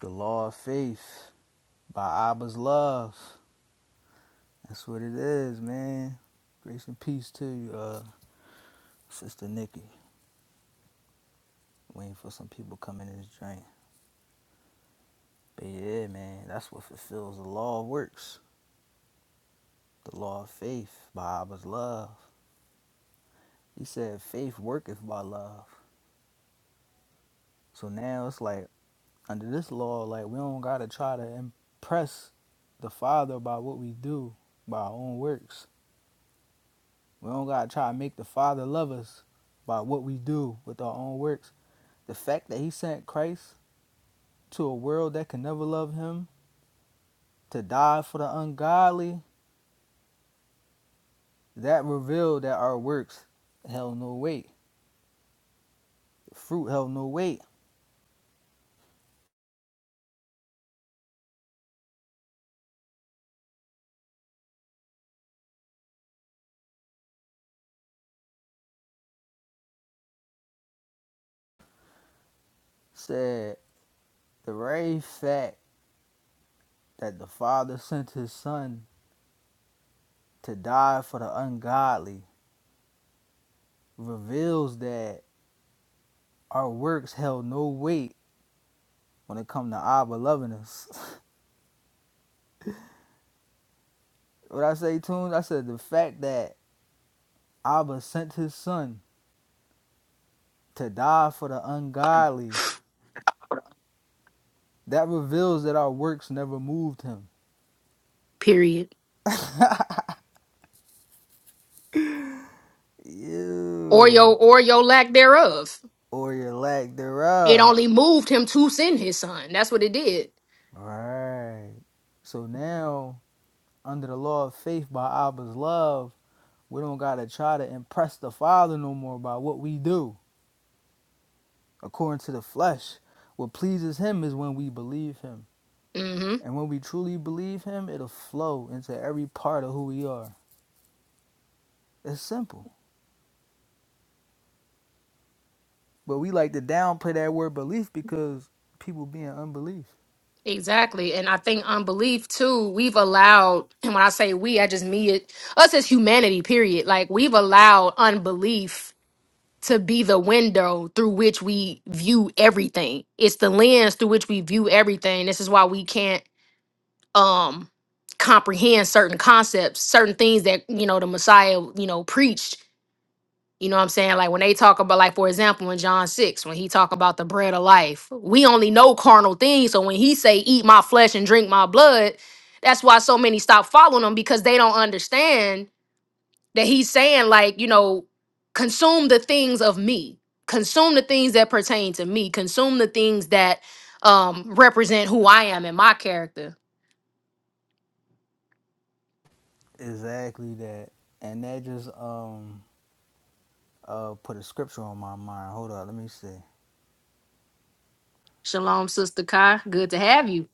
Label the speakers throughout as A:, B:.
A: The Law of Faith by Abba's Love. That's what it is, man. Grace and peace to you, uh, Sister Nikki. Waiting for some people coming in this joint. But yeah, man, that's what fulfills the law of works. The law of faith by Abba's love. He said, faith worketh by love. So now it's like, under this law, like, we don't gotta try to impress the Father by what we do, by our own works We don't gotta try to make the Father love us by what we do with our own works. The fact that He sent Christ to a world that can never love Him to die for the ungodly, that revealed that our works held no weight. The fruit held no weight. Said the very fact that the Father sent His Son to die for the ungodly reveals that our works held no weight when it comes to Abba loving us. what I say, Tunes, I said the fact that Abba sent his son to die for the ungodly. That reveals that our works never moved him.
B: Period. Or your
A: You
B: or your lack thereof.
A: or your lack
B: It
A: thereof.
B: only moved him to send his son. That's what it did.
A: Right. So now, under the law of faith by Abba's love, we don't gotta try to impress the Father no more by what we do. According to the flesh, what pleases Him is when we believe Him.
B: hmm
A: And when we truly believe Him, it'll flow into every part of who we are. It's simple. But we like to downplay that word belief because people be in unbelief.
B: Exactly. And I think unbelief too, we've allowed, and when I say we, I just mean it, us as humanity, period. Like we've allowed unbelief to be the window through which we view everything. It's the lens through which we view everything. This is why we can't um comprehend certain concepts, certain things that, you know, the Messiah, you know, preached. You know what I'm saying? Like when they talk about like for example in John 6 when he talk about the bread of life, we only know carnal things. So when he say eat my flesh and drink my blood, that's why so many stop following him because they don't understand that he's saying like you know consume the things of me consume the things that pertain to me consume the things that um represent who i am and my character
A: Exactly that. And that just um uh put a scripture on my mind. Hold up, let me see.
B: shalom sister kai good to have you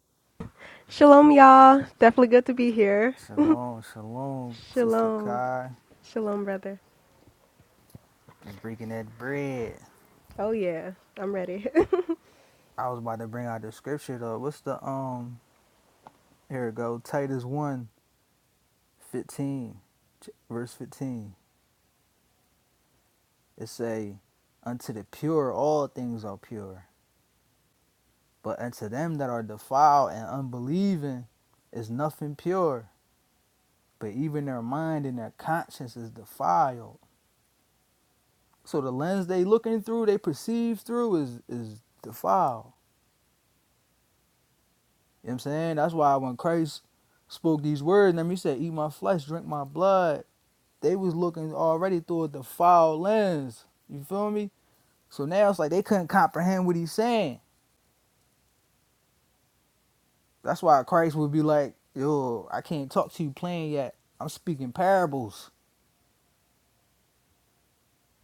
C: Shalom, y'all. Definitely good to be here.
A: Shalom, shalom, sister
C: Shalom.
A: Kai.
C: Shalom, brother.
A: Just breaking that bread.
C: Oh, yeah. I'm ready.
A: I was about to bring out the scripture though. What's the um here it go, Titus one, 15, verse 15. It say, Unto the pure all things are pure, but unto them that are defiled and unbelieving is nothing pure but even their mind and their conscience is defiled. So the lens they looking through, they perceive through is is defiled. You know what I'm saying? That's why when Christ spoke these words, and he said, Eat my flesh, drink my blood, they was looking already through a defiled lens. You feel me? So now it's like they couldn't comprehend what he's saying. That's why Christ would be like, Yo, I can't talk to you plain yet. I'm speaking parables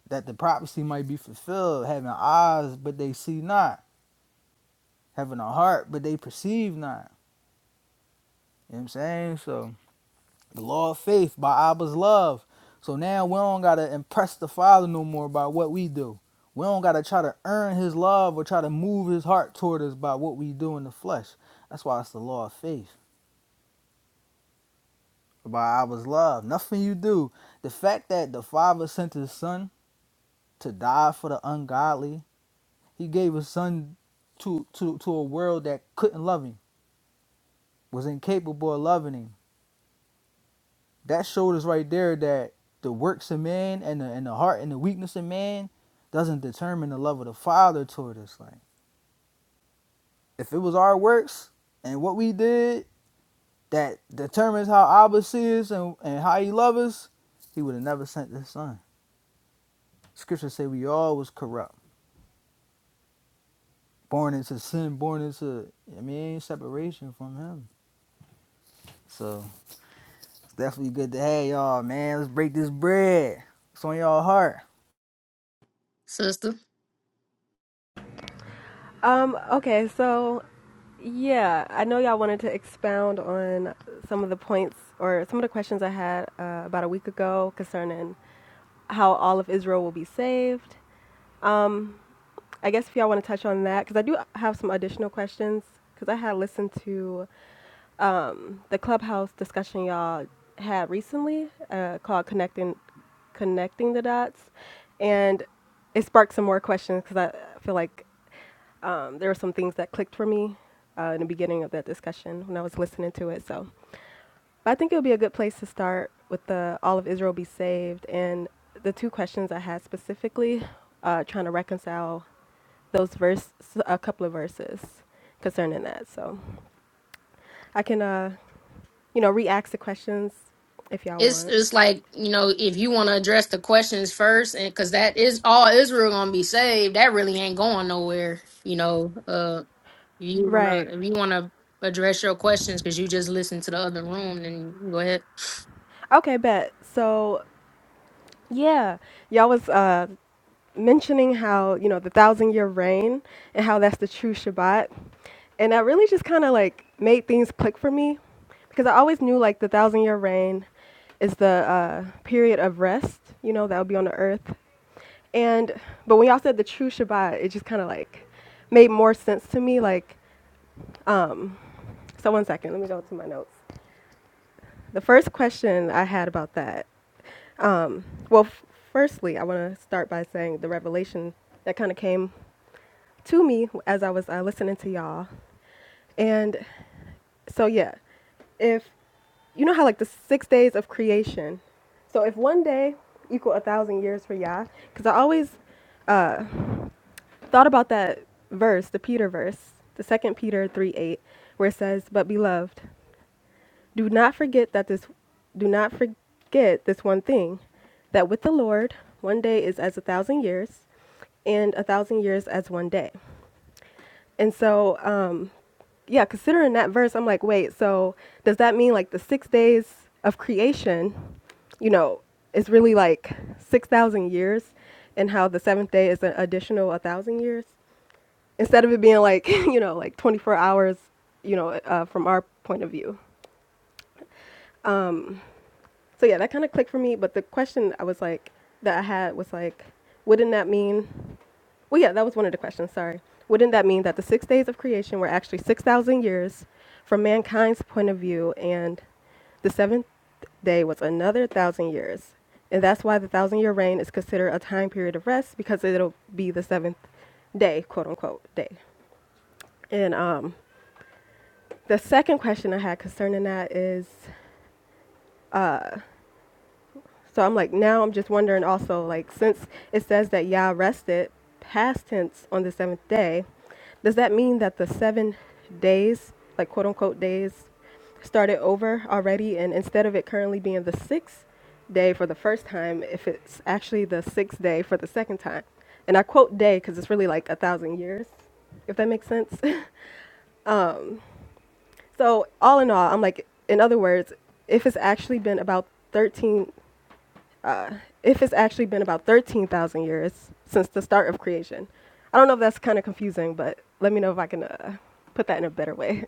A: that the prophecy might be fulfilled, having eyes but they see not having a heart, but they perceive not. You know what I'm saying? So the law of faith by Abba's love. So now we don't gotta impress the Father no more by what we do. We don't gotta try to earn his love or try to move his heart toward us by what we do in the flesh. That's why it's the law of faith. By Abba's love. Nothing you do. The fact that the Father sent his son to die for the ungodly, he gave his son to to, to a world that couldn't love him, was incapable of loving him that showed us right there that the works of man and the, and the heart and the weakness of man doesn't determine the love of the Father toward us. Like if it was our works and what we did that determines how Abba is and, and how he loves us, he would have never sent his son. Scripture say we all was corrupt, born into sin, born into I mean separation from him. So it's definitely good to have y'all, man. Let's break this bread. It's on y'all heart.
B: sister
C: um, okay, so yeah, I know y'all wanted to expound on some of the points or some of the questions I had uh, about a week ago concerning how all of Israel will be saved. Um, I guess if y'all want to touch on that, because I do have some additional questions, because I had listened to the clubhouse discussion y'all had recently uh, called connecting connecting the dots and it sparked some more questions because i feel like um, there were some things that clicked for me uh, in the beginning of that discussion when i was listening to it so but i think it would be a good place to start with the all of israel be saved and the two questions i had specifically uh, trying to reconcile those verse a couple of verses concerning that so i can uh you know, re-ask the questions if y'all
B: it's
C: want.
B: it's like you know if you want to address the questions first and because that is all israel gonna be saved that really ain't going nowhere you know uh you want
C: Right.
B: to if you want to address your questions because you just listened to the other room then go ahead
C: Okay, bet. So, yeah, y'all was uh, mentioning how, you know, the thousand year reign and how that's the true Shabbat. And that really just kind of like made things click for me because I always knew like the thousand year reign is the uh, period of rest, you know, that will be on the earth. And, but when y'all said the true Shabbat, it just kind of like made more sense to me. Like, um, so one second, let me go to my notes. The first question I had about that, um, well, f- firstly, I want to start by saying the revelation that kind of came to me as I was uh, listening to y'all. And so, yeah, if you know how like the six days of creation, so if one day equal a thousand years for Yah, because I always thought about that verse, the Peter verse, the second Peter 3 8, where it says, But beloved. Do not forget that this do not forget this one thing that with the Lord one day is as a thousand years and a thousand years as one day. And so um yeah, considering that verse, I'm like, wait, so does that mean like the 6 days of creation, you know, is really like 6,000 years and how the 7th day is an additional 1,000 years? Instead of it being like, you know, like 24 hours, you know, uh, from our point of view. Um, So yeah, that kind of clicked for me. But the question I was like that I had was like, wouldn't that mean? Well, yeah, that was one of the questions. Sorry. Wouldn't that mean that the six days of creation were actually six thousand years from mankind's point of view, and the seventh day was another thousand years, and that's why the thousand-year reign is considered a time period of rest because it'll be the seventh day, quote unquote, day. And um, the second question I had concerning that is. So I'm like, now I'm just wondering also, like, since it says that Yah rested past tense on the seventh day, does that mean that the seven days, like quote unquote days, started over already? And instead of it currently being the sixth day for the first time, if it's actually the sixth day for the second time? And I quote day because it's really like a thousand years, if that makes sense. so all in all, I'm like, in other words, if it's actually been about thirteen uh, if it's actually been about 13,000 years since the start of creation. I don't know if that's kind of confusing, but let me know if I can uh, put that in a better way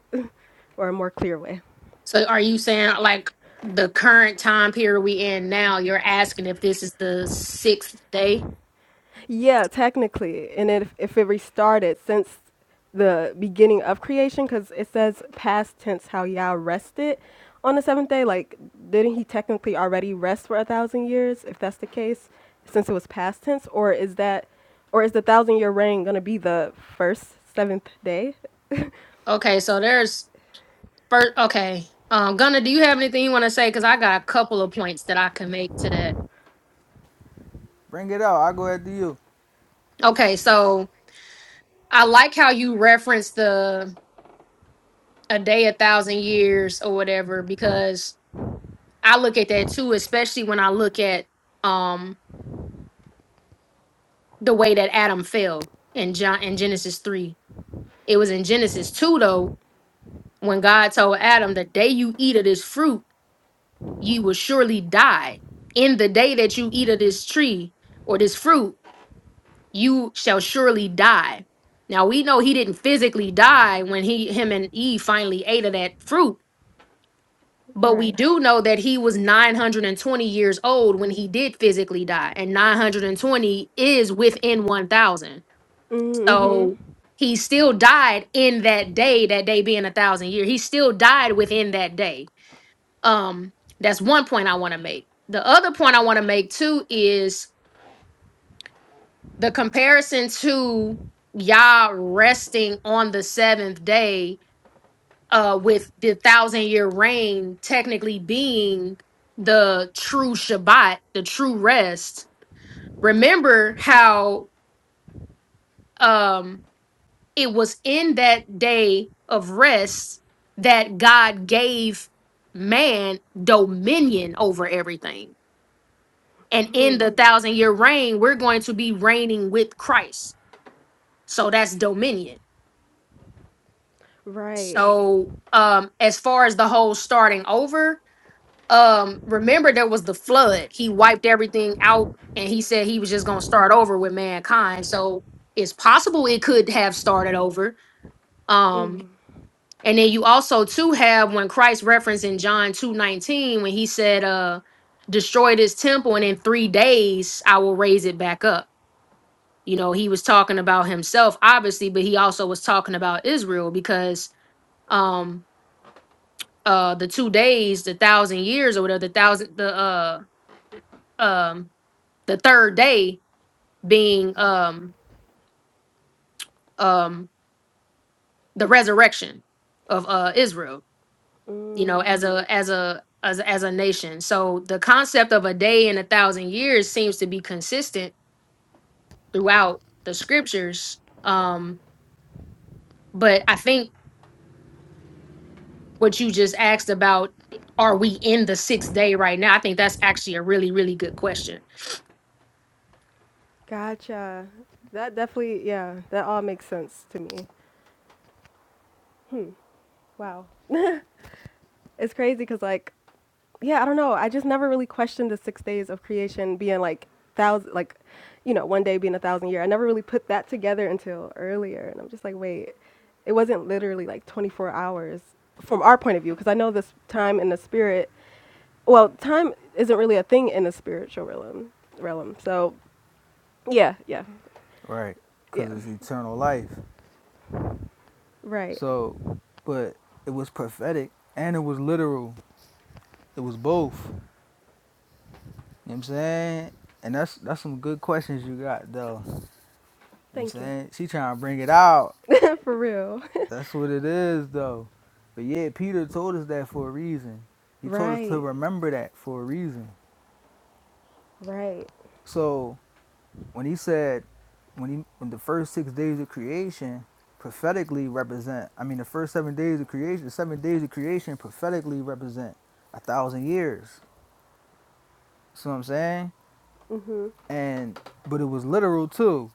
C: or a more clear way.
B: So are you saying like the current time period we in now, you're asking if this is the sixth day?
C: Yeah, technically. And if, if it restarted since the beginning of creation, because it says past tense how Yah rested on the seventh day, like, didn't he technically already rest for a thousand years, if that's the case, since it was past tense? Or is that, or is the thousand year reign going to be the first seventh day?
B: Okay, so there's first okay. Um Gunnar, do you have anything you want to say? Cause I got a couple of points that I can make to that.
A: Bring it out. I'll go after you.
B: Okay, so I like how you reference the a day, a thousand years or whatever, because I look at that too, especially when I look at um the way that Adam fell in John in Genesis three. It was in Genesis two though when God told Adam, The day you eat of this fruit, you will surely die. In the day that you eat of this tree or this fruit, you shall surely die. Now we know he didn't physically die when he him and Eve finally ate of that fruit, but we
C: Right.
B: do know that he was 920 years old when he did physically die, and 920 is within 1000.
C: Mm-hmm.
B: So he still died in that day, that day being a thousand years. He still died within that day Um, that's one point I want to make. The other point I want to make too is the comparison to Yah resting on the seventh day, uh, with the thousand year reign technically being the true Shabbat, the true rest. Remember how um it was in that day of rest that God gave man dominion over everything And in the thousand year reign, we're going to be reigning with Christ. So that's dominion.
C: Right.
B: So um as far as the whole starting over, um remember there was the flood. He wiped everything out and he said he was just going to start over with mankind. So it's possible it could have started over. Um and then you also too have when Christ referenced in John 2:19 when he said uh destroy this temple and in 3 days I will raise it back up. you know he was talking about himself obviously but he also was talking about israel because um uh the two days the thousand years or whatever the thousand the uh um the third day being um um the resurrection of uh israel you know as a as a as, a- as a nation so the concept of a day and a thousand years seems to be consistent throughout the scriptures um but i think what you just asked about are we in the sixth day right now? I think that's actually a really, really good question.
C: Gotcha. That definitely, yeah, that all makes sense to me. Wow. It's crazy because, like, yeah, I don't know. I just never really questioned the six days of creation being like thousand, like, you know, one day being a thousand year. I never really put that together until earlier. And I'm just like, wait, it wasn't literally like 24 hours from our point of view because I know this time in the spirit, well, time isn't really a thing in the spiritual realm. realm. So, yeah, yeah,
A: Right.
C: yeah.
A: Because it's eternal life.
C: Right.
A: So, but it was prophetic and it was literal. It was both. You know what I'm saying? And that's that's some good questions you got, though. You know what I'm
C: Thank you.
A: saying? She trying to bring it out.
C: For real.
A: That's what it is, though. But yeah, Peter told us that for a reason. He told us to
C: Right.
A: remember that for a reason.
C: Right.
A: So. when he said when he when the first six days of creation prophetically represent i mean the first seven days of creation the seven days of creation prophetically represent a thousand years see what i'm saying
C: Mhm.
A: and but it was literal too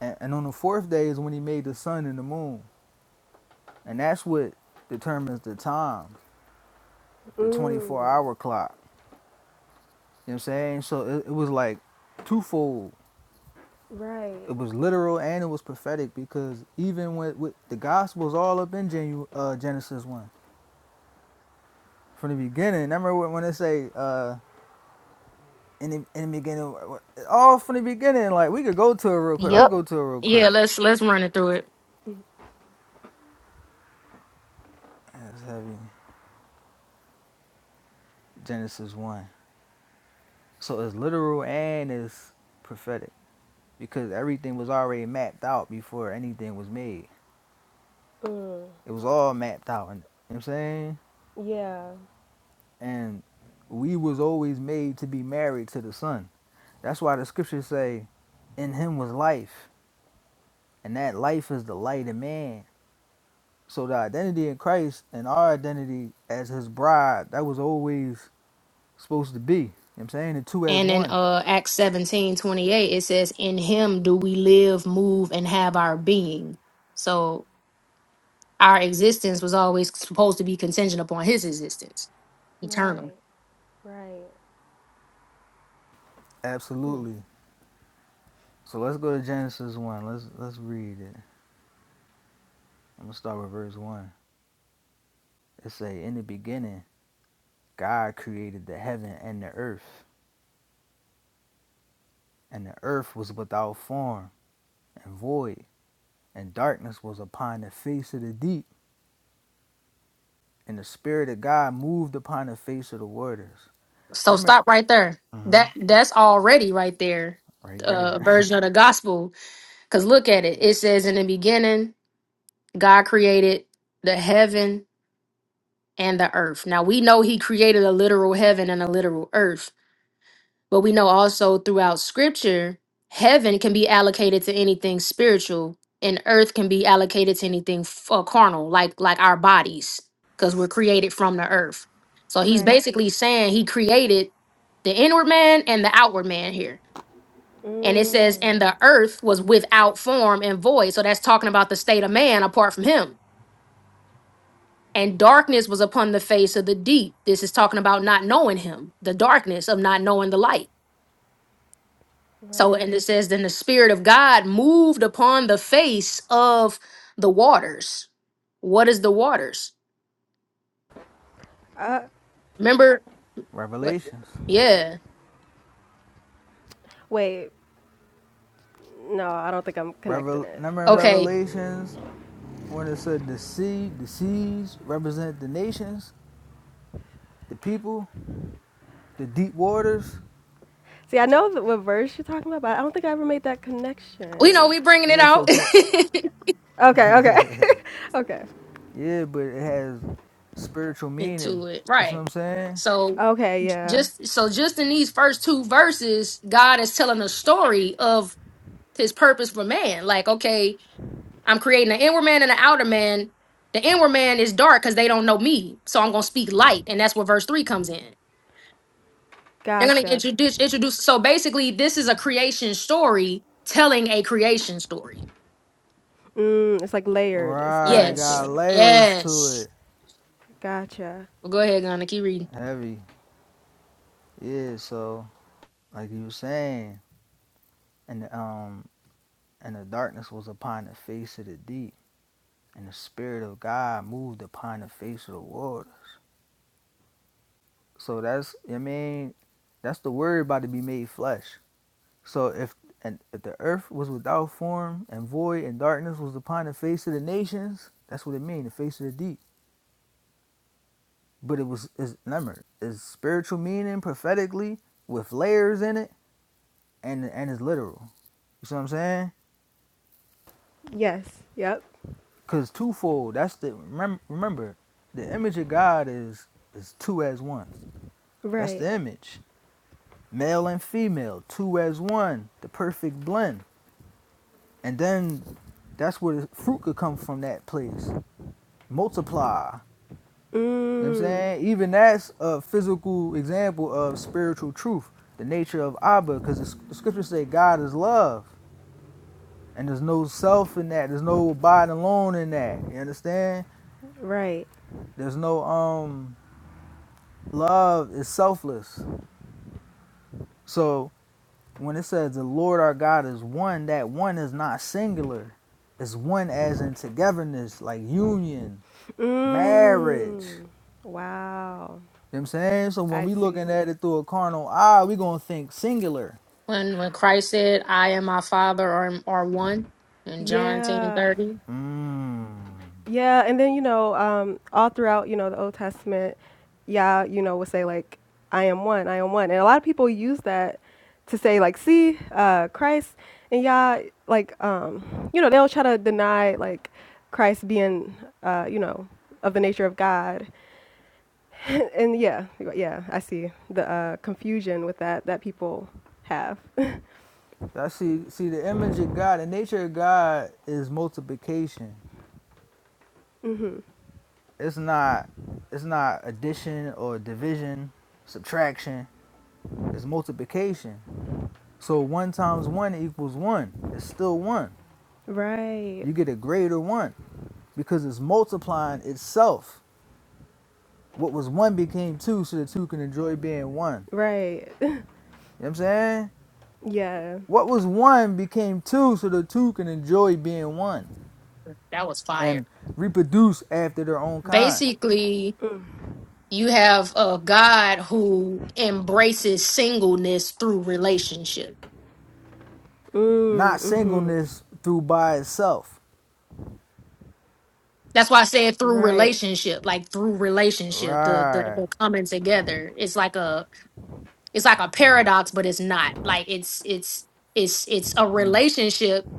A: and, and on the fourth day is when he made the sun and the moon and that's what determines the time the 24
C: Mm.
A: hour clock you know what i'm saying so it, it was like twofold
C: Right.
A: it was literal and it was prophetic because even with, with the gospels all up in Genu- uh, genesis 1 from the beginning. I remember when they say uh, in the in the beginning, all from the beginning. Like we could go to it real quick. Let's
B: Yep.
A: go to it real
B: Yeah,
A: quick.
B: let's let's run it through it.
A: That's heavy. Genesis one. So it's literal and it's prophetic because everything was already mapped out before anything was made.
C: Mm.
A: It was all mapped out. you know what I'm saying?
C: Yeah.
A: And we was always made to be married to the Son. That's why the scriptures say, "In Him was life, and that life is the light of man." So the identity in Christ and our identity as his bride, that was always supposed to be. You know what I'm saying? The two as
B: And in
A: one.
B: uh Acts 17 28, it says, In him do we live, move, and have our being. So our existence was always supposed to be contingent upon his existence, eternal.
C: Right. Right. Hmm.
A: Absolutely. So let's go to Genesis one. Let's let's read it. I'm gonna start with verse one. It say, In the beginning, God created the heaven and the earth, and the earth was without form and void, and darkness was upon the face of the deep, and the spirit of God moved upon the face of the waters.
B: So
A: Remember,
B: stop right there.
A: hmm
B: That that's already right there.
A: right
B: Uh a
A: there,
B: version of the gospel. Cause look at it. It says in the beginning God created the heaven and the earth. Now we know he created a literal heaven and a literal earth, but we know also throughout scripture, heaven can be allocated to anything spiritual and earth can be allocated to anything f- uh, carnal, like like our bodies, cuz we're created from the earth. So he's
C: Right.
B: basically saying he created the inward man and the outward man here.
C: Mm.
B: And it says and the earth was without form and void. So that's talking about the state of man apart from him and darkness was upon the face of the deep. This is talking about not knowing him, the darkness of not knowing the light. So, and
C: Right.
B: it says, then the Spirit of God moved upon the face of the waters. What is the waters? Remember? What?
A: Revelations.
B: Yeah.
C: Wait. No, I don't think I'm connecting
A: Revel-
C: it.
A: remember in
C: The,
B: Okay.
A: Revelations when it said the sea, the seas represent the nations, the people, the deep waters.
C: see, I know that what verse you're talking about, but I don't think I ever made that
B: We know
C: connection.
B: we bringing it
A: Yeah, so
B: out
A: pro-
C: Okay. Okay. okay.
A: yeah, but it has spiritual meaning.
B: into it.
A: You see what
B: Right.
A: I'm saying?
B: So
C: Okay, yeah.
B: just so just in these first two verses, God is telling a story of his purpose for man. Like, okay, I'm creating an inward man and an outer man. The inward man is dark because they don't know me. So I'm going to speak light. And that's where verse three comes in. They're going to
C: Gotcha.
B: introduce, introduce. So basically, this is a creation story telling a creation story.
C: Mm, it's like layered. It's
A: Right,
C: layers to
B: Yes.
A: got
C: it.
A: layers to
B: Yes.
A: it.
C: Gotcha.
B: Well, go ahead, Gunna. Keep reading.
A: Heavy. Yeah, so like you were saying, and the, um and the darkness was upon the face of the deep, and the spirit of God moved upon the face of the water. So that's I mean, that's the word about to be made flesh. So if and if the earth was without form and void and darkness was upon the face of the nations, that's what it means, the face of the deep. But it was is remember, is spiritual meaning prophetically with layers in it and and it's literal. You see what I'm saying?
C: Yes. Yep.
A: Cause twofold. That's the remember remember, the image of God is is two as one. That's
C: Right.
A: the image. Male and female, two as one, the perfect blend. And then That's where the fruit could come from that place. Multiply. You know what I'm
C: Mm,
A: saying? Even that's a physical example of spiritual truth, the nature of Abba, because the, the scriptures say God is love. And there's no self in that. There's no abiding alone in that. You understand?
C: right.
A: There's no um love is selfless. So when it says the Lord our God is one, that one is not singular. It's one as in togetherness, like union, marriage.
C: Mm, wow.
A: You know what I'm saying? So when
C: I
A: we
C: see.
A: looking at it through a carnal eye, we gonna think singular.
B: When, when Christ said, I and my father are, are one in John ten
C: Yeah.
B: thirty,
A: Mm.
C: Yeah. And then, you know, um, all throughout, you know, the Old Testament, Yah, you know, will say, like, I am one, I am one. And a lot of people use that to say, like, see, uh, Christ and Yah, like, um, you know, they'll try to deny, like, Christ being, uh, you know, of the nature of God. and yeah, yeah, I see the uh, confusion with that that people have.
A: That see see the image of God, the nature of God is multiplication.
C: hmm
A: It's not it's not addition or division, subtraction. It's multiplication. So one times one equals one. It's still one.
C: Right,
A: You get a greater one because it's multiplying itself. What was one became two, so the two can enjoy being one. You know
C: right,
A: what I'm saying?
C: yeah.
A: What was one became two, so the two can enjoy being one
B: that was fire.
A: and reproduce after their own kind,
B: Basically, you have a God who embraces singleness through relationship
A: not
C: Mm, mm-hmm.
A: singleness through by itself.
B: That's why I said through
C: Right,
B: relationship, like through relationship, the the,
A: Right,
B: the coming together. It's like a it's like a paradox, but it's not. Like it's it's it's it's a relationship,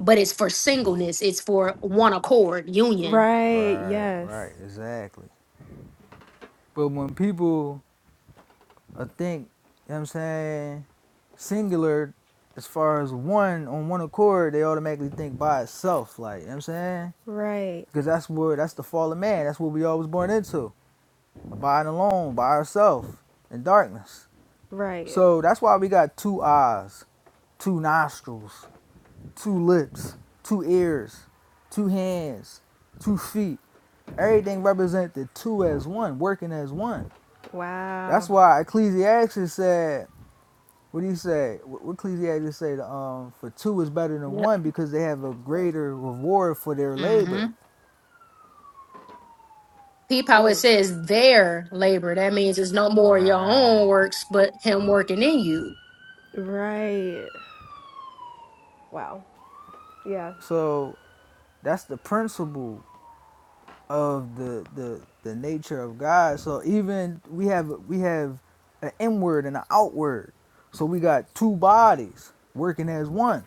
B: but it's for singleness. It's for one accord, union.
C: right,
A: right,
C: yes,
A: right, exactly. But when people uh, think, you know what I'm saying, singular as far as one on one accord, they automatically think by itself, like, you know what I'm saying?
C: right,
A: Because that's where that's the fall of man. That's what we all was born into. Abiding alone by ourselves in darkness.
C: right.
A: So that's why we got two eyes, two nostrils, two lips, two ears, two hands, two feet. Everything represented two as one, working as one. That's
C: Wow,
A: why Ecclesiastes said, what do you say? What what Ecclesiastes say? Um, for two is better than
B: Yep.
A: one because they have a greater reward for their
B: Mm-hmm.
A: labor.
B: Peep how it says their labor. That means it's no more your own
A: Right.
B: works, but him working in you.
C: right, wow, yeah,
A: So that's the principle of the the the nature of God. So even we have we have an inward and an outward. So we got two bodies working as one.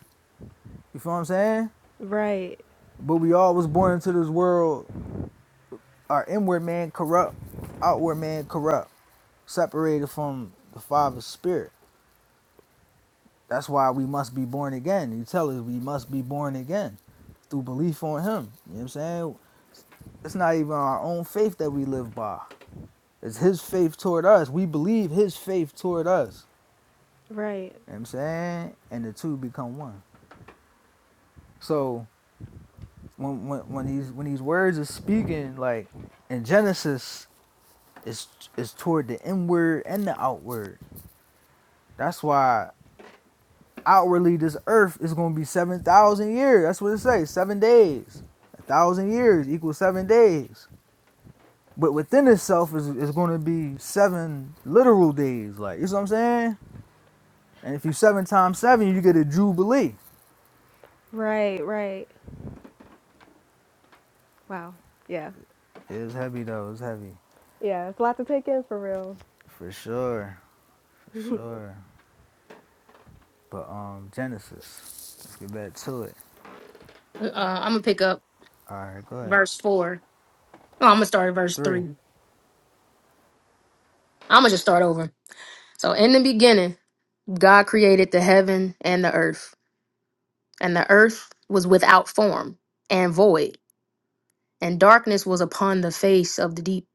A: You feel what I'm saying?
C: right,
A: But we all was born into this world. Our inward man corrupt, outward man corrupt, separated from the Father's spirit. That's why we must be born again. He tell us we must be born again through belief on Him. You know what I'm saying? It's not even our own faith that we live by It's his faith toward us. We believe his faith toward us.
C: right,
A: You know what I'm saying? And the two become one. So when when, when these when these words are speaking, like in Genesis, it's it's toward the inward and the outward. That's why outwardly this earth is gonna be seven thousand years. That's what it says, seven days. A thousand years equals seven days. But within itself is is gonna be seven literal days. Like you see what I'm saying? And if you seven times seven, you get a jubilee.
C: right, right. Wow, yeah,
A: It was heavy though. It was heavy
C: yeah. It's a lot to take in for real.
A: for sure, for sure. But um, Genesis. Let's get back to it.
B: Uh, I'm gonna pick up
A: All right, go ahead.
B: verse four. Oh, I'm gonna start at verse
A: Three,
B: three. I'm gonna just start over. So in the beginning. God created the heaven and the earth, and the earth was without form and void, and darkness was upon the face of the deep,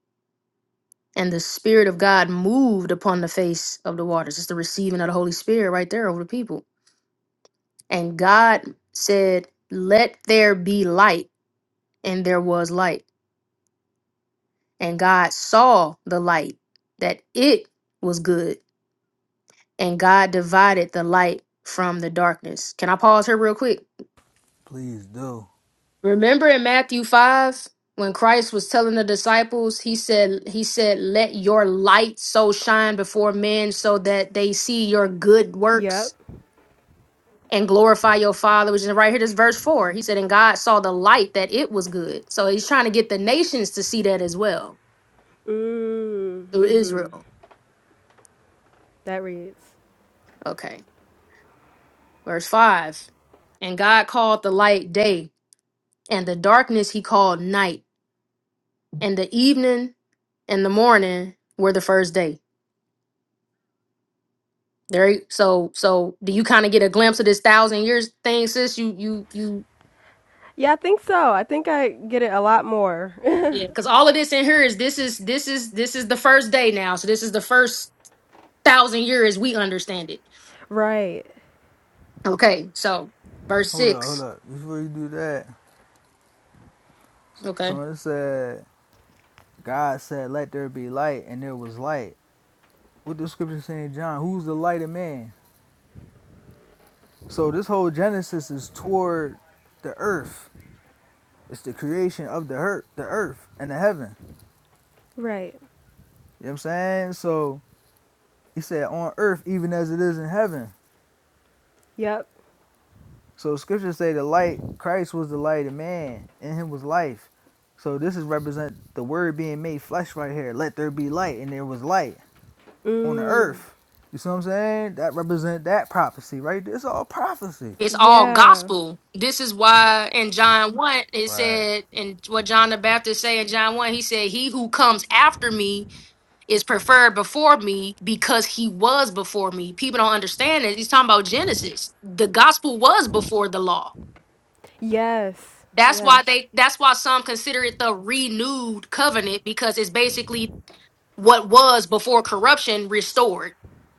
B: and the Spirit of God moved upon the face of the waters. It's the receiving of the Holy Spirit right there over the people. And God said, Let there be light, and there was light. And God saw the light, that it was good, and God divided the light from the darkness. Can I pause here real quick?
A: please do.
B: Remember in Matthew 5 when Christ was telling the disciples, he said he said let your light so shine before men so that they see your good
C: Yep.
B: works and glorify your father which is right here this verse 4 he said and god saw the light that it was good so he's trying to get the nations to see that as well
C: Mm,
B: through
C: mm-hmm.
B: israel
C: That reads.
B: okay verse 5 and god called the light day and the darkness he called night and the evening and the morning were the first day There you- so so do you kind of get a glimpse of this thousand years thing, sis? You you you
C: Yeah, I think so. I think I get it a lot more.
B: yeah, because all of this in here is this is this is this is the first day now. So this is the first thousand years we understand it.
C: Right.
B: Okay, so verse
A: Hold up, hold
B: six.
A: up. Before you do that,
B: Okay.
A: someone said God said, "Let there be light," and there was light. What the scripture saying, in John? Who's the light of man? So this whole Genesis is toward the earth. It's the creation of the earth, the earth and the heaven.
C: Right.
A: You know what I'm saying? So he said, "On earth, even as it is in heaven."
C: yep.
A: So scriptures say the light, Christ was the light of man, in him was life. So this is represent the word being made flesh right here. Let there be light, and there was light on the
C: Mm.
A: earth. You see what I'm saying? That represent that prophecy, right? there. It's all prophecy.
B: It's all
C: Yeah.
B: gospel. This is why in John 1 it
A: Right.
B: said and what John the Baptist say in John 1, he said, He who comes after me is preferred before me because he was before me. People don't understand it. He's talking about Genesis. The gospel was before the law.
C: Yes.
B: That's
C: Yes.
B: why they that's why some consider it the renewed covenant because it's basically what was before corruption restored,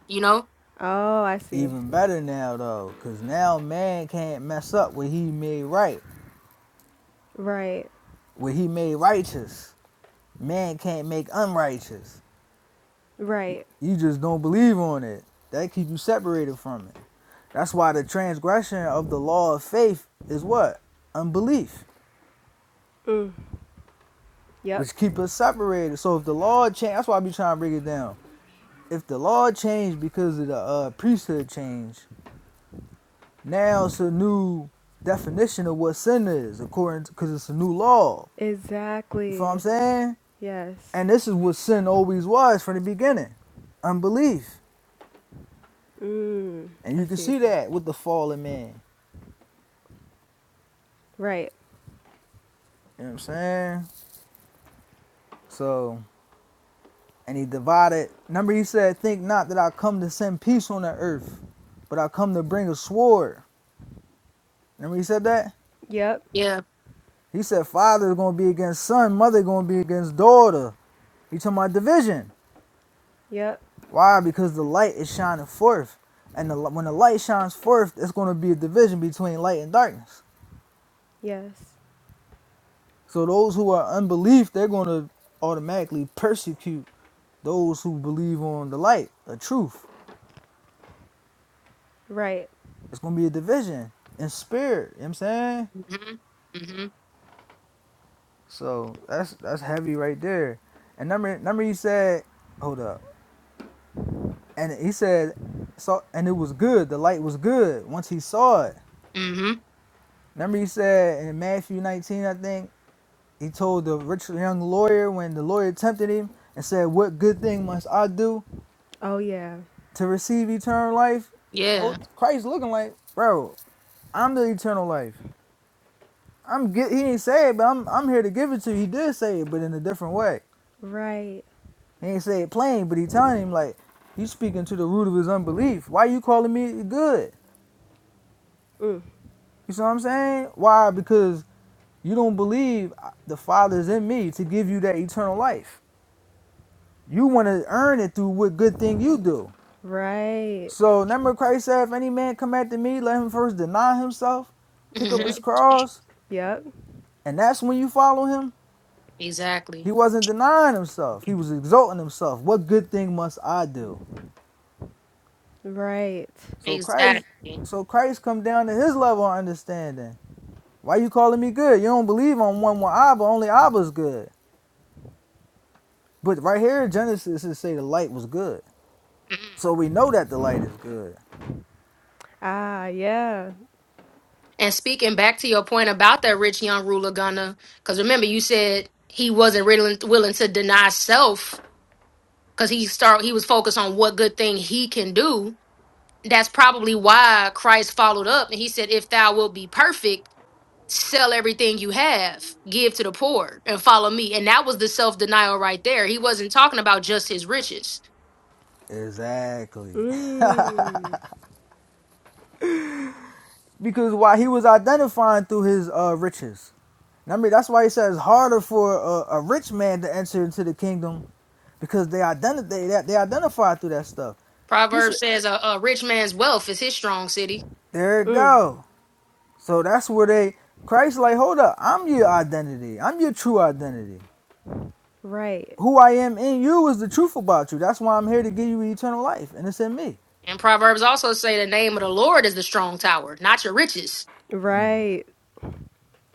B: you know?
C: Oh, I see.
A: Even better now though, cause now man can't mess up what he made right.
C: Right.
A: What he made righteous. Man can't make unrighteous.
C: Right.
A: You just don't believe on it. That keep you separated from it. That's why the transgression of the law of faith is what? Unbelief,
C: Mm. Yep.
A: which keep us separated. So if the law changed, that's why I be trying to break it down. If the law changed because of the uh, priesthood change, now it's a new definition of what sin is, according to because it's a new law. You feel what I'm
C: Exactly.
A: saying?
C: Yes.
A: And this is what sin always was from the beginning, unbelief.
C: Mm.
A: And
C: I
A: you can
C: see.
A: see that with the fallen man.
C: Right.
A: You know what I'm saying? So and he divided. Remember, he said, Think not that I come to send peace on the earth, but I come to bring a sword. Remember, he said that?
C: Yep.
B: Yeah.
A: He said, Father is going to be against son, mother is going to be against daughter. He talking about division.
C: Yep.
A: Why? Because the light is shining forth. And the, when the light shines forth, it's going to be a division between light and darkness.
C: Yes.
A: So those who are unbelief, they're going to automatically persecute those who believe on the light, the truth.
C: Right.
A: It's going to be a division in spirit. You know what I'm saying?
B: Mhm. Mhm.
A: So that's that's heavy right there. And number number he said, hold up. And he said, saw and it was good. The light was good once he saw it.
B: Mhm.
A: Remember he said in Matthew 19, I think he told the rich young lawyer when the lawyer tempted him and said, "What good thing must I do
C: Oh, yeah.
A: to receive eternal life?"
B: Yeah.
A: Hold, Christ looking like, bro, I'm the eternal life. I'm get, he didn't say it, but I'm I'm here to give it to you. He did say it, but in a different way.
C: Right.
A: He ain't say it plain, but he telling him like he's speaking to the root of his unbelief. Why you calling me good?
C: Mm.
A: You see what I'm saying? Why? Because you don't believe the Father is in me to give you that eternal life. You want to earn it through what good thing you do.
C: Right.
A: So remember Christ said, if any man come after me, let him first deny himself, pick up his
C: Yep.
B: Mhm.
A: cross,
C: Yep.
A: and that's when you follow him.
B: Exactly.
A: He wasn't denying himself. He was exalting himself. What good thing must I do?
C: Right.
A: So Christ
B: Exactly.
A: so Christ come down to his level of understanding Why you calling me good? You don't believe on one one Abba, only Abba's good. But right here, Genesis is say the light was good.
B: Mhm.
A: So we know that the light is good.
C: Ah, yeah.
B: And speaking back to your point about that rich young ruler, Gunner, because remember you said he wasn't really willing to deny self because he start he was focused on what good thing he can do. That's probably why Christ followed up and he said, "If thou wilt be perfect, sell everything you have, give to the poor, and follow me." And that was the self denial right there. He wasn't talking about just his riches.
A: Exactly.
C: Mm.
A: Because why he was identifying through his uh, riches. And I mean, that's why he says harder for a, a rich man to enter into the kingdom because they identify they, that they identify through that stuff. He said,
B: Proverbs says, "A, a rich man's wealth is his strong city."
A: "There it go." So that's where they Christ like, hold up, I'm your identity. I'm your true identity.
C: Right.
A: who I am in you is the truth about you. That's why I'm here to give you eternal life, and it's in me.
B: And Proverbs also say the name of the Lord is the strong tower, not your riches.
C: Right.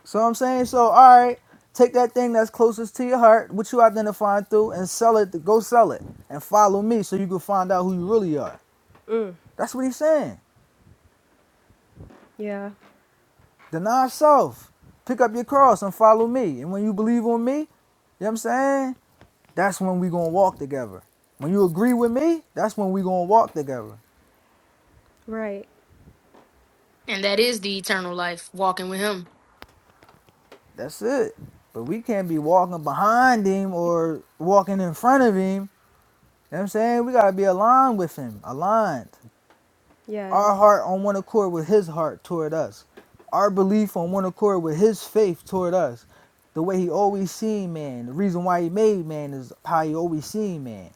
A: So I'm saying, so all right, take that thing that's closest to your heart, what you identifying through, and sell it. Go sell it and follow me, so you can find out who you really are. That's what he's saying.
C: Yeah.
A: Deny self, pick up your cross, and follow me. And when you believe on me, you know what I'm saying, that's when we gonna walk together. When you agree with me, that's when we gonna walk together.
C: Right.
B: And that is the eternal life, walking with him.
A: That's it. But we can't be walking behind him or walking in front of him You know what I'm saying? We gotta be aligned with him, aligned.
C: Yes.
A: Our heart on one accord with his heart toward us. Our belief on one accord with his faith toward us. The way he always seen man. The reason why he made man is how he always seen man.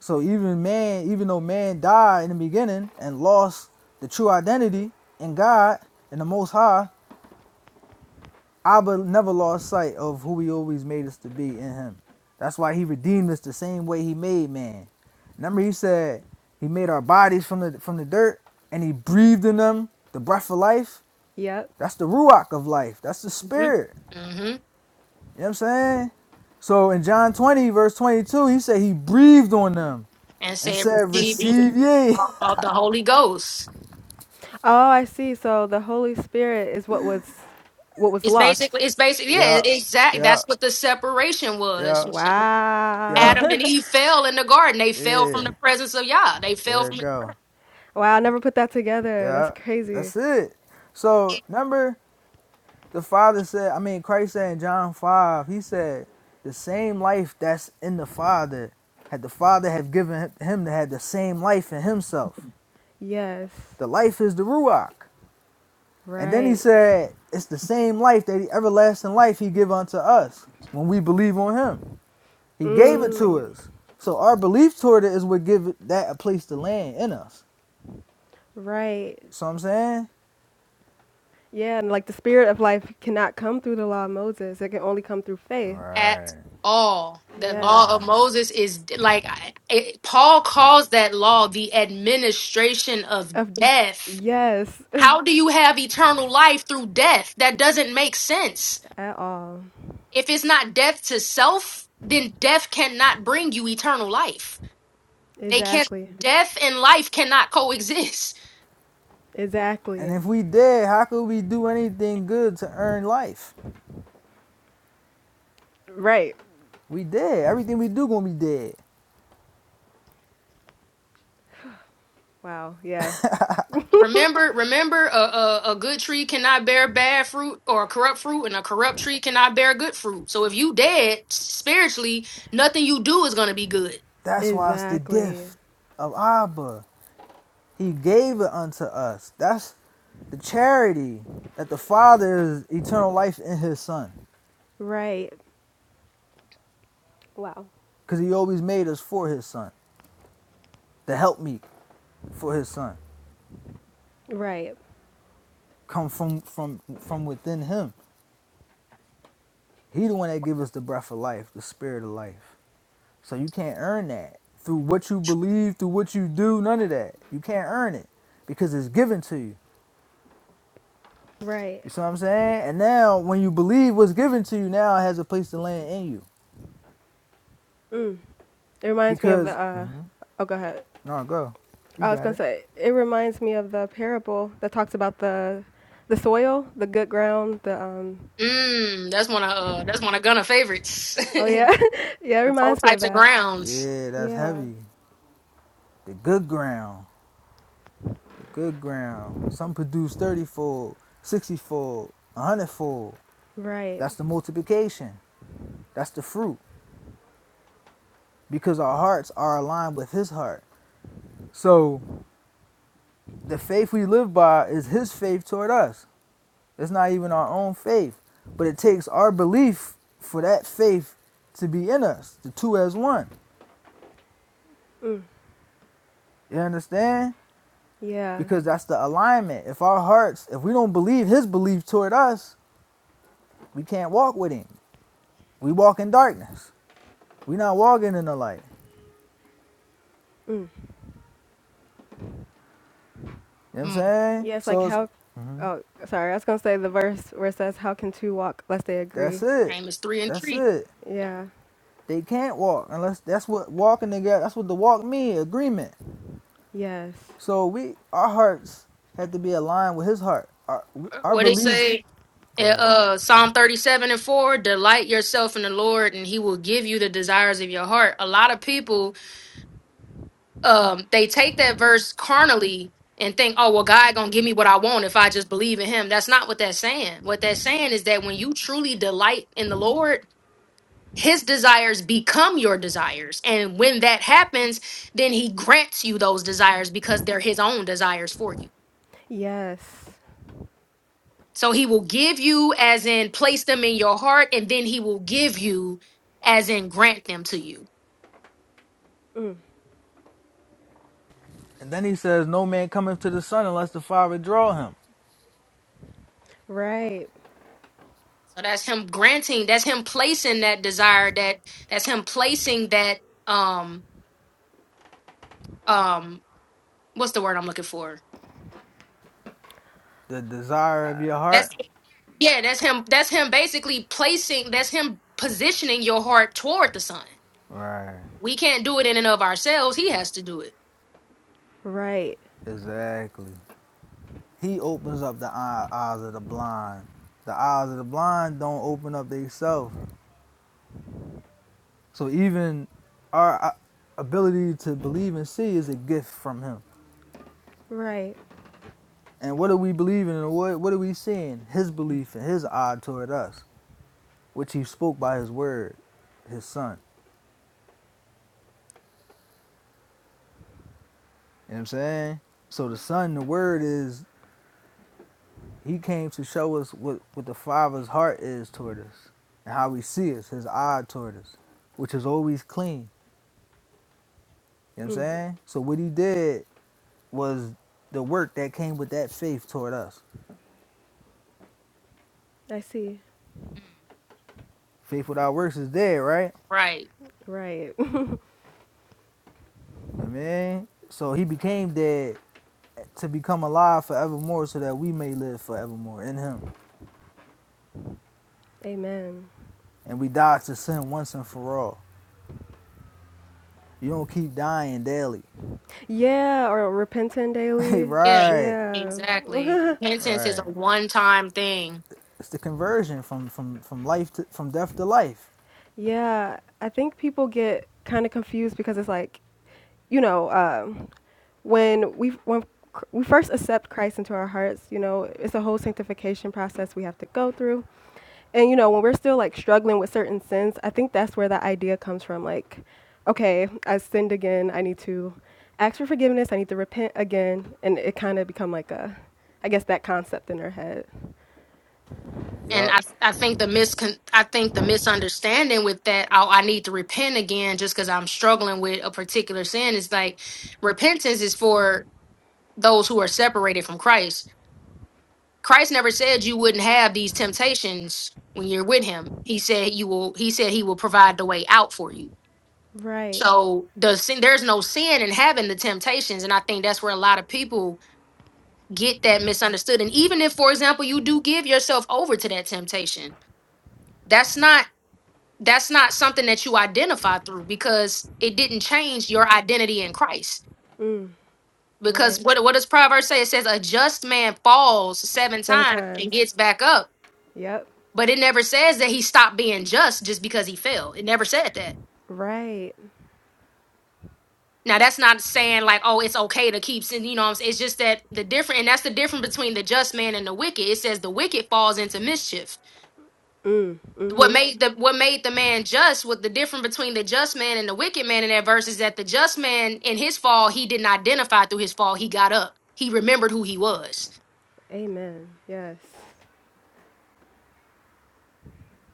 A: So even man, even though man died in the beginning and lost the true identity in God and the most high, Abba never lost sight of who he always made us to be in him. That's why he redeemed us the same way he made man. Remember he said he made our bodies from the from the dirt and he breathed in them the breath of life.
C: Yep.
A: That's the ruach of life. That's the
B: hmm
A: spirit.
B: hmm
A: You know what I'm saying? So in John 20, verse 22, he said he breathed on them
B: And
A: and
B: said,
A: said,
B: receive ye
A: Receive ye.
B: of the Holy Ghost.
C: Oh, I see. So the Holy Spirit is what was what was
B: It's
C: lost.
B: basically, it's basically, yeah,
A: yeah,
B: exactly.
A: yeah,
B: That's what the separation was.
A: yeah, yeah,
C: Wow.
B: Adam and Eve fell in the garden. They fell
A: yeah.
B: from the presence of Yah. They fell
A: There
B: from
A: it go.
C: wow, I never put that together. That's
A: Yeah,
C: crazy.
A: that's it. So remember The Father said, I mean, Christ said in John 5, he said, the same life that's in the Father, had the Father have given him to have the same life in himself.
C: Yes.
A: The life is the Ruach. And then he
C: Right.
A: said, it's the same life that the everlasting life he give unto us when we believe on him. He gave it to
C: Mm.
A: us. So our belief toward it is what give it- that a place to land in us.
C: Right.
A: So I'm saying?
C: Yeah, and like the spirit of life cannot come through the law of Moses. It can only come through faith.
B: at
A: Right,
B: all. The
C: Yes.
B: law of
A: right.
B: Moses is like I- it, Paul calls that law the administration of
C: Of
B: death.
C: yes.
B: How do you have eternal life through death? That doesn't make sense.
C: At all.
B: If it's not death to self, then death cannot bring you eternal life. They can
C: Exactly.
B: not death and life cannot coexist.
A: And
C: Exactly.
A: if we dead, how could we do anything good to earn life?
C: Right.
A: We dead. Everything we do gonna be dead.
C: Wow. Yeah.
B: Remember, remember, a, a a good tree cannot bear bad fruit, or a corrupt fruit, and a corrupt tree cannot bear good fruit. So if you dead spiritually, nothing you do is gonna be good.
A: That's why it's the
C: Exactly.
A: gift of Abba. He gave it unto us. That's the charity that the Father is eternal life in His Son,
C: Right. Wow.
A: because He always made us for His Son, the helpmeet for His Son,
C: Right.
A: come from from from within Him. He the one that give us the breath of life, the spirit of life. So you can't earn that through what you believe, through what you do. None of that. You can't earn it because it's given to you.
C: Right.
A: You see what I'm saying? And now, when you believe what's given to you, now it has a place to land in you.
C: Mm. It reminds me of
A: Because,
C: the. Uh, oh, go ahead.
A: no, go. You
C: I was
A: got
C: gonna
A: it.
C: say it reminds me of the parable that talks about the, the soil, the good ground, the um.
B: Mm, that's one of uh, that's one of Gunna favorites.
C: Oh
B: the
C: yeah, yeah. It
B: four
C: reminds me of
B: types of
C: that.
B: grounds.
A: Yeah, that's
C: Yeah.
A: heavy. The good ground. The good ground. Some produce 30 fold, 60 fold, 100 fold.
C: Right.
A: That's the multiplication. That's the fruit. Because our hearts are aligned with His heart. So, the faith we live by is His faith toward us. It's not even our own faith, but it takes our belief for that faith to be in us, the two as one.
C: Mm.
A: You understand?
C: Yeah.
A: Because that's the alignment. If our hearts, if we don't believe his belief toward us, we can't walk with him. We walk in darkness. we not walking in the light.
C: Mm.
A: You know what I'm
B: Mm,
A: saying?
C: Yeah. It's like
A: So it's,
C: how.
A: mhm,
C: Oh, sorry. I was gonna say the verse where it says, "How can two walk lest they
A: that's
C: agree?"
A: it.
B: name is three and
A: That's
B: three.
A: it.
C: Yeah.
A: They can't walk unless that's what walking together. That's what the walk mean, agreement.
C: Yes.
A: So we, our hearts have to be aligned with His heart. Our, our
B: What it
A: belief
B: say? Uh,
A: Go ahead.
B: uh, Psalm thirty-seven and four: Delight yourself in the Lord, and He will give you the desires of your heart. A lot of people um they take that verse carnally and think oh well god gonna give me what i want if i just believe in him that's not what that's saying what that's saying is that when you truly delight in the lord his desires become your desires and when that happens then he grants you those desires because they're his own desires for you
C: Yes.
B: so he will give you as in place them in your heart and then he will give you as in grant them to you
C: Mm.
A: And then he says, No man cometh to the Son unless the Father draw him.
C: Right.
B: so that's him granting that's him placing that desire that that's him placing that um um what's the word I'm looking for?
A: The desire of your
B: That's
A: heart.
B: yeah, that's him that's him basically placing that's him positioning your heart toward the sun.
A: Right.
B: We can't do it in and of ourselves. He has to do it.
C: Right.
A: Exactly. He opens up the eyes of the blind. The eyes of the blind don't open up themselves. So even our uh, ability to believe and see is a gift from him.
C: Right.
A: And what are we believing and what, what are we seeing? His belief and his eye toward us, which he spoke by his word, his son. You know what I'm saying? So the son, the word is He came to show us what, what the Father's heart is toward us and how he sees his eye toward us, which is always clean. You know what I'm
C: Mm.
A: saying? So what he did was the work that came with that faith toward us.
C: I see.
A: Faith without works is dead, right?
B: Right.
C: Right.
A: You know what I mean? So he became dead to become alive forevermore so that we may live forevermore in him.
C: Amen.
A: And we die to sin once and for all. You don't keep dying daily.
C: Yeah, or repenting daily.
B: Yeah.
A: right.
C: Yeah.
B: Exactly. Repentance is a
A: Right.
B: one time thing.
A: It's the conversion from from from life to from death to life.
C: Yeah. I think people get kind of confused because it's like, you know, um, when we when cr- we first accept Christ into our hearts, you know, it's a whole sanctification process we have to go through. And you know, when we're still like struggling with certain sins, I think that's where that idea comes from. Like, okay, I sinned again. I need to ask for forgiveness. I need to repent again. And it kind of become like a, I guess that concept in her head.
B: And
A: Yup.
B: I, I think the miscon I think the misunderstanding with that oh I need to repent again just because I'm struggling with a particular sin is like repentance is for those who are separated from Christ Christ never said you wouldn't have these temptations when you're with him. He said you will he said he will provide the way out for you.
C: Right.
B: So the sin there's no sin in having the temptations. And I think that's where a lot of people get that misunderstood. And even if, for example, you do give yourself over to that temptation, that's not that's not something that you identify through because it didn't change your identity in Christ.
C: Mm,
B: Because
C: Right.
B: what what does Proverbs say? It says a just man falls seven
C: seven
B: times and
C: times.
B: gets back up
C: Yep.
B: But it never says that he stopped being just just because he fell. It never said that.
C: Right.
B: Now that's not saying like, oh, it's okay to keep sin. You know, what I'm saying? it's just that the different, and that's the difference between the just man and the wicked. It says the wicked falls into mischief.
C: Mm,
B: What
C: mm-hmm.
B: made the what made the man just? What the difference between the just man and the wicked man in that verse is that the just man in his fall he didn't identify through his fall. He got up. He remembered who he was
C: Amen. Yes.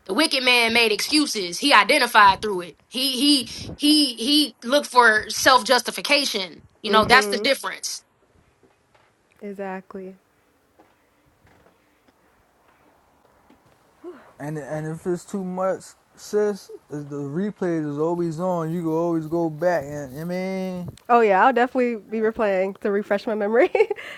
B: The wicked man made excuses. He identified through it. He he he he looked for self justification. You know that's the
C: Mm-hmm.
B: difference.
C: Exactly.
A: And and if it's too much, sis, the replay is always on. You can always go back. And I mean,
C: Oh yeah, I'll definitely be replaying to refresh my memory.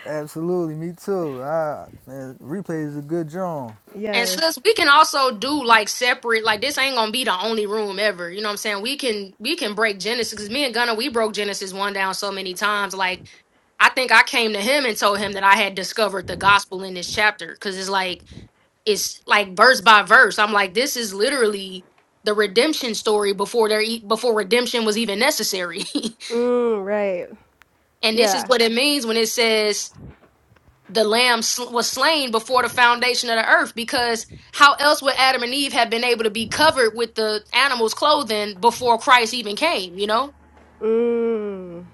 A: absolutely, me too. I, man, replay is a good drum.
B: And
C: yes.
B: sis, we can also do like separate. Like this ain't gonna be the only room ever. You know what I'm saying? We can we can break Genesis because me and Gunna we broke Genesis one down so many times. Like I think I came to him and told him that I had discovered the gospel in this chapter because it's like it's like verse by verse. I'm like, this is literally the redemption story before there e- before redemption was even necessary.
C: Mm, right.
B: and this is
C: Yeah.
B: what it means when it says the lamb sl- was slain before the foundation of the earth because how else would Adam and Eve have been able to be covered with the animal's clothing before Christ even came, you know?
C: Mm,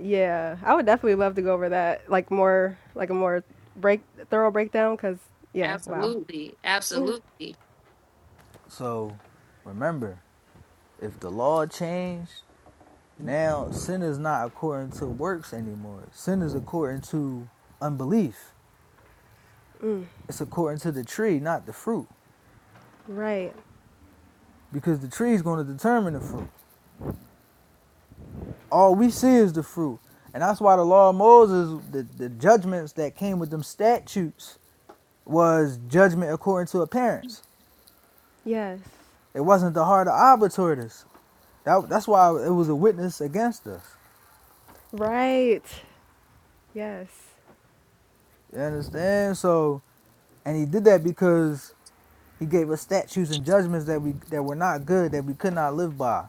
C: yeah, I would definitely love to go over that, like more, like a more break, thorough breakdown. Cause yeah, wow.
B: Absolutely. Absolutely.
A: So remember, if the law changed, now sin is not according to works anymore. Sin is according to unbelief.
C: Mm,
A: It's according to the tree, not the fruit,
C: right.
A: because the tree is going to determine the fruit. All we see is the fruit. And that's why the law of Moses, the, the judgments that came with them statutes, was judgment according to appearance.
C: Yes.
A: It wasn't the heart of arbitrators. That, that's why it was a witness against us.
C: Right. Yes.
A: You understand? So, and he did that because he gave us statutes and judgments that we that were not good, that we could not live by.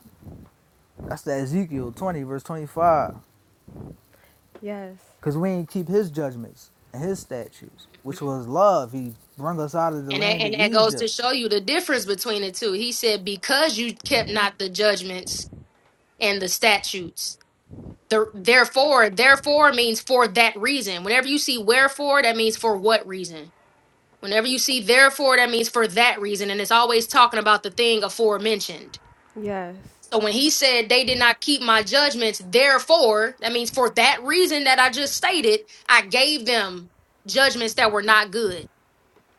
A: That's that Ezekiel 20, verse 25.
C: Yes.
A: Because we ain't keep his judgments and his statutes,
B: Mhm.
A: which was love. He brung us out of the
B: And that,
A: land of
B: and that goes to
A: Egypt.
B: show you the difference between the two. He said, "Because you kept not the judgments and the statutes." The therefore, therefore means for that reason. Whenever you see wherefore, that means for what reason. Whenever you see therefore, that means for that reason. And it's always talking about the thing aforementioned.
C: Yes.
B: So when he said they did not keep my judgments, therefore, that means for that reason that I just stated, I gave them judgments that were not good,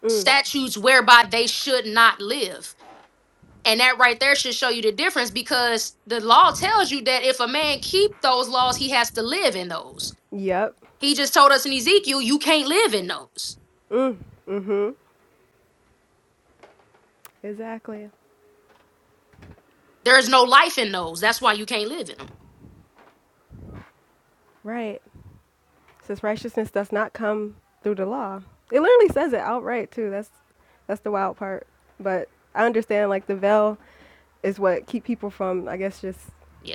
C: Mm,
B: statutes whereby they should not live. And that right there should show you the difference because the law tells you that if a man keep those laws, he has to live in those.
C: yep.
B: He just told us in Ezekiel, you can't live in those.
C: Mm, mm-hmm. Exactly.
B: There is no life in those. That's why you can't live in them.
C: Right. Since righteousness does not come through the law, it literally says it outright too. That's that's the wild part. But I understand like the veil is what keep people from, I guess, just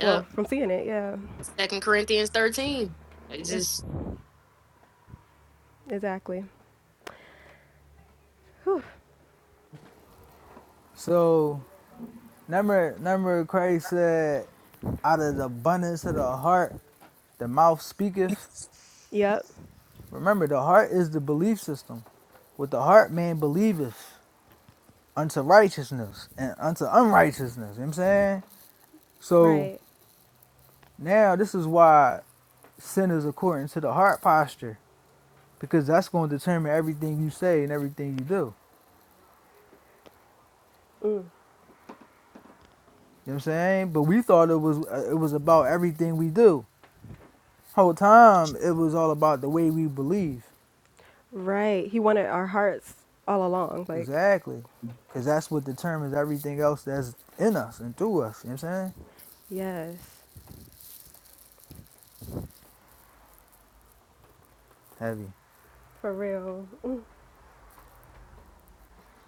C: well, from seeing it. Yeah,
B: Second Corinthians 13. It's
C: it's,
B: just
C: exactly. Whew.
A: So Remember, remember Christ said, out of the abundance of the heart, the mouth speaketh.
C: Yep.
A: Remember, the heart is the belief system. With the heart, man believeth unto righteousness and unto unrighteousness. You know what I'm saying? So
C: Right.
A: now this is why sin is according to the heart posture, because that's going to determine everything you say and everything you do.
C: Mm.
A: You know what I'm saying? But we thought it was uh, it was about everything we do. Whole time it was all about the way we believe.
C: Right. He wanted our hearts all along. Like,
A: Exactly. Because that's what determines everything else that's in us and through us. You know what I'm saying?
C: yes.
A: Heavy.
C: For real.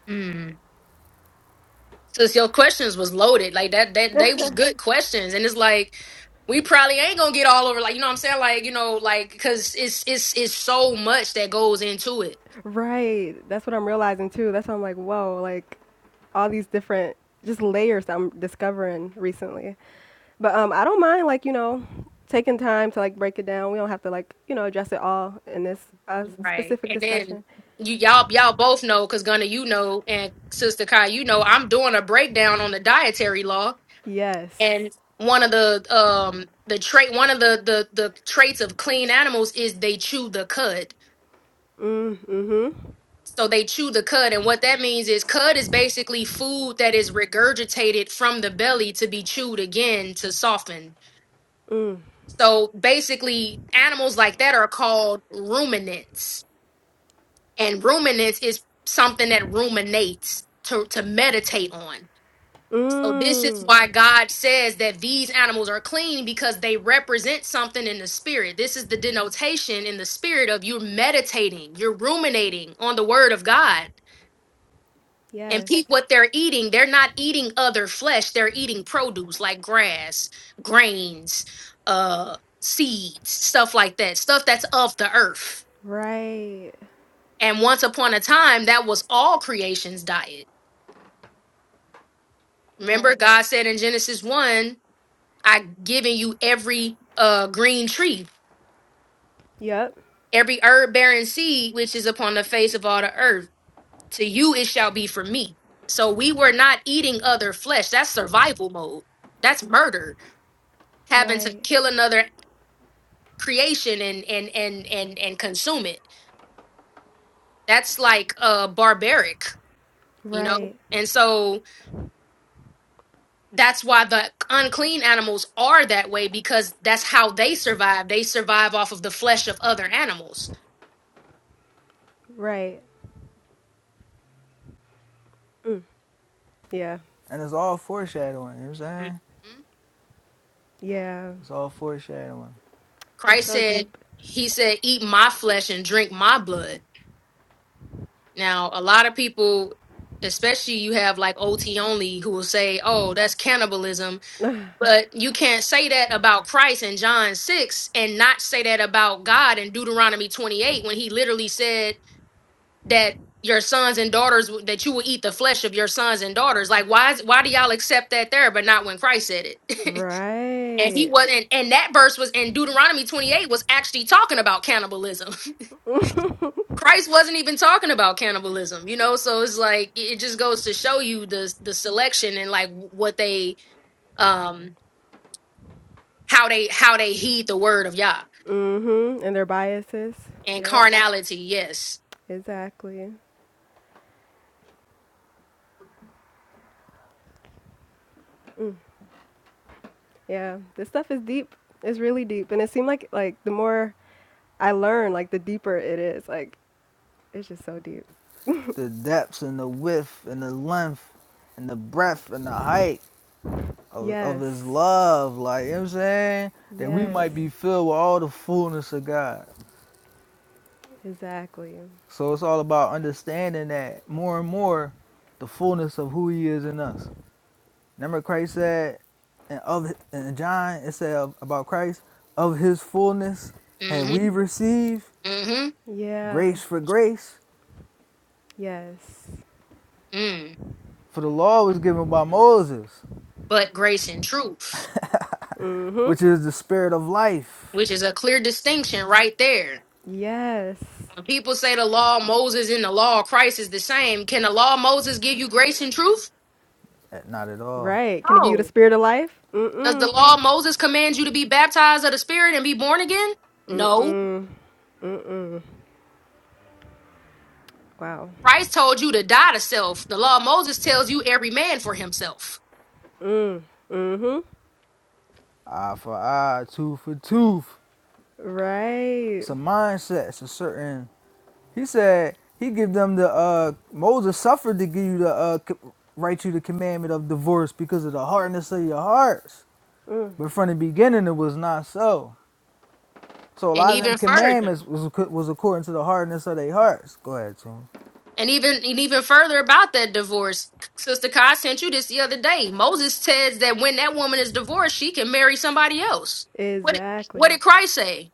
B: mm. Sis, your questions was loaded. Like that that they was good questions. And it's like we probably ain't gonna get all over like you know what I'm saying? Like, you know, like cause it's it's it's so much that goes into it.
C: Right. That's what I'm realizing too. That's why I'm like, whoa, like all these different just layers that I'm discovering recently. But um I don't mind like, you know, taking time to like break it down. We don't have to like, you know, address it all in this uh,
B: Right.
C: specific
B: And then
C: discussion.
B: you y'all y'all both know, cause Gunna, you know, and Sister Kai, you know, I'm doing a breakdown on the dietary law
C: Yes.
B: and one of the um the trait one of the the the traits of clean animals is they chew the cud
C: Mm, mm-hmm.
B: so they chew the cud and what that means is cud is basically food that is regurgitated from the belly to be chewed again to soften
C: Mm.
B: so basically animals like that are called ruminants and ruminants is something that ruminates to to meditate on So this is
C: Mm.
B: why God says that these animals are clean because they represent something in the spirit. This is the denotation in the spirit of you're meditating, you're ruminating on the word of God. And
C: Yes.
B: peep what they're eating. They're not eating other flesh. They're eating produce like grass, grains, uh, seeds, stuff like that. Stuff that's of the earth.
C: Right.
B: And once upon a time, that was all creation's diet. Remember,
C: Right.
B: God said in Genesis 1 I given you every uh green tree,
C: Yep.
B: every herb bearing seed which is upon the face of all the earth. To you it shall be for me. So we were not eating other flesh. That's survival mode. That's murder. Having to
C: Right.
B: kill another creation and and and and and consume it. That's like uh barbaric, you know?
C: Right.
B: And so that's why the unclean animals are that way because that's how they survive. They survive off of the flesh of other animals.
C: Right. Mm. Yeah.
A: And it's all foreshadowing. You know what I'm saying?
B: Mhm.
C: Yeah.
A: It's all foreshadowing.
C: It's
B: Christ
C: so
B: said,
C: deep.
B: He said, eat my flesh and drink my blood. Now, a lot of people, especially you have like OT only, who will say, oh, that's cannibalism. But you can't say that about Christ in John 6 and not say that about God in Deuteronomy 28 when He literally said that your sons and daughters that you will eat the flesh of your sons and daughters like why is, why do y'all accept that there but not when christ said it and he
C: Right.
B: wasn't and that verse was in deuteronomy 28 was actually talking about cannibalism Christ wasn't even talking about cannibalism, you know. So it's like it just goes to show you the the selection and like what they um how they how they heed the word of Yah
C: Mm-hmm. And their biases.
B: and
C: Yep.
B: carnality. Yes.
C: Exactly. Yeah. This stuff is deep. It's really deep. And it seemed like like the more I learn, like the deeper it is. Like it's just so deep.
A: The depths and the width and the length and the breadth and the height of, of his
C: Yes.
A: love. Like, you know what I'm saying? That we
C: Yes.
A: might be filled with all the fullness of God.
C: Exactly.
A: So it's all about understanding that more and more the fullness of who he is in us. Remember Christ said in of in John it said about Christ of his fullness had
B: Mm-hmm.
A: we received
B: Mm-hmm.
C: Yeah.
A: grace for grace
C: Yes.
B: Mm.
A: for the law was given by Moses
B: But grace and truth,
A: which
C: Mm-hmm.
A: is the spirit of life
B: which is a clear distinction right there.
C: Yes.
B: When people say the law of Moses and the law of Christ is the same, can the law of Moses give you grace and truth?
A: Eh, not at all
C: Right. Can I give you the
B: No.
C: spirit of life?
B: Does the
C: Mm-mm.
B: law of Moses command you to be baptized of the Spirit and be born again? No.
C: Mm-mm. Wow.
B: Christ told you to die to self. The law of Moses tells you every man for himself.
C: Mm-hmm.
A: eye for eye tooth for tooth
C: Right.
A: it's a mindset it's a certain he said he give them the uh Moses suffered to give you the uh co- write you the commandment of divorce because of the hardness of your hearts but from the beginning it was not so So a
B: And
A: lot of them
B: even further.
A: commandments was was according to the hardness of their hearts. Go ahead, Tune.
B: And even and even further about that divorce. Sister Kai sent you this the other day. Moses says that when that woman is divorced, she can marry somebody else. What
C: Exactly.
B: what did Christ say?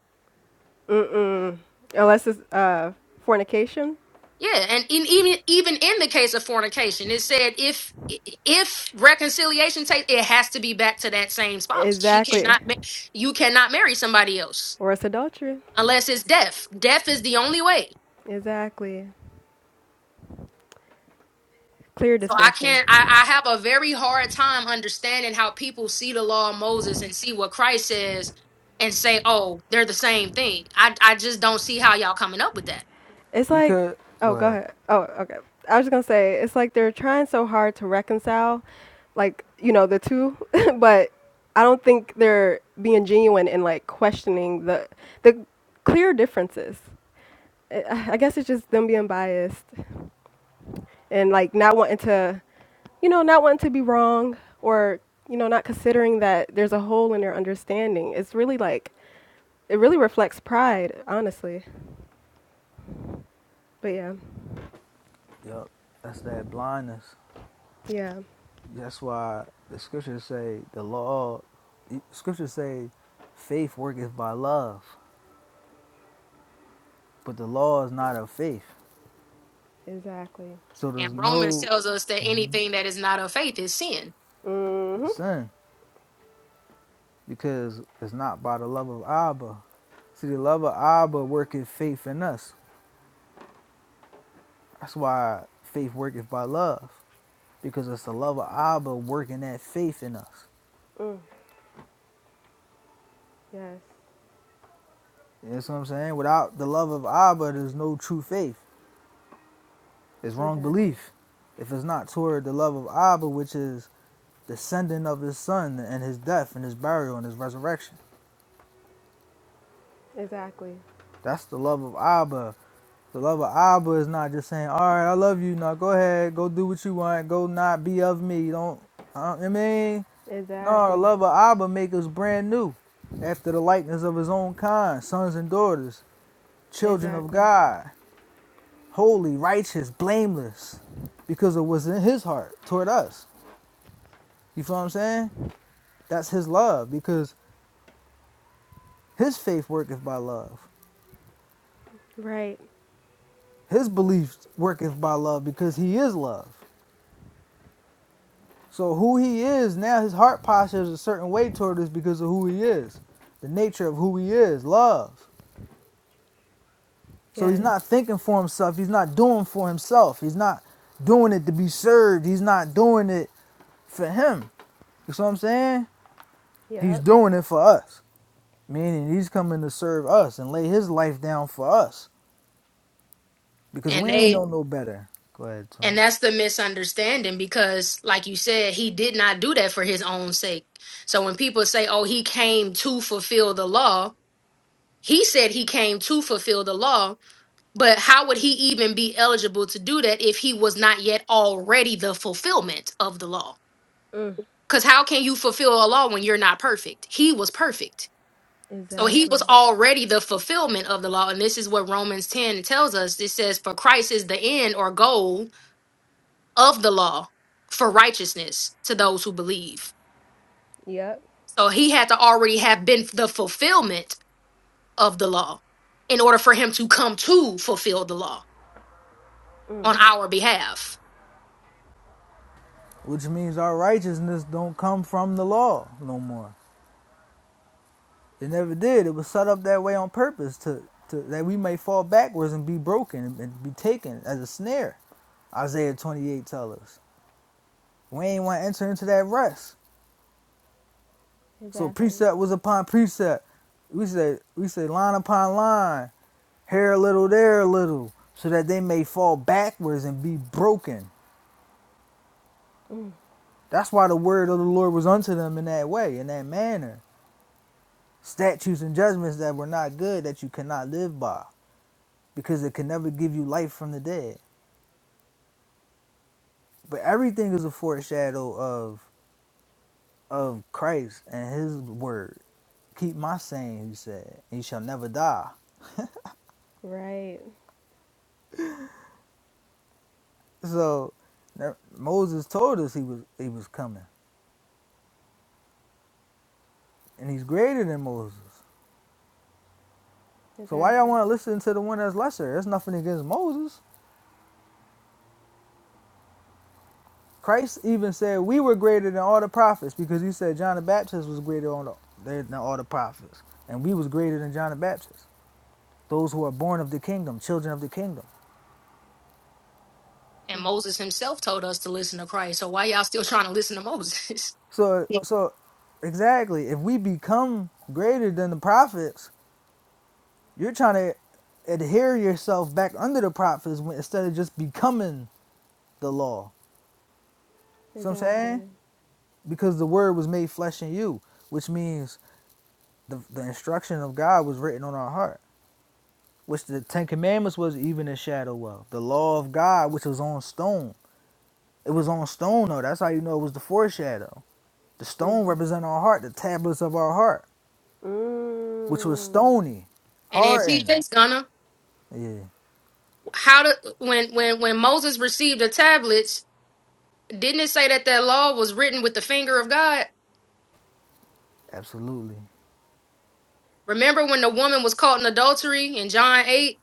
C: Mm-mm. Unless it's uh fornication.
B: Yeah, and in, even even in the case of fornication, it said if if reconciliation takes, it has to be back to that same spouse. She
C: Exactly.
B: cannot, ma- you cannot marry somebody else
C: Or it's adultery.
B: unless it's death. Death is the only way.
C: Exactly. Clear
B: So I can't.
C: distinction.
B: I, I have a very hard time understanding how people see the law of Moses and see what Christ says and say, "Oh, they're the same thing." I I just don't see how y'all coming up with that.
C: It's like,
A: Because go
C: oh, go
A: ahead.
C: ahead. Oh, okay. I was just gonna say it's like they're trying so hard to reconcile, like you know the two, but I don't think they're being genuine and like questioning the the clear differences. I I guess it's just them being biased and like not wanting to, you know, not wanting to be wrong or you know not considering that there's a hole in their understanding. It's really like it really reflects pride, honestly. But yeah,
A: Yep, that's that blindness.
C: yeah,
A: That's why the scriptures say the law. The scriptures say faith worketh by love, but the law is not of faith.
C: exactly.
A: So
B: And
A: there's
B: Romans
A: no
B: tells us that
A: Mhm.
B: anything that is not of faith is sin,
C: Mm-hmm.
A: sin because it's not by the love of Abba. See, the love of Abba worketh faith in us. That's why faith worketh by love because it's the love of Abba working that faith in us.
C: Mm. Yes.
A: You know what I'm saying. Without the love of Abba, there's no true faith. It's wrong
C: Exactly.
A: belief. If it's not toward the love of Abba, which is the sending of his son and his death and his burial and his resurrection.
C: Exactly.
A: That's the love of Abba. The love of Abba is not just saying, all right, I love you. Now go ahead, go do what you want. Go not be of me. Don't, uh, I mean, no, the
C: Exactly.
A: love of Abba makes us brand new after the likeness of his own kind, sons and daughters, children of
C: Exactly.
A: God. holy, righteous, blameless, because of what's in his heart toward us. You feel what I'm saying? That's his love, because his faith worketh by love.
C: Right.
A: His belief worketh by love, because he is love. So who he is now, his heart posture is a certain way toward us because of who he is, the nature of who he is, love. So he's
C: Yes.
A: not thinking for himself. He's not doing for himself. He's not doing it to be served. He's not doing it for him. You see what I'm saying? He's
C: Yep.
A: doing it for us. Meaning he's coming to serve us and lay his life down for us because
B: and
A: we ain't
B: they
A: know no better. Go ahead,
B: and
A: Tom.
B: that's the misunderstanding because, like you said, he did not do that for his own sake. So when people say, "Oh, he came to fulfill the law," he said he came to fulfill the law But how would he even be eligible to do that if he was not yet already the fulfillment of the law?
C: Mm.
B: Because how can you fulfill a law when you're not perfect? He was perfect. So he
C: Exactly.
B: was already the fulfillment of the law. And this is what Romans 10 tells us. It says, For Christ is the end or goal of the law for righteousness to those who believe.
C: Yep.
B: So he had to already have been the fulfillment of the law in order for him to come to fulfill the law
C: Mm.
B: on our behalf.
A: Which means our righteousness don't come from the law no more. It never did. It was set up that way on purpose to, to that we may fall backwards and be broken and be taken as a snare. Isaiah 28 tells us. We ain't want to enter into that rest. So
C: Exactly.
A: precept was upon precept. We say we say line upon line, here a little, there a little, so that they may fall backwards and be broken
C: Mm.
A: That's why the word of the Lord was unto them in that way, in that manner. Statutes and judgments that were not good that you cannot live by, because it can never give you life from the dead. But everything is a foreshadow of of Christ and his word. Keep my saying, he said, and you shall never die.
C: Right.
A: So there- Moses told us he was he was coming. And he's greater than Moses. So why y'all
C: Exactly.
A: want to listen to the one that's lesser? There's nothing against Moses. Christ even said we were greater than all the prophets because he said John the Baptist was greater on the, than all the prophets, and we was greater than John the Baptist. Those who are born of the kingdom, children of the kingdom.
B: And Moses himself told us to listen to Christ. So why y'all still trying to listen to Moses?
A: So, so exactly, if we become greater than the prophets, you're trying to adhere yourself back under the prophets when, instead of just becoming the law. See what I'm saying?
C: Exactly.
A: Because the word was made flesh in you, which means the, the instruction of God was written on our heart. which the Ten Commandments was even a shadow of. The law of God, which was on stone. It was on stone, though. That's how you know it was the foreshadow. The stone represent our heart, the tablets of our heart, which was
C: Mm.
A: stony,
B: And then
A: hardened.
B: PJ's gonna
A: Yeah,
B: how to when when when Moses received the tablets, didn't it say that that law was written with the finger of God?
A: absolutely.
B: Remember when the woman was caught in adultery in John eight,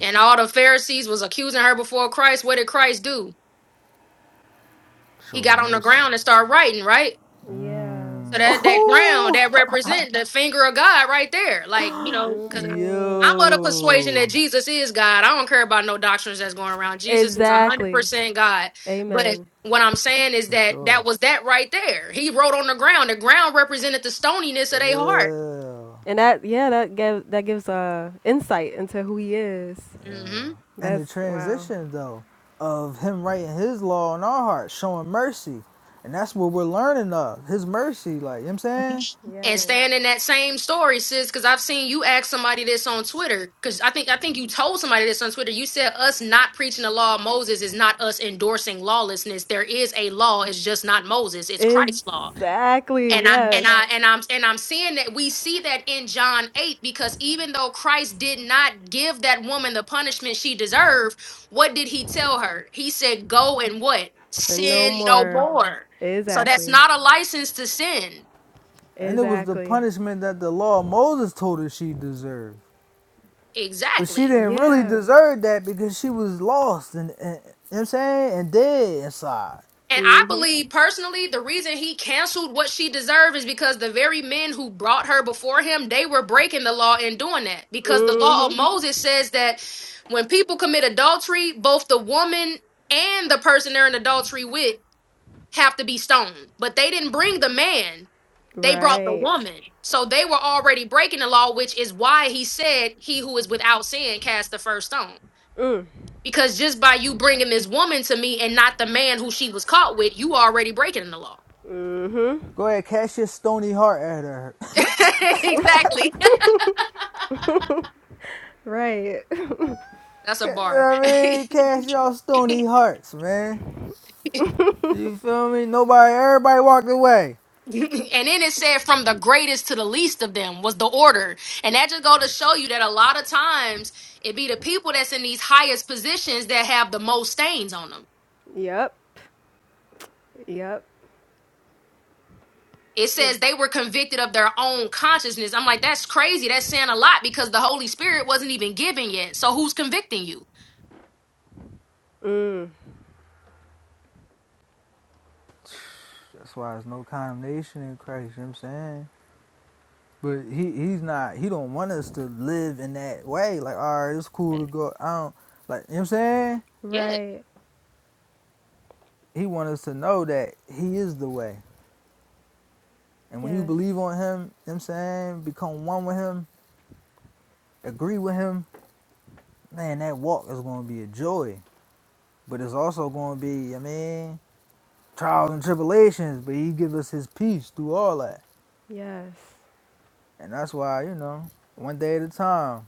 B: and all the Pharisees was accusing her before Christ? What did Christ do? He
A: Show the
B: got on the
A: mercy.
B: ground and started writing, right?
C: Yeah.
B: So
A: Mm.
B: that that ground that
A: Oh,
B: represent the finger of God right there. Like, you know, because I'm of the
C: Mm.
B: persuasion
A: yo,
B: that Jesus is God. I don't care about no doctrines that's going around. Jesus is
C: Exactly.
B: 100% God. But
C: Amen.
B: what I'm saying is
A: for
B: that that
A: sure.
B: was that right there. He wrote on the ground. The ground represented the stoniness of their heart.
A: Ew.
C: And that yeah, that gave that gives uh insight into who he is.
B: Mm-hmm.
A: Yeah. and
C: That's
A: the
C: wow.
A: transition though of him writing his law in our hearts, showing mercy, and that's what we're learning of his mercy. Like you know what I'm saying,
B: and
C: Yes.
B: staying in that same story, sis, because I've seen you ask somebody this on Twitter. Because I think I think you told somebody this on Twitter. You said us not preaching the law of Moses is not us endorsing lawlessness. There is a law. It's just not Moses. It's Christ's law.
C: Exactly.
B: And I and
C: Yes.
B: I and I'm and I'm seeing that we see that in John eight because even though Christ did not give that woman the punishment she deserved, what did he tell her? He said, "Go and what
C: Sin no
B: sin no
C: more.
B: more." So that's
C: Exactly.
B: not a license to sin.
A: and it was the
C: Exactly.
A: punishment that the law of Moses told her she deserved, but she
B: Exactly.
A: didn't really
C: Yeah.
A: deserve that because she was lost and, and you know what I'm saying and dead inside.
B: And I
C: Mhm.
B: believe personally, the reason he canceled what she deserved is because the very men who brought her before him, they were breaking the law in doing that. Because the law of
C: Mhm.
B: Moses says that when people commit adultery, both the woman and the person they're in adultery with have to be stoned. But they didn't bring the man, they brought the
C: Right.
B: woman. So they were already breaking the law, which is why he said, He who is without sin cast the first stone. Because just by you bringing this woman to me and not the man who she was caught with, you already breaking the law.
A: Go ahead, cast your stony heart at her.
B: exactly.
C: Right.
B: That's a
A: You know what
B: bar. and
A: I mean, cast y'all stony hearts, man. You feel me? Nobody, everybody walked away.
B: then it said from the greatest to the least of them was the order. And that just go to show you that a lot of times it be the people that's in these highest positions that have the most stains on them.
C: Yep. Yep.
B: It says they were convicted of their own consciousness. I'm like, that's crazy. That's saying a lot because the Holy Spirit wasn't even given yet. So who's convicting you?
C: Mm.
A: That's why there's no condemnation in Christ, you know what I'm saying? But he he's not he don't want us to live in that way. Like, all right, it's cool to go out. Like, you know what I'm saying?
B: Yeah.
C: Right.
A: He wants us to know that he is the way. And when you
C: Yes.
A: believe on him, you know what I'm saying, become one with him, agree with him, man, that walk is gonna be a joy. But it's also gonna be, I mean, trials and tribulations, but he gives us his peace through all that.
C: Yes.
A: And that's why, you know, one day at a time.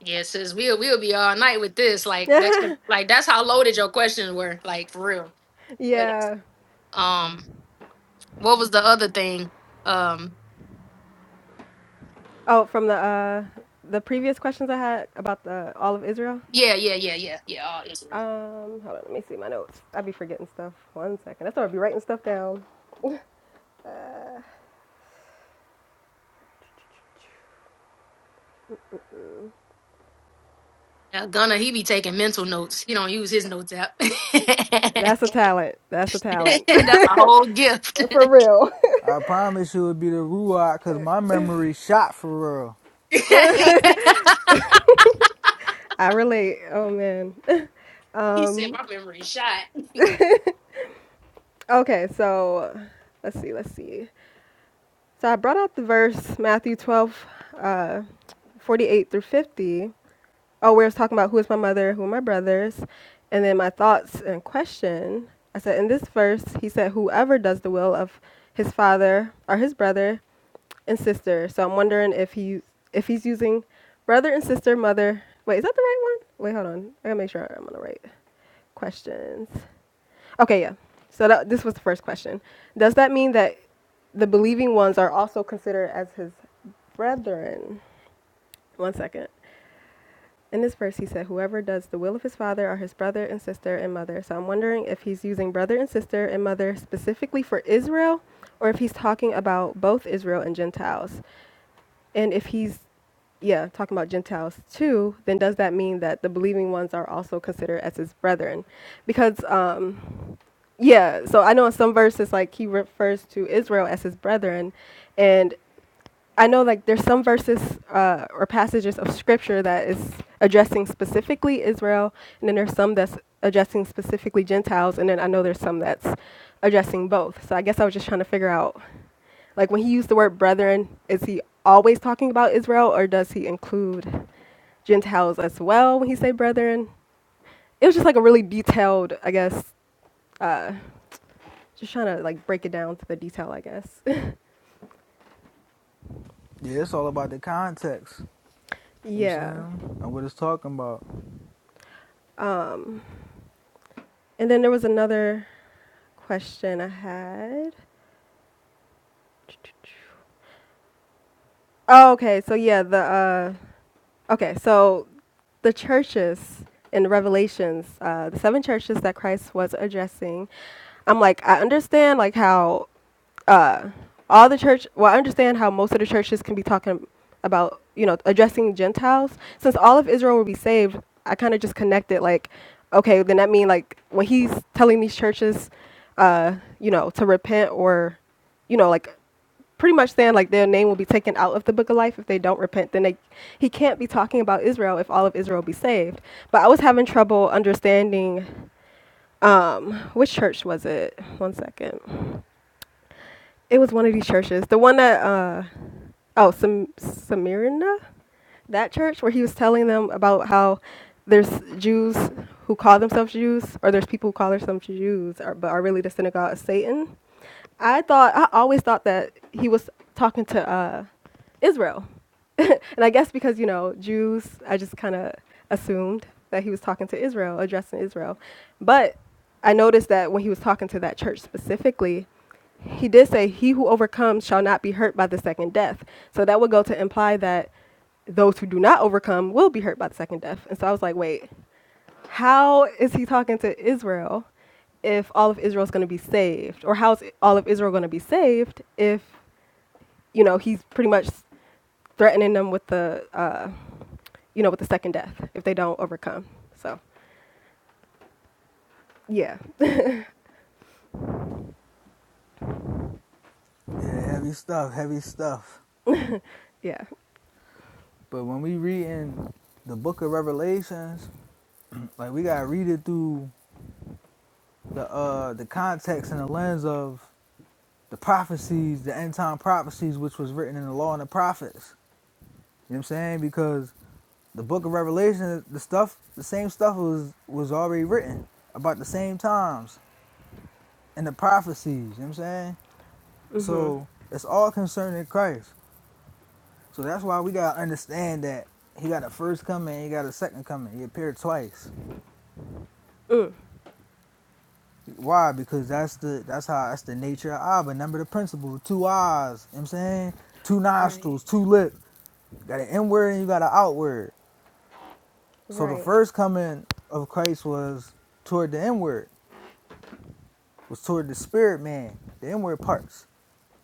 B: Yeah, sis, we'll we'll be all night with this. Like that's like that's how loaded your questions were, like for real. But
C: yeah.
B: um, what was the other thing? Um,
C: Oh, from the uh the previous questions I had about the all of Israel.
B: yeah, yeah, yeah, yeah, yeah. All
C: Um,
B: Israel.
C: hold on, let me see my notes. I be forgetting stuff. One second. That's why I be writing stuff down.
B: Now Gunna, he be taking mental notes. He don't use his notes app. that's
C: That's a talent. That's a talent.
B: a whole gift.
C: For real.
A: I promise you it'd be the Ruach because my memory shot for real.
C: I relate. Oh man.
B: he said my memory shot.
C: Okay, so let's see, let's see. So I brought out the verse Matthew 12 uh 48 through 50. Oh, where it's talking about who is my mother, who are my brothers, and then my thoughts and question. I said in this verse, he said whoever does the will of his father or his brother and sister. So I'm wondering if he if he's using brother and sister, mother. Wait, is that the right one? Wait, hold on. I gotta make sure I'm on the right questions. Okay, yeah. So that, this was the first question. Does that mean that the believing ones are also considered as his brethren? One second. In this verse, he said, Whoever does the will of his father are his brother and sister and mother. So I'm wondering if he's using brother and sister and mother specifically for Israel, or if he's talking about both Israel and Gentiles. And if he's, yeah, talking about Gentiles too, then does that mean that the believing ones are also considered as his brethren? Because, um, yeah, so I know in some verses like he refers to Israel as his brethren, and I know like there's some verses uh, or passages of scripture that is addressing specifically Israel, and then there's some that's addressing specifically Gentiles, and then I know there's some that's addressing both. So I guess I was just trying to figure out like when he used the word brethren, is he always talking about Israel, or does he include Gentiles as well when he say brethren? It was just like a really detailed, I guess, uh, just trying to like break it down to the detail, I guess.
A: Yeah, it's all about the context. You know what I'm
C: yeah.
A: saying? And what it's talking about.
C: Um, and then there was another question I had. Oh, okay. So yeah, the uh, Okay, so the churches in Revelations, uh, the seven churches that Christ was addressing, I'm like, I understand like how uh, all the church. Well, I understand how most of the churches can be talking about you know addressing Gentiles. Since all of Israel will be saved, I kind of just connected like, okay, then that mean like when he's telling these churches, uh, you know, to repent or, you know, like pretty much saying like their name will be taken out of the book of life if they don't repent then they, he can't be talking about israel if all of israel be saved but i was having trouble understanding um which church was it one second it was one of these churches the one that uh oh Sam- smyrna that church where he was telling them about how there's jews who call themselves jews or there's people who call themselves jews or, but are really the synagogue of satan I thought I always thought that he was talking to uh, Israel, and I guess because you know Jews, I just kind of assumed that he was talking to Israel, addressing Israel. But I noticed that when he was talking to that church specifically, he did say, "He who overcomes shall not be hurt by the second death." So that would go to imply that those who do not overcome will be hurt by the second death. And so I was like, wait, how is he talking to Israel if all of Israel is going to be saved? Or how is all of Israel going to be saved if, you know, he's pretty much threatening them with the, uh, you know, with the second death if they don't overcome? So, yeah,
A: Yeah, heavy stuff, heavy stuff.
C: yeah.
A: But when we read in the book of Revelations, like we gotta read it through the uh the context and the lens of the prophecies, the end time prophecies which was written in the law and the prophets. You know what I'm saying? Because the book of Revelation, the stuff the same stuff was was already written about the same times. and the prophecies. You know what I'm saying?
C: Mm-hmm.
A: So it's all concerning Christ. So that's why we gotta understand that he got a first coming, he got a second coming. He appeared twice.
C: Mm.
A: Why? Because that's the that's how that's the nature of Abba. Remember the principle. Two eyes, you know what I'm saying? Two
C: Right,
A: nostrils, two lips. You got an inward and you got an outward. So the
C: right,
A: first coming of Christ was toward the inward, was toward the spirit man, the inward parts.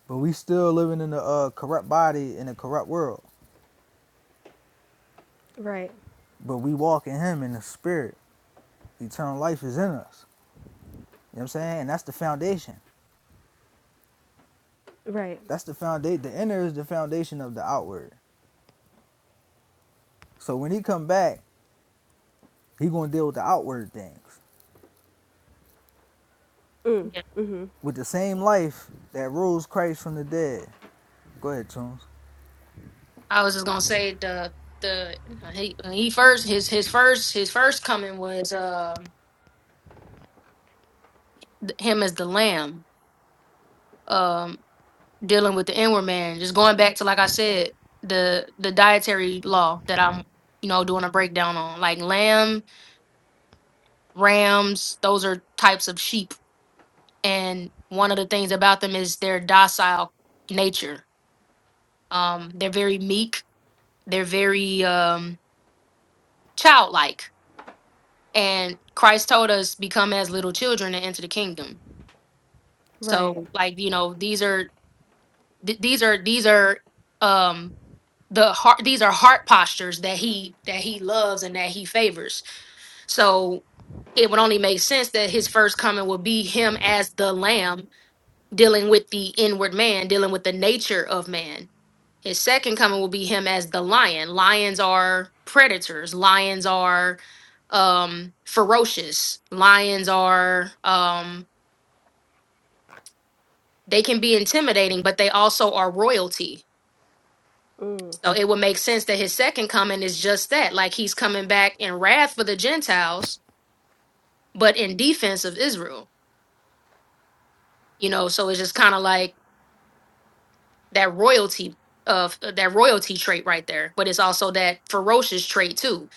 A: But we still living in a uh, corrupt body in a corrupt world.
C: right,
A: But we walk in him in the spirit. Eternal life is in us. You know what I'm saying? And that's the foundation.
C: right.
A: That's the foundation. The inner is the foundation of the outward. So when he come back, he gonna deal with the outward things.
C: Mm.
B: Yeah.
C: Mm-hmm.
A: With the same life that rose Christ from the dead. Go ahead, Tunes.
B: I was just gonna say the the he he first his his first his first coming was uh, him as the lamb. um. dealing with the inward man. Just going back to like I said, the the dietary law that I'm you know doing a breakdown on, like lamb, rams. Those are types of sheep, and one of the things about them is their docile nature. Um, they're very meek. They're very um, childlike, and Christ told us become as little children and enter the kingdom.
C: Right,
B: So like you know these are th- these are these are um the heart these are heart postures that he that he loves and that he favors so it would only make sense that his first coming would be him as the lamb dealing with the inward man dealing with the nature of man his second coming will be him as the lion lions are predators lions are um ferocious lions are um they can be intimidating but they also are royalty So it would make sense that his second coming is just that, like he's coming back in wrath for the Gentiles, but in defense of Israel. You know, so it's just kind of like that royalty of uh, that royalty trait right there, but it's also that ferocious trait too.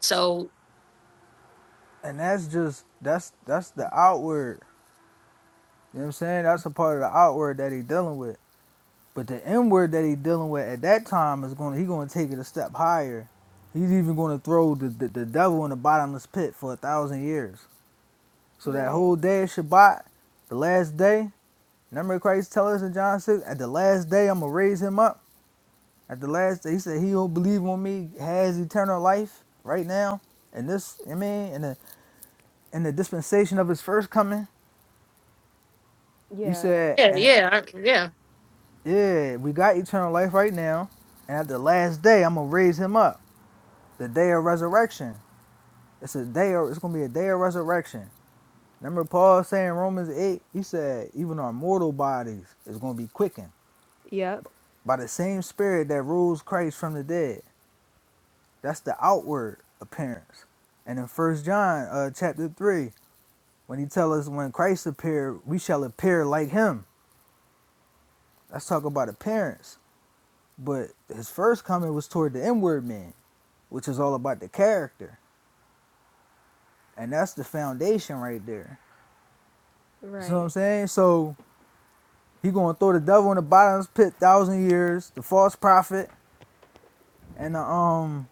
B: So
A: And that's just that's that's the outward. You know what I'm saying? That's a part of the outward that he dealing with. But the inward that he dealing with at that time is gonna he gonna take it a step higher. He's even gonna throw the, the, the devil in the bottomless pit for a thousand years. So that
C: right.
A: whole day of Shabbat, the last day, remember Christ tell us in John 6, at the last day I'm gonna raise him up. At the last day, he said he who believe on me has eternal life right now. And this, I mean, in the in the dispensation of his first coming, he
C: Yeah.
A: said,
B: yeah,
A: and
B: yeah, I- yeah,
A: yeah, we got eternal life right now. And at the last day, I'm gonna raise him up. The day of resurrection. It's a day of, it's gonna be a day of resurrection. Remember Paul saying in Romans 8, he said, even our mortal bodies is gonna be quickened
C: Yep.
A: by the same spirit that rules Christ from the dead. That's the outward appearance. And in First John uh, chapter three, when he tell us when Christ appeared, we shall appear like him. Let's talk about appearance. But his first coming was toward the inward man, which is all about the character. And that's the foundation right there. You see what I'm
C: Right.
A: saying? So he gonna throw the devil in the bottomless pit thousand years, the false prophet, and the um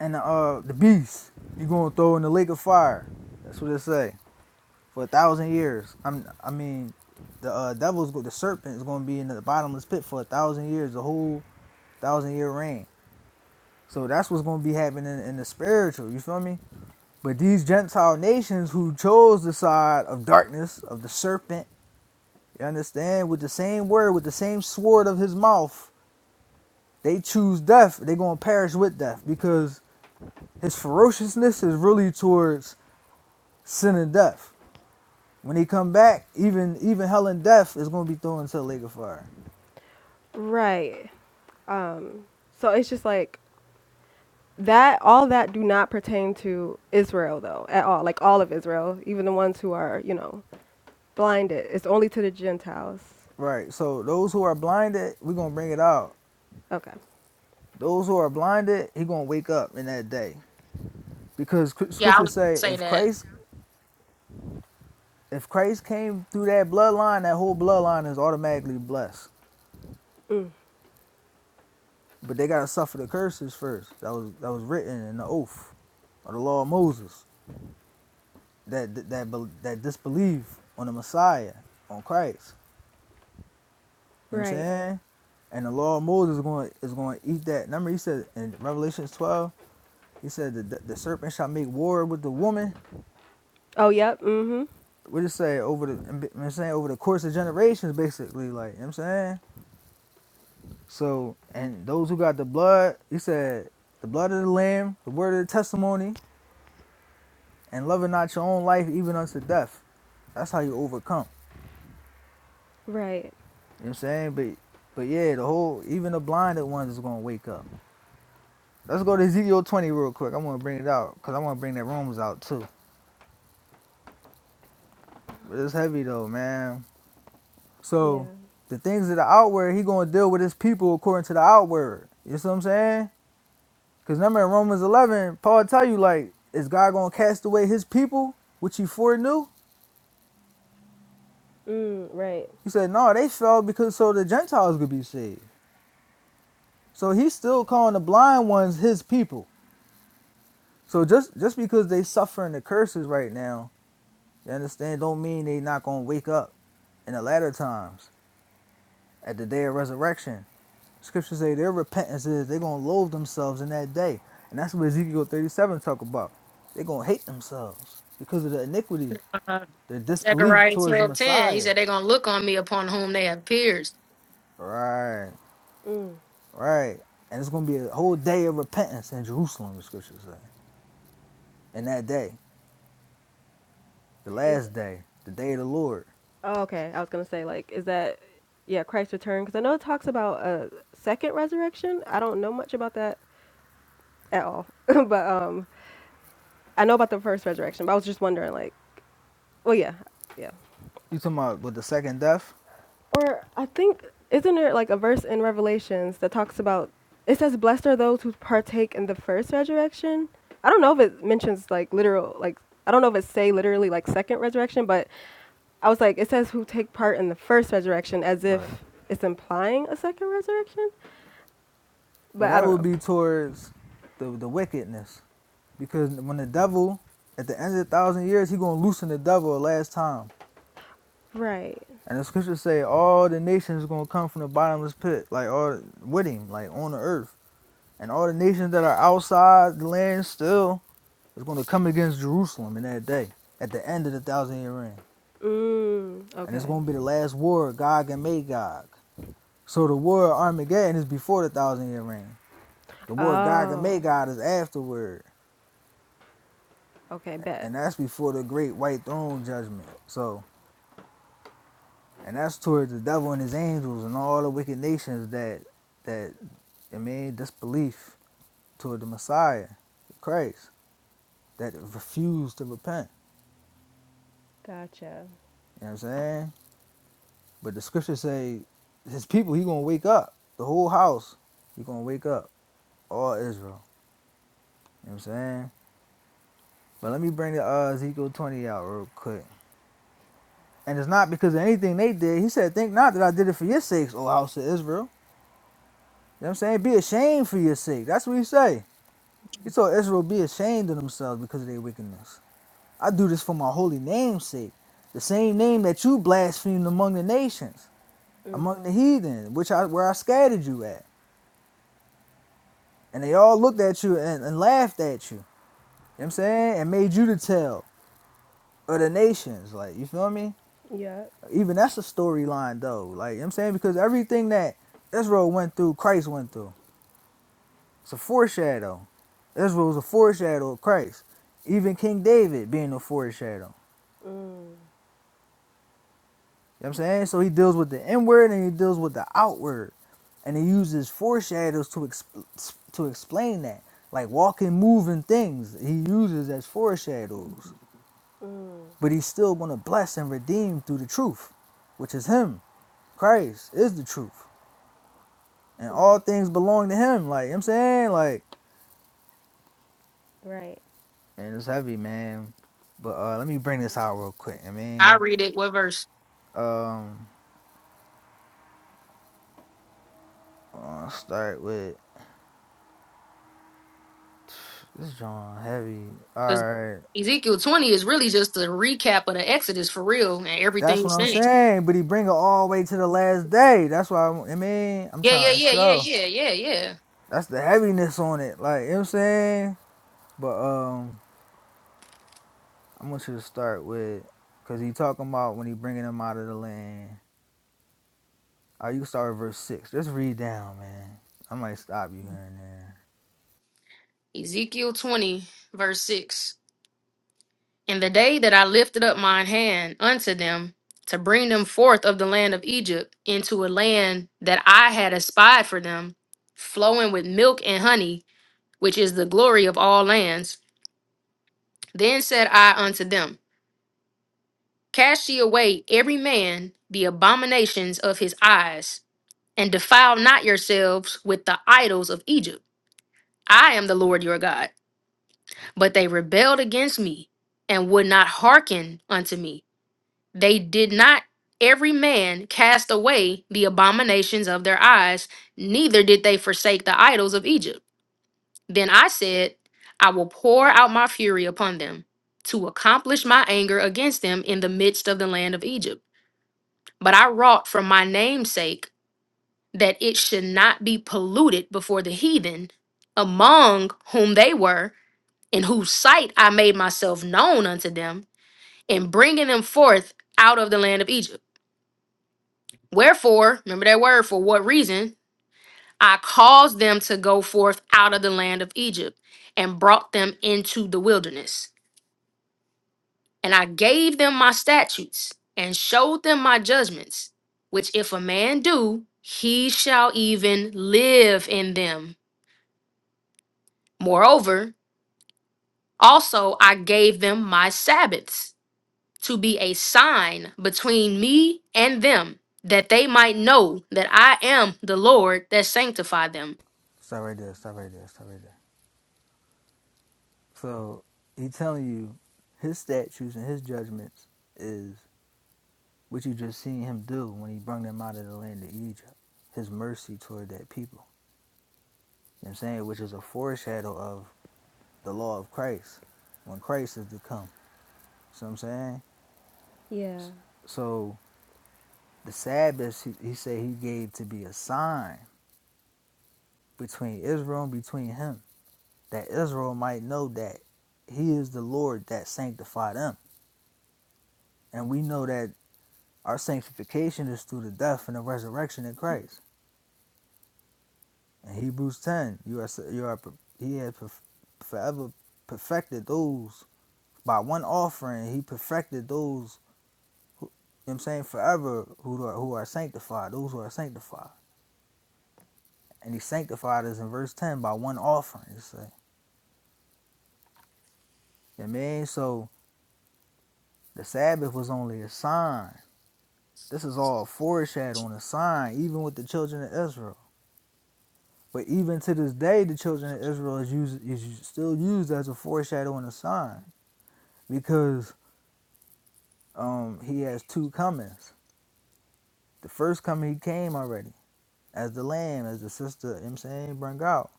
A: and the uh the beast. He gonna throw in the lake of fire. That's what it say. for a thousand years. I'm I mean, the uh, devil's the serpent is going to be in the bottomless pit for a thousand years, the whole thousand year reign. So that's what's going to be happening in the spiritual. You feel me? But these Gentile nations who chose the side of darkness of the serpent, you understand, with the same word, with the same sword of his mouth, they choose death. They're going to perish with death because his ferociousness is really towards sin and death. When he come back, even even hell and death is going to be thrown into the lake of fire.
C: Right. So it's just like that all that do not pertain to Israel though at all like all of Israel even the ones who are you know blinded it's only to the Gentiles
A: Right. So those who are blinded, we're gonna bring it out.
C: okay
A: Those who are blinded, he gonna wake up in that day because sc-
B: yeah. I would
A: scriptures say
B: say
A: if
B: that
A: Christ if Christ came through that bloodline, that whole bloodline is automatically blessed. But they gotta suffer the curses first. That was that was written in the oath of the law of Moses. That that that, bel- that disbelief on the Messiah, on Christ. You know what I'm
C: right
A: saying? And the law of Moses is going is going to eat that. Remember, he said in Revelation 12, he said that the, the serpent shall make war with the woman
C: oh yep mm-hmm
A: we just say over the I'm saying over the course of generations basically like you know what I'm saying so and those who got the blood he said the blood of the lamb the word of the testimony and loving not your own life even unto death that's how you overcome
C: right
A: you know what I'm saying but but yeah the whole even the blinded ones is gonna wake up let's go to Ezekiel 20 real quick I want to bring it out because I want to bring that Romans out too but it's heavy though man
C: yeah
A: so the things of the outward he gonna deal with his people according to the outward you see what I'm saying Because remember in Romans 11, Paul tell you, like, is God going to cast away his people, which he foreknew?
C: mm, right
A: He said, no, they fell because so the Gentiles could be saved. So he's still calling the blind ones his people. So just, just because they suffering the curses right now, you understand, don't mean they not going to wake up in the latter times at the day of resurrection. Scriptures say their repentance is they're going to loathe themselves in that day. And that's what Ezekiel 37 talk about. They're going to hate themselves because of the iniquity
B: uh,
A: Their disbelief
B: Zechariah
A: towards the
B: twelve ten. He
A: Messiah.
B: said they're gonna look on me upon whom they have pierced.
A: Right, right. And it's going to be a whole day of repentance in Jerusalem, the scriptures say. And that day, the
C: is
A: last day, the day of the Lord.
C: oh, okay I was gonna say like is that yeah Christ's return because I know it talks about a second resurrection I don't know much about that at all but um I know about the first resurrection but I was just wondering like well yeah yeah
A: You talking about with the second death?
C: Or I think isn't there like a verse in Revelations that talks about it says blessed are those who partake in the first resurrection. I don't know if it mentions like literal like I don't know if it say literally like second resurrection, but I was like it says who take part in the first resurrection as
A: Right.
C: if it's implying a second resurrection,
A: Well,
C: but I
A: that
C: don't
A: would
C: know.
A: be towards the, the wickedness. Because when the devil, at the end of the thousand years, he going to loosen the devil the last time.
C: Right.
A: And the scriptures say all the nations are going to come from the bottomless pit, like all with him, like on the earth. And all the nations that are outside the land still It's going to come against Jerusalem in that day, at the end of the thousand year reign.
C: Mm,
A: And it's
C: okay.
A: going to be the last war, of Gog and Magog. So the war of Armageddon is before the thousand year reign. The war of Gog and
C: Oh.
A: Magog is afterward.
C: Okay, bet.
A: And that's before the great white throne judgment. So, and that's towards the devil and his angels and all the wicked nations that, that, I mean, disbelief toward the Messiah, Christ, that refuse to repent.
C: Gotcha.
A: You know what I'm saying? But the scriptures say his people, he gonna wake up. The whole house, he gonna wake up. All Israel. You know what I'm saying? But let me bring the uh, Ezekiel 20 out real quick. And it's not because of anything they did. He said, Think not that I did it for your sakes, O house of Israel. You know what I'm saying? Be ashamed for your sake. That's what he say. He told Israel be ashamed of themselves because of their wickedness. I do this for my holy name's sake. The same name that you blasphemed among the nations,
C: Mm,
A: among the heathen, which I where I scattered you at. and they all looked at you and, and laughed at you. You know what I'm saying? And made you the tell of the nations. Like, you feel me?
C: Yep.
A: Even that's a storyline though. Like, you know what I'm saying? Because everything that Israel went through, Christ went through. It's a foreshadow. Israel was a foreshadow of Christ. Even King David being a foreshadow.
C: mm,
A: You know what I'm saying? So he deals with the inward and he deals with the outward. And he uses foreshadows to exp- to explain that. Like walking, moving things, he uses as foreshadows.
C: mm,
A: but he's still going to bless and redeem through the truth, which is him. Christ is the truth, and
C: right.
A: all things belong to him. Like, you know what I'm saying, like,
C: Right.
A: and it's heavy, man. But uh, let me bring this out real quick. I
B: I
A: mean,
B: read it what verse
A: um, I'll start with this John heavy. All
B: because
A: right,
B: Ezekiel twenty is really just a recap of the Exodus for real and
A: that's
B: everything
A: what I'm
B: since.
A: saying. But he bring it all the way to the last day. That's why i mean I'm
B: Yeah, yeah,
A: trying to
B: yeah, yeah,
A: show.
B: yeah, yeah, yeah.
A: That's the heaviness on it. Like you know what I'm saying. But um, I want you to start with, cause he talking about when he bringing them out of the land. Oh, you can start with verse six. Just read down, man. I might stop you here and there.
B: Ezekiel 20, verse 6. In the day that I lifted up mine hand unto them to bring them forth of the land of Egypt into a land that I had espied for them, flowing with milk and honey, which is the glory of all lands, then said I unto them, Cast ye away every man the abominations of his eyes, and defile not yourselves with the idols of Egypt. I am the Lord your God. But they rebelled against me and would not hearken unto me. They did not every man cast away the abominations of their eyes, neither did they forsake the idols of Egypt. Then I said, I will pour out my fury upon them to accomplish my anger against them in the midst of the land of Egypt. But I wrought for my name's sake that it should not be polluted before the heathen among whom they were in whose sight I made myself known unto them, in bringing them forth out of the land of Egypt. Wherefore, remember that word, for what reason? I caused them to go forth out of the land of Egypt and brought them into the wilderness. And I gave them my statutes and showed them my judgments, which if a man do, he shall even live in them. Moreover, also I gave them my Sabbaths to be a sign between me and them, that they might know that I am the Lord that sanctified them.
A: Stop right there. Stop right there. Stop right there. So he telling you his statutes and his judgments is what you just seen him do when he brought them out of the land of Egypt. His mercy toward that people. You know what I'm saying? Which is a foreshadow of the law of Christ when Christ is to come. So I'm saying?
C: Yeah.
A: So The Sabbath, he, he said he gave to be a sign between Israel and between him, that Israel might know that he is the Lord that sanctified them. And we know that our sanctification is through the death and the resurrection in Christ. In Hebrews 10, you are, you are he has forever perfected those by one offering. He perfected those who, you know what I'm saying forever who are who are sanctified, those who are sanctified. And he sanctified us in verse 10 by one offering. It's You know what I mean? So the Sabbath was only a sign. This is all foreshadowing a sign, even with the children of Israel. But even to this day, the children of Israel is used is still used as a foreshadow and a sign because um, he has two comings. The first coming he came already as the lamb, as the sister. You know what I'm saying bring out,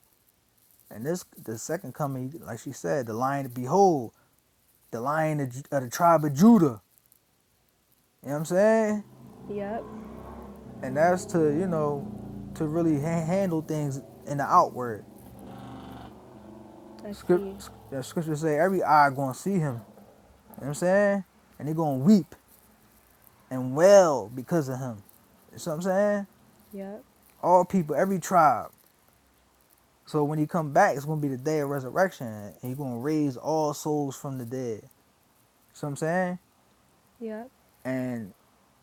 A: and this the second coming, like she said, the lion. Behold, the lion of, of the tribe of Judah. You know what I'm saying?
C: Yep.
A: and that's to you know to really ha- handle things in the outward
C: I
A: script
C: see.
A: the scripture say every eye gonna see him you know what i'm saying and they gonna weep and wail because of him you know what i'm saying
C: Yep.
A: all people every tribe so when he come back it's gonna be the day of resurrection and he gonna raise all souls from the dead you know what i'm saying
C: Yep.
A: and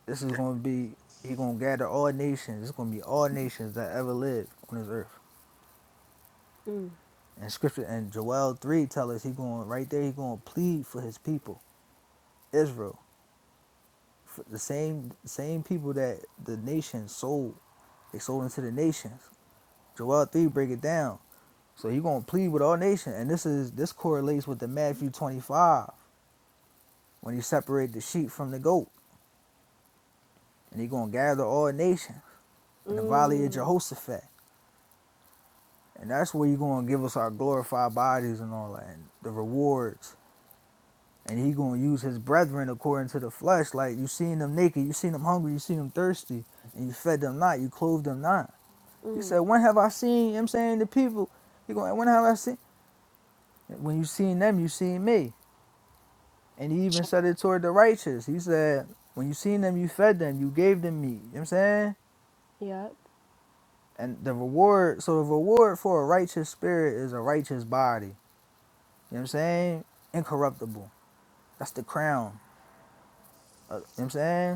A: this is gonna be he gonna gather all nations it's gonna be all nations that ever lived on this earth
C: Mm.
A: And scripture and Joel three tell us he going right there. He going to plead for his people, Israel, for the same same people that the nation sold. They sold into the nations. Joel three break it down. So he going to plead with all nations, and this is this correlates with the Matthew twenty five when he separated the sheep from the goat, and he going to gather all nations in the valley of
C: Mm.
A: Jehoshaphat, and that's where you going to give us our glorified bodies and all that, and the rewards and he gonna use his brethren according to the flesh. Like you seen them naked, you seen them hungry, you seen them thirsty, and you fed them not, you clothed them not. He
C: Mm.
A: said, When have I seen, you know what I'm saying, the people? He going, When have I seen? When you seen them, you seen me. And he even said it toward the righteous. He said, When you seen them, you fed them, you gave them meat. You know what I'm saying?
C: Yep.
A: And the reward, so the reward for a righteous spirit is a righteous body. You know what I'm saying? Incorruptible. That's the crown. Uh, you know what I'm saying?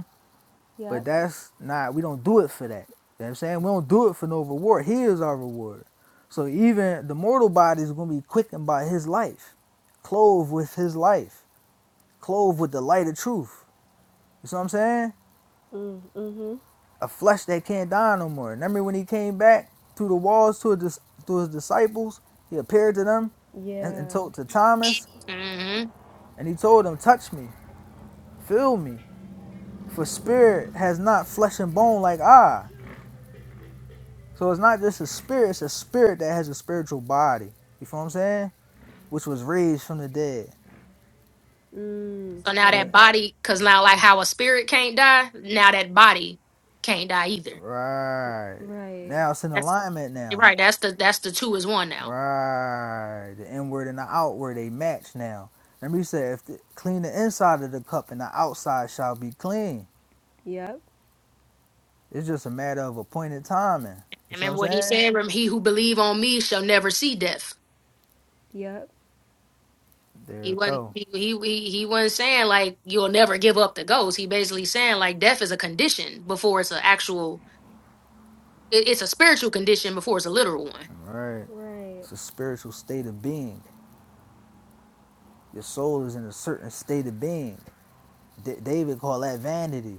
A: But
C: Yep.
A: that's not we don't do it for that. You know what I'm saying? We don't do it for no reward. He is our reward. So even the mortal body is gonna be quickened by his life, clothed with his life, clothed with the light of truth. You see what I'm saying?
C: Mm. Mm-hmm.
A: A flesh that can't die no more. Remember when he came back through the walls to his, to his disciples? He appeared to them and, and
C: Yeah.
A: told to Thomas,
B: hmm
A: and he told him, Touch me, feel me, for spirit has not flesh and bone like I So it's not just a spirit, it's a spirit that has a spiritual body. You feel what I'm saying? Which was raised from the dead.
C: Mm.
B: So now
A: Yeah.
B: that
C: Right.
B: body, because now, like how a spirit can't die, now that body can't die either.
A: Right.
C: Right.
A: Now it's in
B: That's
A: alignment now.
B: right. That's the that's the two is one now.
A: Right. The inward and the outward, they match now. Remember you said if the, clean the inside of the cup and the outside shall be clean.
C: Yep.
A: It's just a matter of appointed timing. You
B: And
A: see what I'm
B: Remember what he
A: saying?
B: said? Rem- He who believe on me shall never see death.
C: Yep.
A: There
B: He
A: it
B: wasn't
A: go.
B: he, he he he wasn't saying like you'll never give up the ghost. He basically saying like death is a condition before it's an actual. it- It's a spiritual condition before it's a literal one.
A: All Right.
C: Right.
A: It's a spiritual state of being. Your soul is in a certain state of being. D- David called that vanity.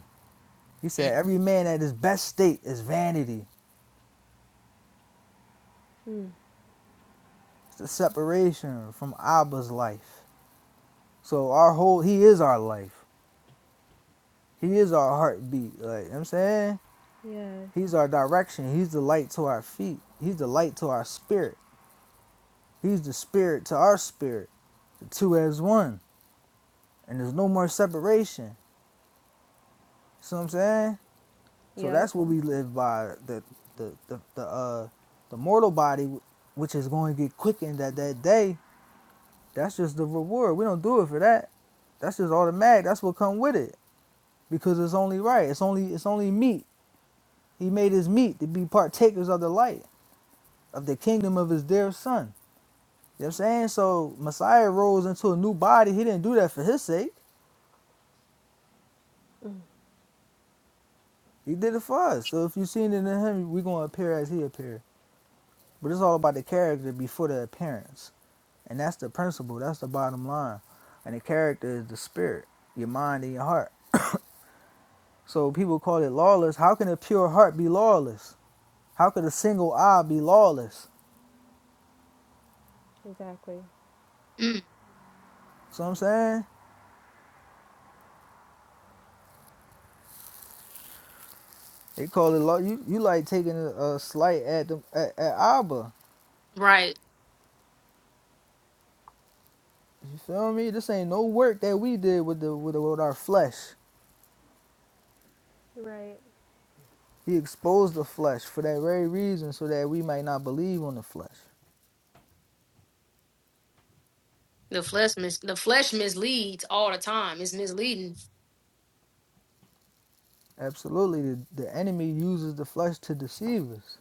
A: He said, Every man at his best state is vanity.
C: Mm.
A: It's a separation from Abba's life. So our whole he is our life. He is our heartbeat. Like you know what I'm saying?
C: Yes.
A: He's our direction. He's the light to our feet. He's the light to our spirit. He's the spirit to our spirit. The two as one. And there's no more separation. See what I'm saying? So
C: Yep.
A: that's what we live by. The the the, the uh the mortal body which is going to get quickened at that day. That's just the reward. We don't do it for that. That's just automatic. That's what come with it because it's only right. It's only it's only meat. He made his meat to be partakers of the light of the kingdom of his dear son. You know what I'm saying? So Messiah rose into a new body. He didn't do that for his sake. He did it for us. So if you seen it in him, we are gonna appear as he appeared. But it's all about the character before the appearance. And that's the principle. That's the bottom line. And the character is the spirit, your mind and your heart. So people call it lawless. How can a pure heart be lawless? How could a single eye be lawless?
C: Exactly.
B: Mm,
A: So I'm saying they call it law. You you like taking a, a slight at them at, at Abba.
B: Right.
A: You feel me? This ain't no work that we did with the with, the, with our flesh.
C: Right.
A: He exposed the flesh for that very reason, so that we might not believe on the flesh.
B: The flesh mis- the flesh misleads all the time. It's misleading.
A: Absolutely, the, the enemy uses the flesh to deceive us.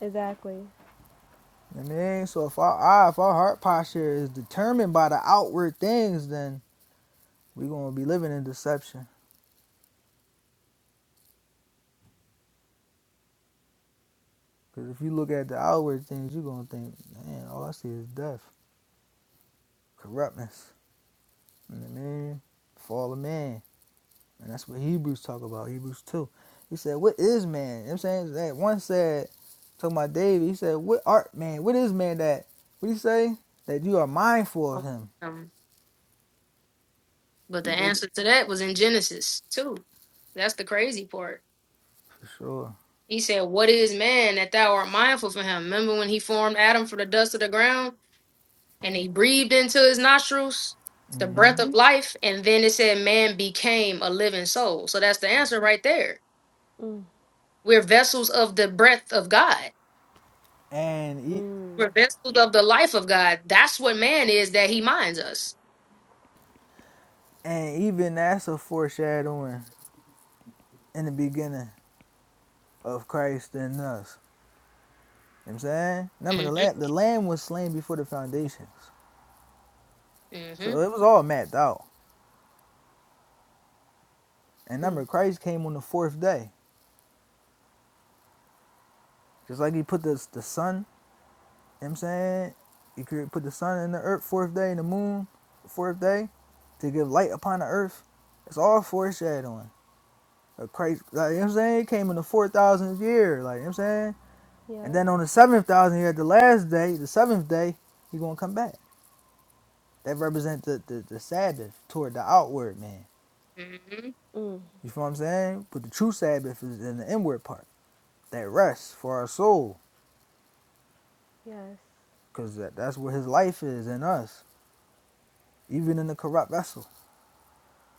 C: Exactly.
A: You know what I mean, so if our eye, if our heart posture is determined by the outward things, then we're gonna be living in deception. Because if you look at the outward things, you're going to think, man, all I see is death, corruptness, and the man, fall of man. And that's what Hebrews talk about, Hebrews 2. He said, what is man? You know what I'm saying? That one said, talking about David, he said, what art man? What is man that, what do you say? That you are mindful of him.
B: Um, but
A: He
B: the
A: big,
B: answer to that was in Genesis too. That's the crazy part.
A: for sure.
B: He said, "What is man that thou art mindful for him?" Remember when he formed Adam from the dust of the ground and he breathed into his nostrils the breath
A: hmm
B: of Mhm. life, and then it said, "Man became a living soul." So that's the answer right there. We're vessels of the breath of God.
A: And, e-
B: We're vessels of the life of God. That's what man is that he minds us.
A: and even that's a foreshadowing in the beginning of Christ in us. You know what I'm saying? Remember the
B: Mhm,
A: lamb the lamb was slain before the foundations. So
B: mhm,
A: it was all mapped out. And remember Christ came on the fourth day. Just like he put the the sun, you know what I'm saying? He put the sun in the earth fourth day and the moon fourth day to give light upon the earth. It's all foreshadowing. Christ like, you know what I'm saying? He came in the four thousandth year, like you know what I'm saying? And
C: Yep.
A: then on the seventh thousand year, the last day, the seventh day, he gonna come back. That represents the, the, the Sabbath toward the outward man.
B: mhm.
C: Mm.
A: You feel what I'm saying? But the true Sabbath is in the inward part, that rest for our soul,
C: Yes.
A: because that, that's where His life is in us, even in the corrupt vessel.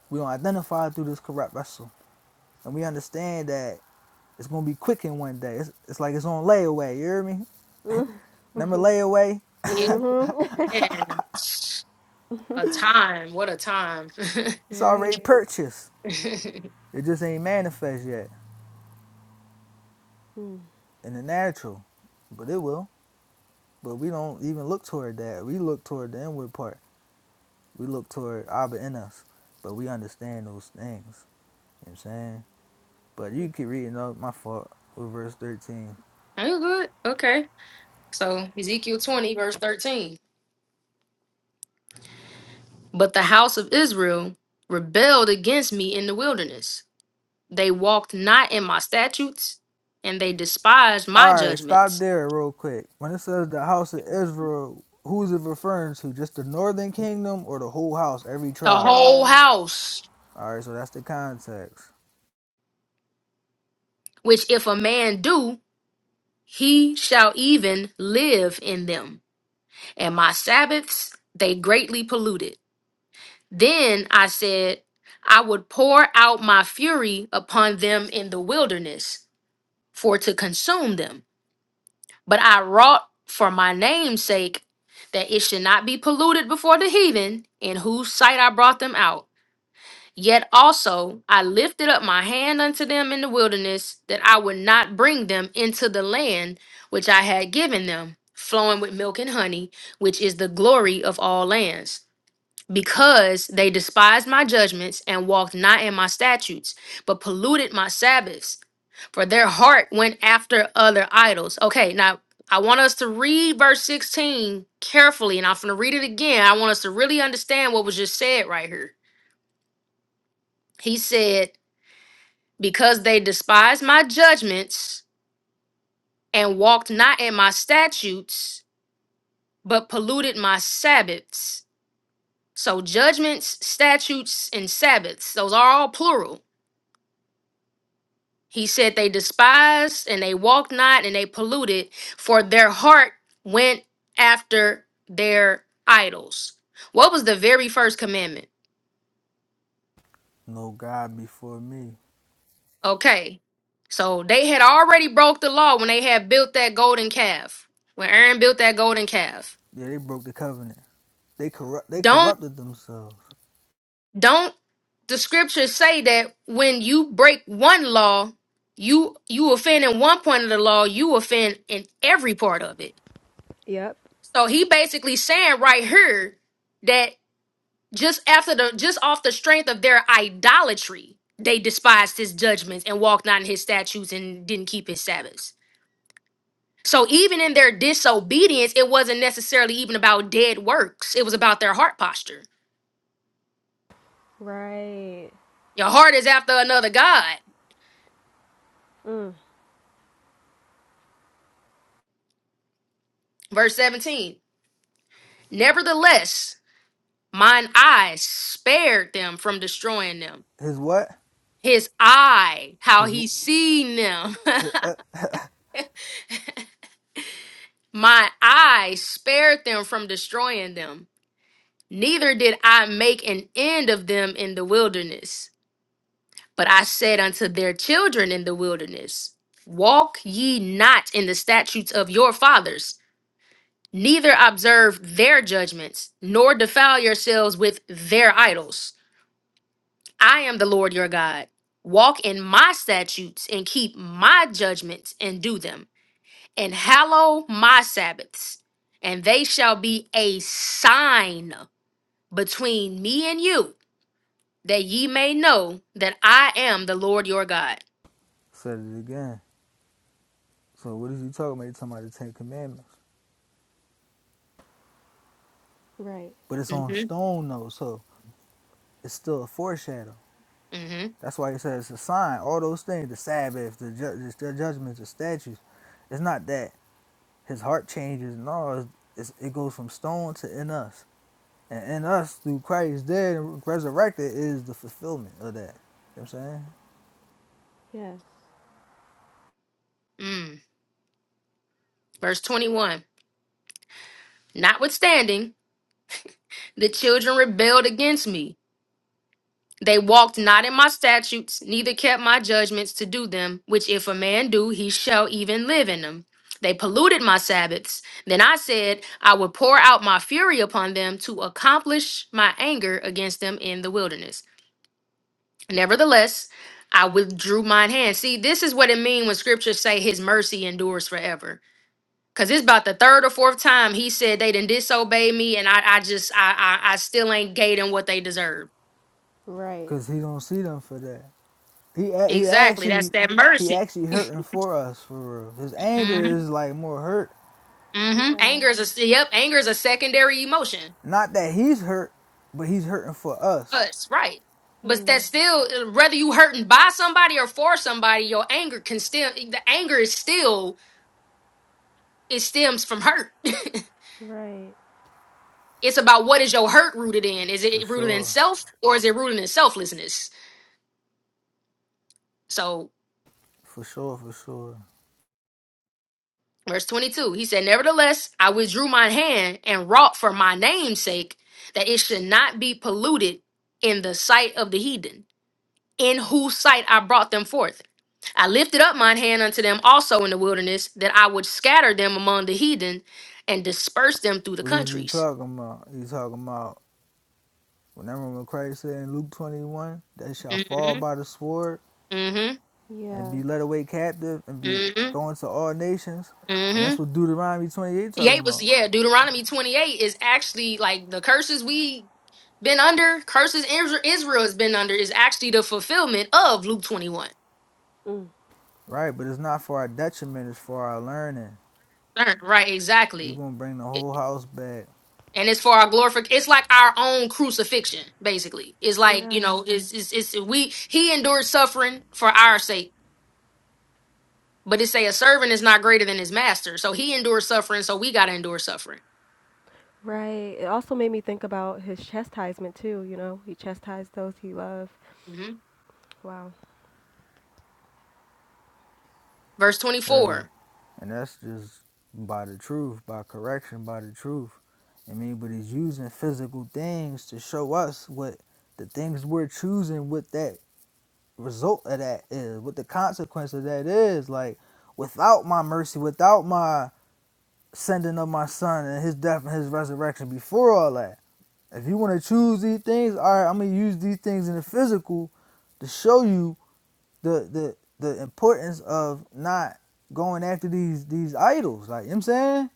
A: We don't identify through this corrupt vessel, and we understand that it's gonna be quickened one day. It's, it's like it's on layaway. You hear me? Remember layaway?
B: Yeah, man. A time. What a time.
A: It's already
C: Right.
A: purchased. It just ain't manifest yet
C: Mm.
A: in the natural, but it will. But we don't even look toward that. We look toward the inward part. We look toward Abba in us, but we understand those things. You know what I'm saying? But you keep reading up. My fault. With verse 13.
B: I'm good. Okay. So Ezekiel 20, verse 13. But the house of Israel rebelled against me in the wilderness. They walked not in my statutes, and they despised my
A: Alright, stop
B: judgments.
A: there real quick. When it says the house of Israel, who's it referring to? Just the northern kingdom or the whole house, every
B: The
A: tribe?
B: whole
C: Yeah.
B: house,
A: Alright, so that's the context.
B: which if a man do, he shall even live in them. And my Sabbaths they greatly polluted. Then I said, I would pour out my fury upon them in the wilderness, for to consume them. But I wrought for my name's sake that it should not be polluted before the heathen, in whose sight I brought them out. Yet also I lifted up my hand unto them in the wilderness, that I would not bring them into the land which I had given them, flowing with milk and honey, which is the glory of all lands because they despised my judgments and walked not in my statutes, but polluted my Sabbaths. For their heart went after other idols. Okay, now I want us to read verse 16 carefully, and I'm going to read it again. I want us to really understand what was just said right here. He said, Because they despised my judgments and walked not in my statutes, but polluted my Sabbaths. So, judgments, statutes, and Sabbaths, those are all plural He said they despised and they walked not and they polluted, for their heart went after their idols. What was the very first commandment?
A: No God before me.
B: Okay. So they had already broke the law when they had built that golden calf. When Aaron built that golden calf.
A: Yeah, they broke the covenant. They corrupt they
B: Don't
A: corrupted themselves.
B: don't the scriptures say that when you break one law, you you offend in one point of the law, you offend in every part of it.
C: Yep.
B: So he basically saying right here that just after the just off the strength of their idolatry, they despised his judgments and walked not in his statutes and didn't keep his Sabbaths. So even in their disobedience, it wasn't necessarily even about dead works. It was about their heart posture.
C: Right.
B: Your heart is after another God.
C: Mm.
B: Verse 17. Nevertheless, mine eye spared them from destroying them.
A: His what?
B: His eye, how
A: His
B: he seen them. My eye spared them from destroying them, neither did I make an end of them in the wilderness. But I said unto their children in the wilderness, Walk ye not in the statutes of your fathers, neither observe their judgments, nor defile yourselves with their idols. I am the Lord your God. Walk in my statutes and keep my judgments and do them. and hallow my Sabbaths, and they shall be a sign between me and you, that ye may know that I am the Lord your God.
A: said it again. So what is he talking about? He's talking about the Ten Commandments.
C: Right.
A: But it's on
B: hmm
A: stone though, so it's still a foreshadow.
B: hmm
A: That's why it says the sign, all those things, the Sabbath, the, ju- the judgments, the statutes. It's not that his heart changes. No, it's, it's, it goes from stone to in us. And in us, through Christ dead and resurrected, is the fulfillment of that. You know what I'm saying?
C: Yes.
B: Mm. Verse 21 Notwithstanding, the children rebelled against me They walked not in my statutes, neither kept my judgments to do them, which if a man do, he shall even live in them. They polluted my Sabbaths. Then I said, I would pour out my fury upon them to accomplish my anger against them in the wilderness. Nevertheless, I withdrew mine hand. See, this is what it means when scriptures say his mercy endures forever. Cause it's about the third or fourth time he said they didn't disobey me, and I, I just I, I I still ain't gave them what they deserve.
C: Right.
A: Because he don't see them for that. He he
B: Exactly. That's
A: actually
B: that
A: he
B: mercy.
A: actually hurting for us for real. His
B: hmm
A: anger is like more hurt.
B: hmm
C: Yeah.
B: Anger is a yep. Anger is a secondary emotion.
A: Not that he's hurt, but he's hurting for us.
B: Us, right? But
C: Mm.
B: that's still uh, whether you hurting by somebody or for somebody, your anger can still the anger is still it stems from hurt.
C: Right.
B: it's about what is your hurt rooted in? Is
A: For
B: it rooted in
A: sure.
B: self or is it rooted in selflessness? So
A: For sure, for sure.
B: verse twenty two, he said, "Nevertheless, I withdrew my hand and wrought for my name's sake that it should not be polluted in the sight of the heathen." in whose sight I brought them forth. I lifted up mine hand unto them also in the wilderness, that I would scatter them among the heathen and disperse them through the
A: What is he
B: countries.
A: talking about? He talking about whenever when Christ said in Luke twenty one that shall fall
B: Mm-hmm.
A: by the sword
B: Mm-hmm.
A: and
C: Yeah.
A: be led away captive and be
B: Mm-hmm.
A: going to all nations, and
B: Mm-hmm.
A: that's what Deuteronomy twenty eight talking
B: 28 was
A: about,
B: yeah, Deuteronomy 28 is actually like the curses we been under, curses Isra- Israel has been under, is actually the fulfillment of Luke 21.
C: Mm.
A: right? But it's not for our detriment; it's for our learning.
B: Right, right,
A: You're
B: exactly.
A: gonna bring the whole house back
B: and it's for our glorification. It's like our own crucifixion, basically. It's like you
C: Yeah,
B: know, it's it's, it's we he endured suffering for our sake, but it say a servant is not greater than his master, so he endured suffering, so we gotta endure suffering.
C: right. It also made me think about his chastisement too, you know. He chastised those he loved.
B: hmm
C: Wow.
B: Verse twenty
A: heavy,
B: four.
A: and that's just by the truth, by correction, by the truth. I mean, but he's using physical things to show us what the things we're choosing with that result of that is, what the consequence of that is. Like, without my mercy, without my sending of my son and his death and his resurrection before all that, if you want to choose these things, all right, I'm going to use these things in the physical to show you the, the, the importance of not going after these these idols. Like, you know what I'm saying?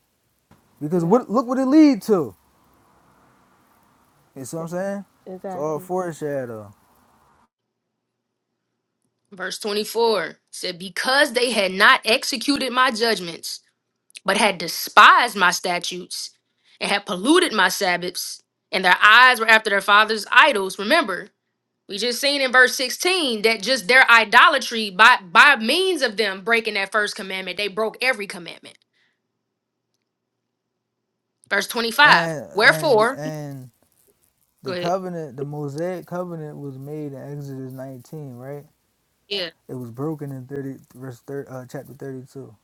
A: Because
C: Yep.
A: what look what it lead to. You see what
C: E-
A: I'm saying? It's all
C: Exactly.
A: foreshadow.
B: Verse twenty four said, "Because they had not executed my judgments, but had despised my statutes, and had polluted my sabbaths, and their eyes were after their fathers' idols." Remember. We just seen in verse 16 that just their idolatry by by means of them breaking that first commandment, they broke every commandment. Verse 25.
A: And and
B: Wherefore,
A: and
B: go
A: the
B: ahead.
A: covenant, the Mosaic covenant was made in Exodus 19, right?
B: Yeah.
A: It was broken in 30 verse 30, uh, chapter 32.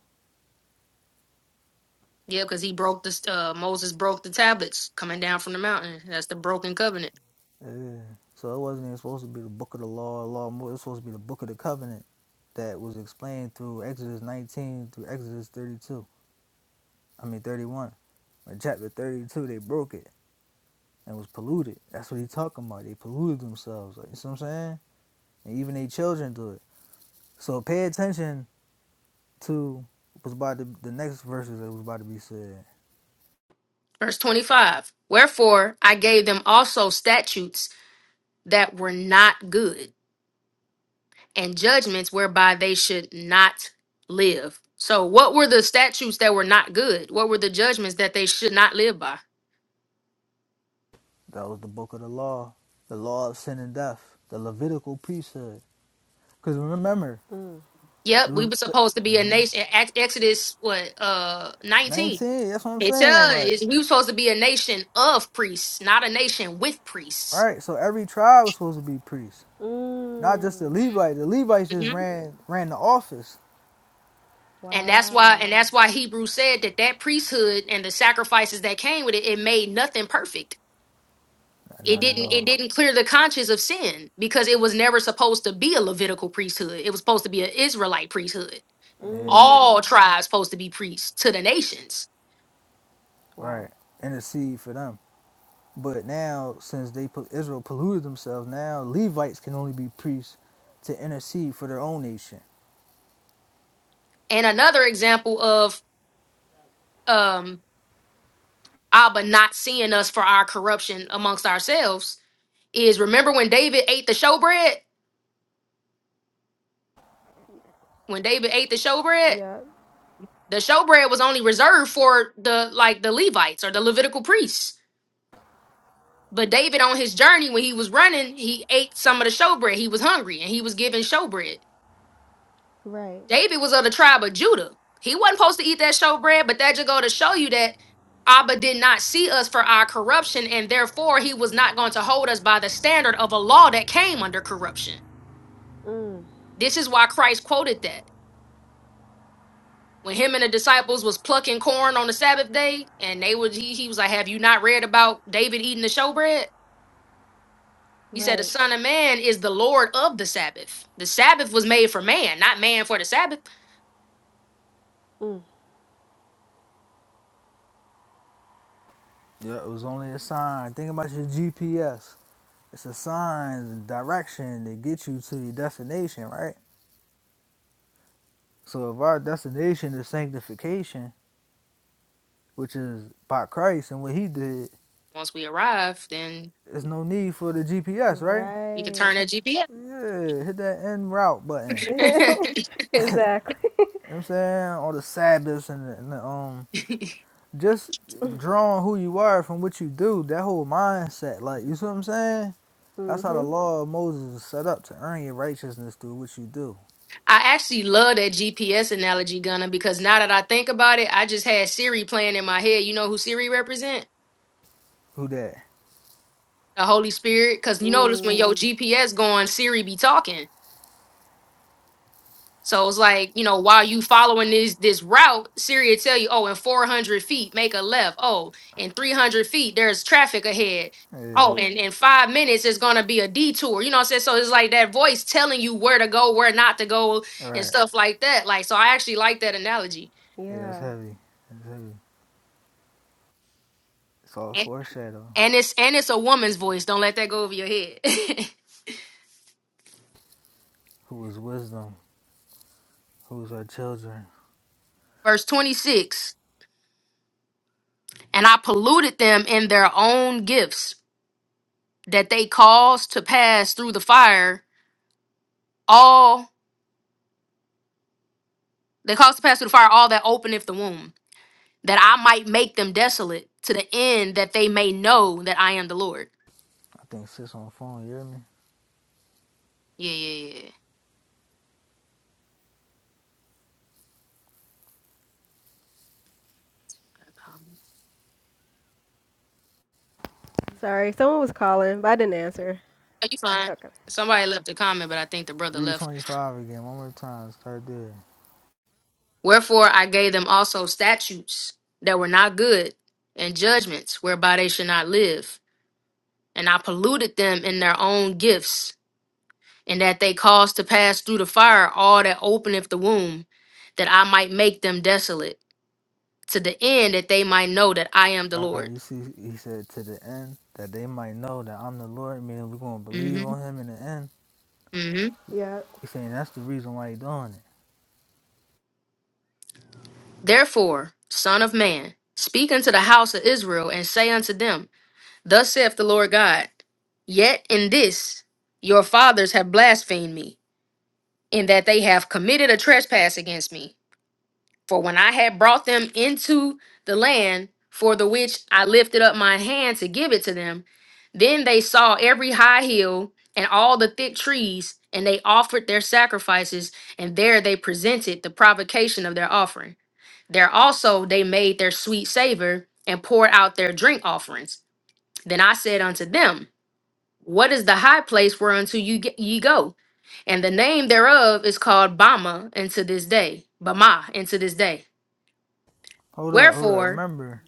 B: Yeah, because he broke the uh, Moses broke the tablets coming down from the mountain. That's the broken covenant.
A: Yeah. So it wasn't even supposed to be the book of the law, law more. It was supposed to be the book of the covenant that was explained through Exodus 19 through Exodus 32. I mean 31. In chapter 32, they broke it and was polluted. That's what he's talking about. They polluted themselves. Like, you see what I'm saying? And even their children do it. So pay attention to was about to, the next verses that was about to be said.
B: Verse 25. Wherefore I gave them also statutes that were not good, and judgments whereby they should not live. So what were the statutes that were not good? What were the judgments that they should not live by?
A: That was the book of the law, the law of sin and death, the Levitical priesthood. Because remember,
B: Yep, we
A: the-
B: were
A: the-
B: supposed to be a nation. Ex- Exodus what uh nineteen.
A: 19, that's what I'm
B: It
A: saying. Like,
B: says we were supposed to be a nation of priests, not a nation with priests.
A: right, so every tribe was supposed to be priests, not
C: Mm.
A: just the Levites. The Levites just
B: hmm
A: ran ran the office.
B: And that's why,
C: Wow.
B: and that's why Hebrew said that that priesthood and the sacrifices that came with it, it made nothing perfect. It
A: Not at
B: didn't, it
C: Right.
A: all.
B: didn't clear the conscience of sin because it was never supposed to be a Levitical priesthood. It was supposed to be an Israelite priesthood.
A: Yeah,
B: All tribes supposed to be priests to the nations.
C: Wow.
A: right. Intercede for them. But now, since they put Israel polluted themselves, now Levites can only be priests to intercede for their own nation.
B: And another example of um Abba not seeing us for our corruption amongst ourselves is remember when David ate the showbread? When David ate the showbread,
C: Yep.
B: the showbread was only reserved for the like the Levites or the Levitical priests. But David on his journey when he was running, he ate some of the showbread. He was hungry and he was given showbread.
C: Right.
B: David was of the tribe of Judah. He wasn't supposed to eat that showbread, but that just go to show you that Abba did not see us for our corruption, and therefore he was not going to hold us by the standard of a law that came under corruption.
C: Mm.
B: This is why Christ quoted that. When him and the disciples was plucking corn on the Sabbath day, and they was he, he was like, Have you not read about David eating the showbread? He said, The
C: Right.
B: Son of Man is the Lord of the Sabbath. The Sabbath was made for man, not man for the Sabbath.
C: Mm.
A: Yeah, it was only a sign. Think about your GPS. It's a sign, direction that get you to your destination, right? So if our destination is sanctification, which is by Christ and what He did,
B: Once we arrive, then
A: there's no need for the GPS, right?
B: we can
C: Right.
B: turn that GPS.
A: Yeah, hit that end route button. You know
C: Exactly.
A: what I'm saying? All the Sabbaths and the, and the um, just drawing who you are from what you do, that whole mindset, like, you see what I'm saying? That's how the
C: Mhm.
A: law of Moses is set up to earn your righteousness through what you do.
B: I actually love that GPS analogy, Gunna, because now that I think about it, I just had Siri playing in my head. You know who Siri represent?
A: Who that?
B: The Holy Spirit. Cause you notice when your
C: Mm.
B: Mhm. GPS going, Siri be talking. So it's like, you know, while you following this this route, Siri will tell you, oh, in 400 feet, make a left. Oh, in 300 feet, there's traffic ahead.
A: Yeah.
B: Oh, Mm. and in five minutes, it's going to be a detour. You know what I'm saying? So it's like that voice telling you where to go, where not to go,
A: All
B: and
A: right.
B: stuff like that. Like, so I actually like that analogy.
A: Yeah, that's
C: Yeah.
A: heavy. That's heavy. So a
B: And,
A: foreshadow,
B: and it's and it's a woman's voice. Don't let that go over your head.
A: who is wisdom, who is her children.
B: Verse 26. And I polluted them in their own gifts that they caused to pass through the fire all. They cause to pass through the fire all that openeth the womb, that I might make them desolate to the end that they may know that I am the Lord.
A: I think sits on the phone, you hear me?
B: Yeah, yeah, yeah.
C: Sorry, someone was calling, but I didn't answer.
B: Are you fine?
C: Okay.
B: Somebody left a comment, but I think the brother
A: Read
B: left.
A: 25 again, one more time, start there.
B: Wherefore I gave them also statutes that were not good, and judgments whereby they should not live. And I polluted them in their own gifts, and that they caused to pass through the fire all that openeth the womb, that I might make them desolate, to the end that they might know that I am the Lord.
A: Alright, you see, he said to the end that they might know that I'm the Lord, meaning we're going to believe
B: Mm-hmm.
A: on him in the end.
B: Mm-hmm.
C: Yep.
A: He's saying that's the reason why he's doing it.
B: Therefore, Son of Man, speak unto the house of Israel, and say unto them, Thus saith the Lord God, Yet in this your fathers have blasphemed me, in that they have committed a trespass against me. For when I had brought them into the land for the which I lifted up my hand to give it to them, then they saw every high hill and all the thick trees, and they offered their sacrifices, and there they presented the provocation of their offering. There also they made their sweet savor and poured out their drink offerings. Then I said unto them, What is the high place whereunto you ge- ye go? And the name thereof is called Bama unto this day, Bama unto this day.
A: Hold up, hold up.
B: Wherefore,
A: Remember,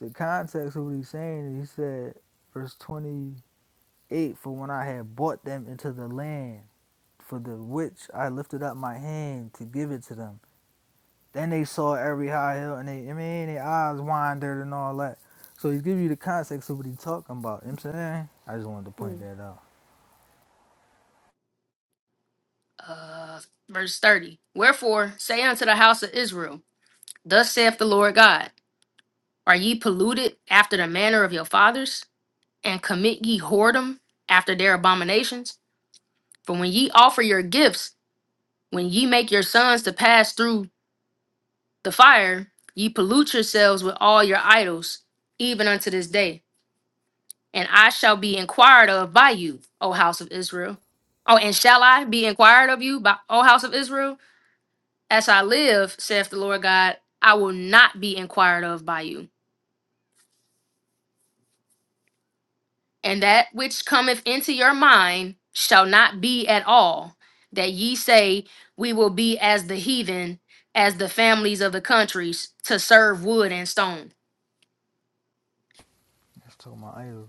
A: the context of what he's saying, he said, verse 28, for when I had brought them into the land, for the which I lifted up my hand to give it to them. Then they saw every high hill, and they, I mean, their eyes wandered and all that. So he give you the context of what he talking about. You know what I'm saying? I just wanted to point that out.
B: uh, verse 30, wherefore say unto the house of Israel, Thus saith the Lord God, Are ye polluted after the manner of your fathers, and commit ye whoredom after their abominations? For when ye offer your gifts, When ye make your sons to pass through the fire, ye pollute yourselves with all your idols, even unto this day. And I shall be inquired of by you, O house of Israel. Oh, and shall I be inquired of you by O house of Israel? As I live, saith the Lord God, I will not be inquired of by you. And that which cometh into your mind shall not be at all, that ye say, We will be as the heathen, as the families of the countries, to serve wood and stone.
A: Let's talk about idols.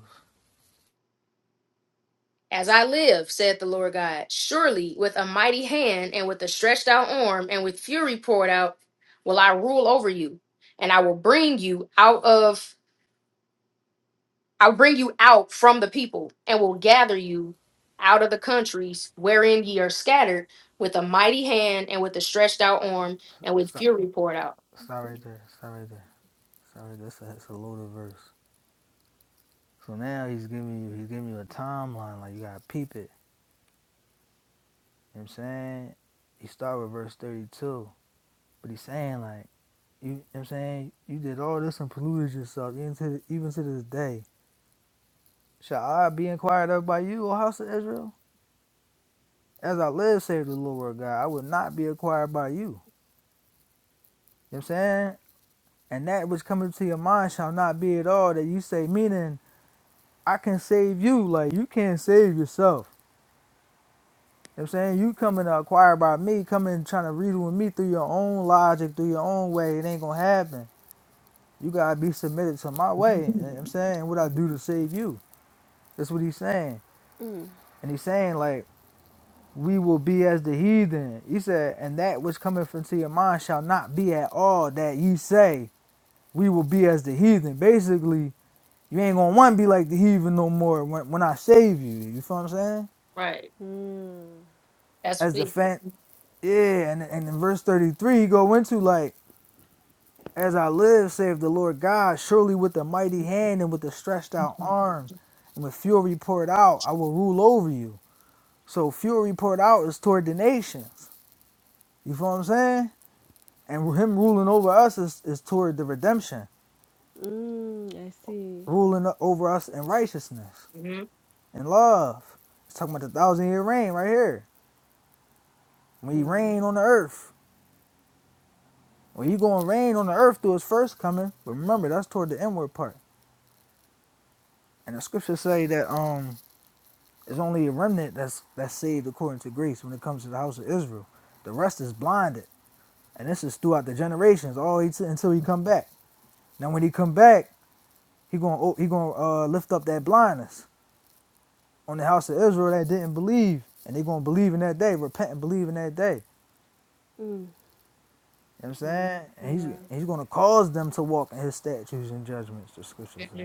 B: As I live, saith the Lord God, surely with a mighty hand and with a stretched out arm and with fury poured out will I rule over you, and I will bring you out of I'll bring you out from the people and will gather you out of the countries wherein ye are scattered with a mighty hand and with a stretched out arm and with
A: Stop,
B: fury poured out.
A: stop right there. Stop right there. Stop right there. That's a, that's a loaded verse. So now he's giving you, he's giving you a timeline. Like you gotta peep it. You know what I'm saying? He start with verse 32, but he's saying like, you, you know what I'm saying? You did all this and polluted yourself even to, even to this day. Shall I be inquired of by you, O house of Israel? As I live, saith the Lord God, I will not be acquired by you. You know what I'm saying? And that which cometh to your mind shall not be at all that you say, meaning I can save you, like you can't save yourself. You know what I'm saying? You coming to acquire by me, coming trying to reason with me through your own logic, through your own way, it ain't gonna happen. You gotta be submitted to my way. you know what I'm saying what I do to save you. That's what he's saying.
C: Mm.
A: And he's saying like we will be as the heathen. He said, and that which cometh into your mind shall not be at all that ye say. we will be as the heathen. Basically, you ain't gonna want to be like the heathen no more when, when I save you. You feel what I'm saying?
B: Right.
C: Mm.
B: That's
A: As the
B: we.
A: fan, yeah. And, and in verse 33, he go into like, as I live, save the Lord God, surely with a mighty hand and with a stretched out arm and with fury poured out, I will rule over you. So fury poured out is toward the nations. You feel what I'm saying? And him ruling over us is, is toward the redemption,
C: Mm. I see.
A: ruling over us in righteousness.
B: hmm
A: and love. It's talking about the thousand year reign right here. When he reign
C: Wow.
A: on the earth. When you gonna reign on the earth through his first coming. But remember that's toward the inward part. And the scriptures say that um it's only a remnant that's that's saved according to grace when it comes to the house of Israel. The rest is blinded. And this is throughout the generations, all until he come back. Now when he come back, he gonna oh, he gonna uh, lift up that blindness on the house of Israel that didn't believe, and they gonna believe in that day, repent and believe in that day. You know what I'm
C: Wow.
A: saying? And he's
C: Yeah.
A: he's gonna cause them to walk in his statutes and judgments, the scripture say.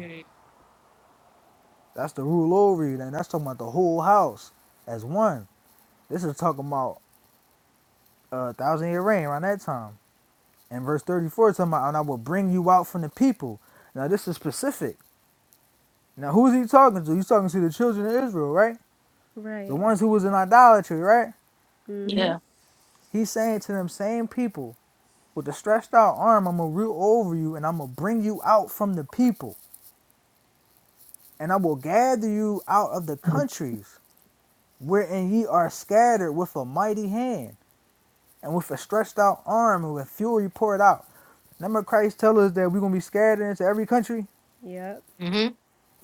A: That's the rule over you, then that's talking about the whole house as one. This is talking about a uh, thousand year reign around that time. And verse 34 is talking about, and I will bring you out from the people. Now this is specific. Now who is he talking to? He's talking to the children of Israel, right? The
C: Right.
A: ones who was in idolatry, right?
C: Mm-hmm.
B: Yeah.
A: He's saying to them same people, with the stretched out arm, I'm gonna rule over you and I'm gonna bring you out from the people. and I will gather you out of the
B: hmm
A: countries wherein ye are scattered with a mighty hand and with a stretched out arm and with fury poured out. Remember Christ tell us that we're gonna be scattered into every country?
C: Yep.
B: And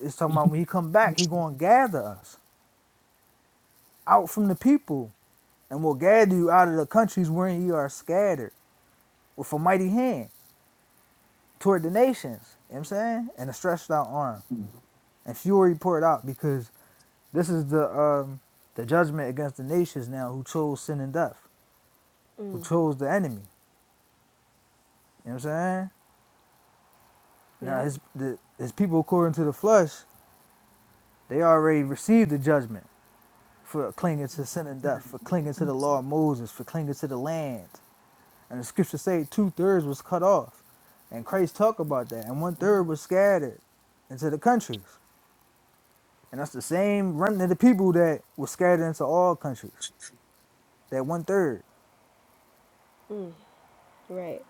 A: It's talking about when he come back, he gonna gather us out from the people and will gather you out of the countries wherein ye are scattered with a mighty hand toward the nations. You know what I'm saying? And a stretched out arm and fury poured out because this is the um the judgment against the nations now who chose sin and death. who
C: Mm.
A: chose the enemy. You know what I'm saying? Now
C: Yep.
A: his the, his people according to the flesh, they already received the judgment for clinging to sin and death, for clinging to the law of Moses, for clinging to the land. And the scriptures say two thirds was cut off. And Christ talked about that. And one third was scattered into the countries. And that's the same remnant of the people that was scattered into all countries. That one third.
C: Mm. Right.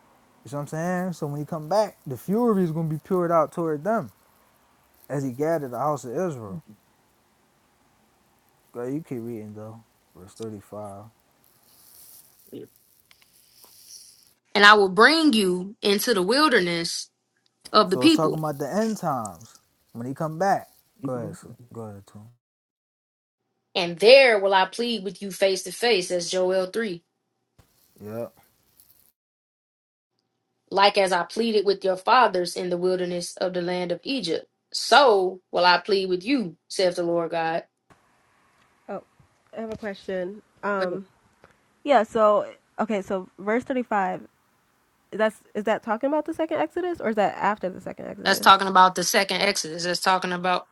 A: You know what I'm saying? So when he come back, the fury is gonna be poured out toward them as he gathered the house of Israel. Girl, you keep reading though. Verse thirty-five.
B: I will bring you into the wilderness of the
A: So it's
B: people
A: talking about the end times when he come back. Go ahead, sir. go ahead, too.
B: And there will I plead with you face to face, as Joel 3,
A: Yep,
B: like as I pleaded with your fathers in the wilderness of the land of Egypt. So will I plead with you, saith the Lord God.
C: Oh, I have a question.
B: Right.
C: Um. Yeah. So okay. So verse thirty-five. That's is that talking about the second Exodus or is that after the second
B: That's
C: Exodus?
B: talking about the second Exodus. That's talking about,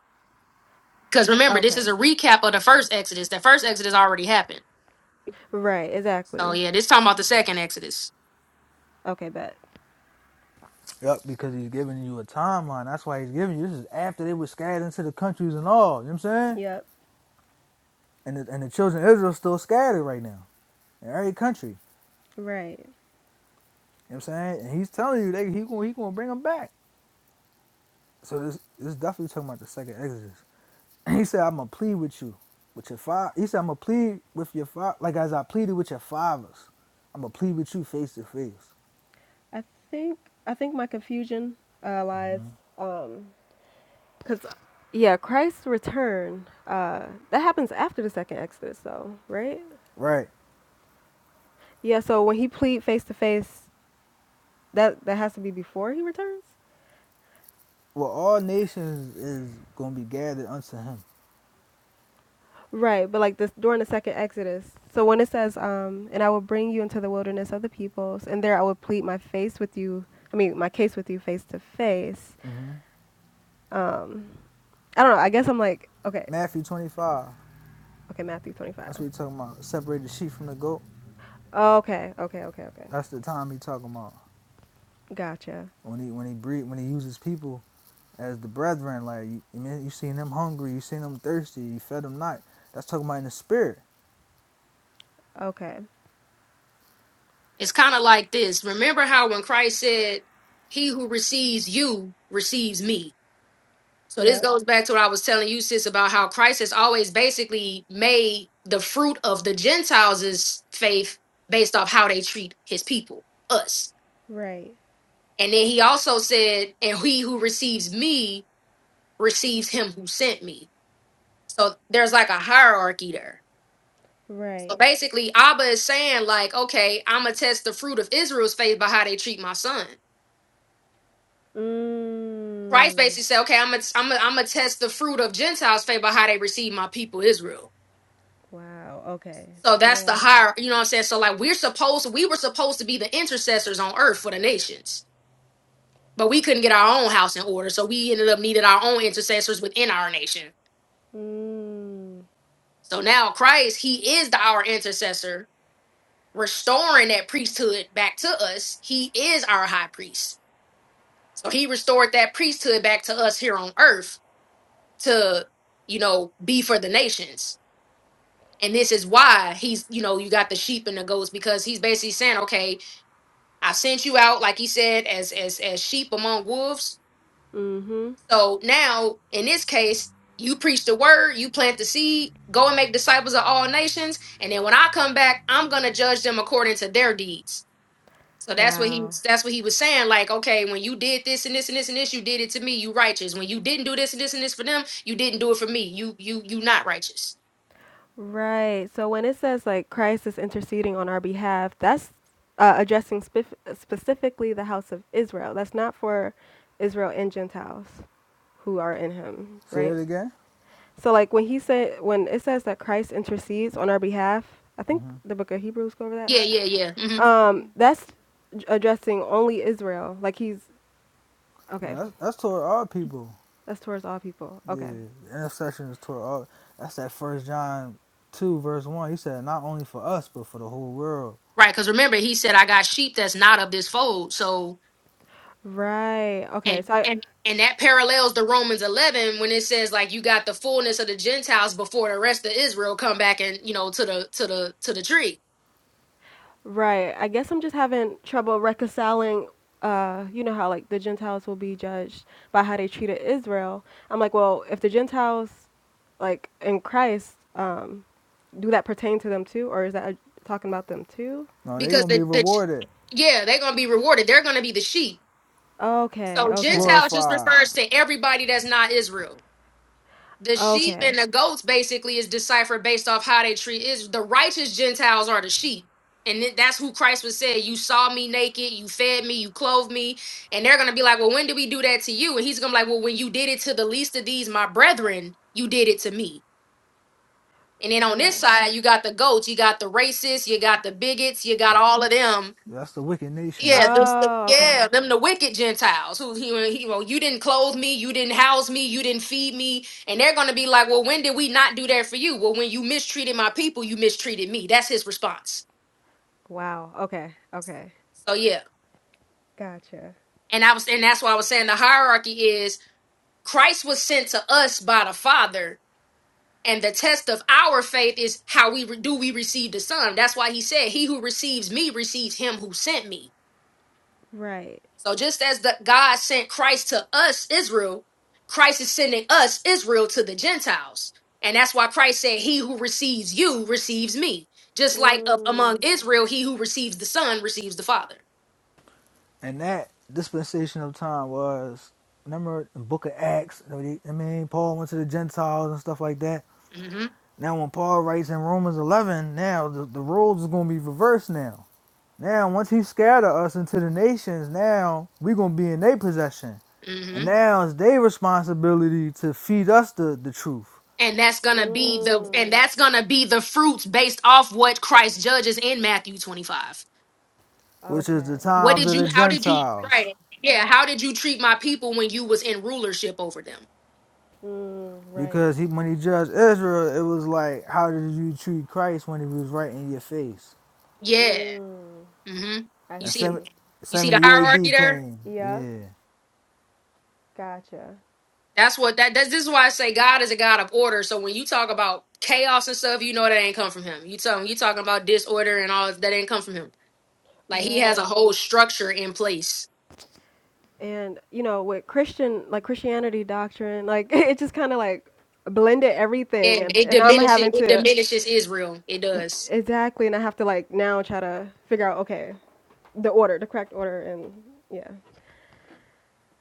B: because remember, this
C: Okay.
B: is a recap of the first Exodus. The first Exodus already happened.
C: Right.
B: So
C: Exactly.
B: yeah, this talking about the second Exodus.
C: Okay. Bet.
A: yep. Because he's giving you a timeline. That's why he's giving you. This is after they were scattered into the countries and all. You know what I'm saying?
C: Yep.
A: And the, and the children of Israel still scattered right now in every country. You
C: Right.
A: know what I'm saying? And he's telling you that he gonna he gonna bring them back. So this this is definitely talking about the second Exodus. And he said, I'm gonna plead with you, with your father. He said, I'm gonna plead with your father, like as I pleaded with your fathers. I'm gonna plead with you face to face.
C: I think I think my confusion uh, lies um because yeah Christ's return uh that happens after the second Exodus though right
A: Right.
C: Yeah, so when he plead face to face, that that has to be before he returns.
A: Well, all nations is gonna be gathered unto him.
C: Right, but like this during the second Exodus. So when it says, um, and I will bring you into the wilderness of the peoples, and there I will plead my face with you. I mean, my case with you face to face.
A: hmm
C: Um, I don't know. I guess I'm like, okay,
A: Matthew 25.
C: okay, Matthew
A: That's
C: 25.
A: what he talking about. Separate the sheep from the goat.
C: Okay, okay, okay, okay.
A: That's the time he talking about
C: Gotcha.
A: when he when he breed when he uses people as the brethren. Like you, you seen them hungry, you seen them thirsty, you fed them not. That's talking about in the spirit.
C: Okay.
B: It's kind of like this. Remember how when Christ said, He who receives you receives me. So this
C: Yep.
B: goes back to what I was telling you, sis, about how Christ has always basically made the fruit of the Gentiles' faith based off how they treat his people, us.
C: Right.
B: And then he also said, and he who receives me receives him who sent me. So there's like a hierarchy there. So
C: Right.
B: basically, Abba is saying, like, okay, I'm going to test the fruit of Israel's faith by how they treat my son. Christ
C: Mm.
B: basically said, okay, I'm going to I'm gonna I'm gonna test the fruit of Gentiles' faith by how they receive my people, Israel.
C: Wow. Okay.
B: So that's the
C: Yeah.
B: higher, you know what I'm saying? So like we're supposed we were supposed to be the intercessors on earth for the nations. But we couldn't get our own house in order. So we ended up needing our own intercessors within our nation.
C: Mm.
B: So now Christ, he is the, our intercessor, restoring that priesthood back to us. He is our high priest. So he restored that priesthood back to us here on earth to, you know, be for the nations. And this is why he's, you know, you got the sheep and the goats because he's basically saying, okay, I sent you out, like he said, as as as sheep among wolves.
C: Mm-hmm.
B: So now, in this case, you preach the word, you plant the seed, go and make disciples of all nations, and then when I come back, I'm gonna judge them according to their deeds. So that's what he
C: Wow.
B: that's what he was saying. Like, okay, when you did this and this and this and this, you did it to me, you righteous. When you didn't do this and this and this for them, you didn't do it for me. You you you not righteous.
C: Right. So when it says like Christ is interceding on our behalf, that's uh, addressing spef- specifically the house of Israel. That's not for Israel and Gentiles who are in him,
A: Say
C: right?
A: it again.
C: So like when he said when it says that Christ intercedes on our behalf, I think
A: hmm
C: the book of Hebrews go over that.
B: Yeah, yeah, yeah. hmm
C: Um that's addressing only Israel. Like he's
A: No,
C: okay.
A: that's that's toward all people.
C: That's towards all people. Okay.
A: Yeah, the intercession is toward all. That's that First John two verse one. He said, not only for us but for the whole world.
B: Right, because remember, he said, I got sheep that's not of this fold. So
C: Right. Okay.
B: And
C: So I
B: and and that parallels the Romans 11 when it says like you got the fullness of the Gentiles before the rest of Israel come back and you know to the to the to the tree
C: Right. I guess I'm just having trouble reconciling. Uh, you know how like the Gentiles will be judged by how they treated Israel. I'm like, well, if the Gentiles, like in Christ, um, do that pertain to them too, or is that uh, talking about them too?
A: No, they
B: because
A: gonna be
B: the, the
A: rewarded,
B: yeah they're gonna be rewarded they're gonna be the sheep
C: Okay.
B: so
C: Okay.
B: Gentiles just
A: glorified.
B: refers to everybody that's not Israel the sheep and
C: Okay.
B: the goats basically is deciphered based off how they treat is the righteous gentiles are the sheep and then that's who christ was saying you saw me naked you fed me you clothed me and they're gonna be like well when did we do that to you and he's gonna be like well when you did it to the least of these my brethren you did it to me and then on this
C: Right.
B: side you got the goats you got the racists you got the bigots you got all of them
A: That's the wicked nations.
B: yeah, this, the,
C: Oh. Okay.
B: yeah, them the wicked Gentiles who he, he you know, you didn't clothe me, you didn't house me, you didn't feed me, and they're gonna be like, well, when did we not do that for you? Well, when you mistreated my people, you mistreated me. That's his response.
C: Wow. Okay. Okay.
B: So yeah,
C: Gotcha.
B: and I was, and that's why I was saying the hierarchy is Christ was sent to us by the Father, and the test of our faith is how we re- do we receive the Son. That's why he said, "He who receives me receives him who sent me."
C: Right.
B: So just as the God sent Christ to us, Israel, Christ is sending us, Israel, to the Gentiles. And that's why Christ said, He who receives you receives me. Just like of, among
C: Mm.
B: Israel, he who receives the Son receives the Father.
A: And that dispensation of time was remember in Book of Acts. I mean, I mean, Paul went to the Gentiles and stuff like that.
B: hmm
A: Now, when Paul writes in Romans eleven, now the, the roles is gonna be reversed now. Now, once he scatter us into the nations, now we gonna be in their possession.
B: hmm
A: And now it's their responsibility to feed us the, the truth,
B: And that's gonna be the
C: Mm.
B: and that's gonna be the fruits based off what Christ judges in Matthew 25.
A: which
C: Okay.
A: is the
B: What
A: times
B: did
A: of
B: you
A: the
B: how did you
A: Gentiles.
B: right? Yeah, how did you treat my people when you was in rulership over them?
C: Mm. Right.
A: Because he, when he judged Israel, it was like, how did you treat Christ when he was right in your face?
B: Yeah.
C: Mm.
B: hmm
C: I
B: You
A: And
B: see
C: see.
A: seven-
B: you see the
A: 70,
B: hierarchy
A: AD
B: there?
A: came.
C: Yep.
A: Yeah.
C: Gotcha.
B: That's what that that's this is why I say God is a God of order. So when you talk about chaos and stuff, you know that ain't come from him. You tell him you talking about disorder and all that ain't come from him. Like he has a
C: Right.
B: whole structure in place.
C: And you know, with Christian, like Christianity doctrine, like it just kind of like blended everything, and
B: And it
C: and I'm
B: diminishes
C: having
B: it
C: to
B: diminishes Israel. It
C: e,
B: does.
C: exactly, and I have to like now try to figure out okay, the order, the correct order, and yeah,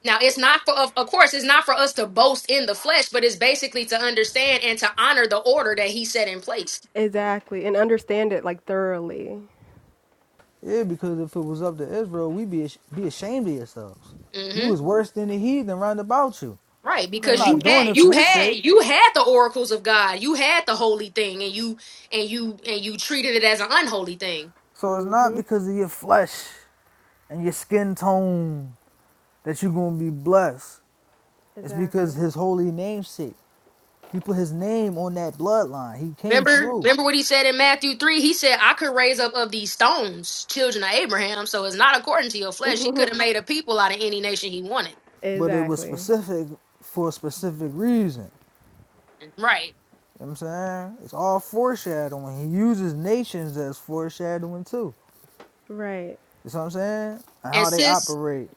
B: Now it's
C: Well,
B: not for of of course it's not for us to boast in the flesh, but it's basically to understand and to honor the order that he set in place.
C: exactly, and understand it like thoroughly.
A: Yeah, because if it was up to Israel, we'd be, ash- be ashamed of yourselves. You
B: hmm
A: was worse than the heathen round about you.
B: Right,
A: I'm
B: because you
A: not
C: Right.
A: doing
B: had
A: it for
B: you
A: your
B: had
A: sake.
B: you had the oracles of God, you had the holy thing, and you and you and you treated it as an unholy thing
A: So it's not
C: Mhm.
A: because of your flesh and your skin tone that you're going to be blessed It's because
C: Exactly.
A: his holy namesake. He put his name on that bloodline. He came
B: Remember,
A: through,
B: remember what he said in Matthew three. He said, "I could raise up of these stones children of Abraham." So it's not according to your flesh. He could have made a people out of any nation he wanted,
A: but it was
C: Exactly.
A: specific for a specific reason.
B: right?
A: You know what I'm saying? It's all foreshadowing. He uses nations as foreshadowing too.
C: Right.
A: You see what I'm saying? And
B: And
A: how they
B: sis,
A: operate.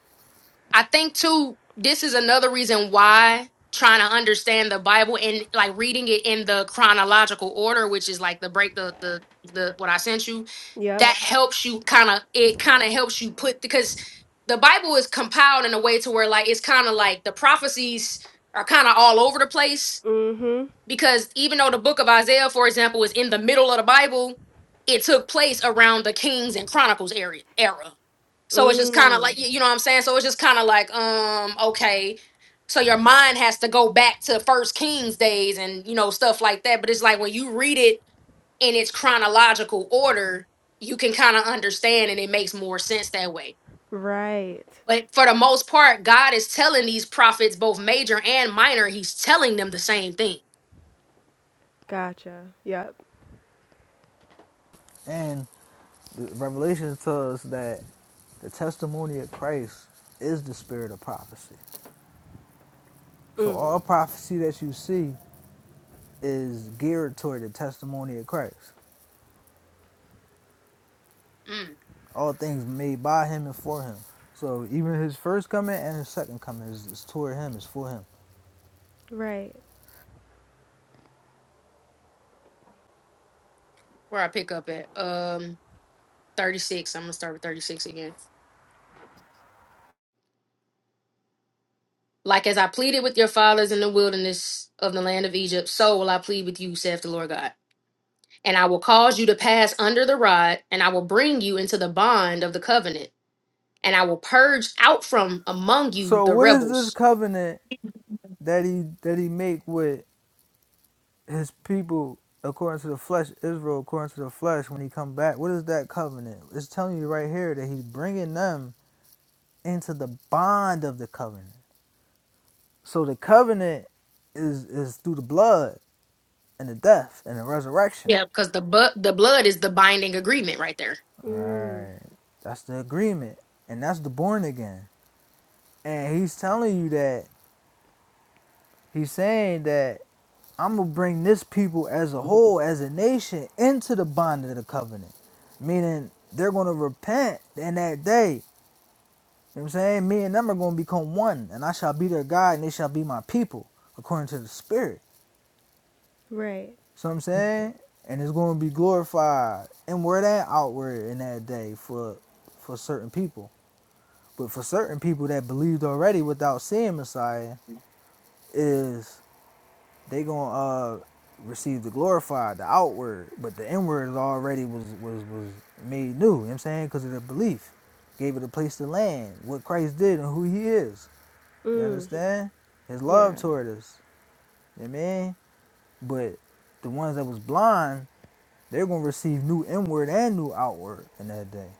B: I think too, this is another reason why trying to understand the Bible and like reading it in the chronological order, which is like the break the the the what I sent you, that
C: Yep.
B: helps you kind of it kind of helps you put because the Bible is compiled in a way to where like it's kind of like the prophecies are kind of all over the place
C: Mhm.
B: because even though the book of Isaiah, for example, is in the middle of the Bible, it took place around the Kings and Chronicles area era. So it's just kind of
C: Mm.
B: like you know what I'm saying. So it's just kind of like um okay, so your mind has to go back to First Kings days and you know stuff like that. But it's like when you read it in its chronological order, you can kind of understand and it makes more sense that way.
C: Right.
B: But for the most part, God is telling these prophets, both major and minor, He's telling them the same thing.
C: Gotcha. Yep.
A: And the Revelation tells us that the testimony of Christ is the spirit of prophecy. So
C: Mm.
A: all prophecy that you see is geared toward the testimony of Christ.
B: Mm.
A: all things made by him and for him. So even his first coming and his second coming is, is toward him, is for him.
C: Right.
B: where I pick up at. Um, 36. I'm going to start with 36 again. Like as I pleaded with your fathers in the wilderness of the land of Egypt, so will I plead with you, saith the Lord God. And I will cause you to pass under the rod, and I will bring you into the bond of the covenant, and I will purge out from among you
A: So
B: the
A: what is this
B: rebels.
A: covenant that he that he make with his people according to the flesh, Israel according to the flesh when he come back? What is that covenant? It's telling you right here that he's bringing them into the bond of the covenant. So the covenant is is through the blood and the death and the resurrection.
B: Yeah, because the bu- the blood is the binding agreement right there.
A: All
C: Mm.
A: right, that's the agreement, and that's the born again. and he's telling you that he's saying that I'm gonna bring this people as a whole, as a nation, into the bond of the covenant, meaning they're gonna repent in that day. You know what I'm saying? Me and them are gonna become one, and I shall be their God, and they shall be my people, according to the Spirit.
C: Right.
A: So I'm saying, and it's gonna be glorified inward and outward in that day for for certain people. But for certain people that believed already without seeing Messiah, is they gonna uh receive the glorified, the outward, but the inward is already was was was made new. You know what I'm saying because of their belief, gave it a place to land. What Christ did and who He is. You
C: Mm.
A: understand? His
C: Yeah.
A: love toward us. You know what I mean? But the ones that was blind, they're gonna receive new inward and new outward in that day.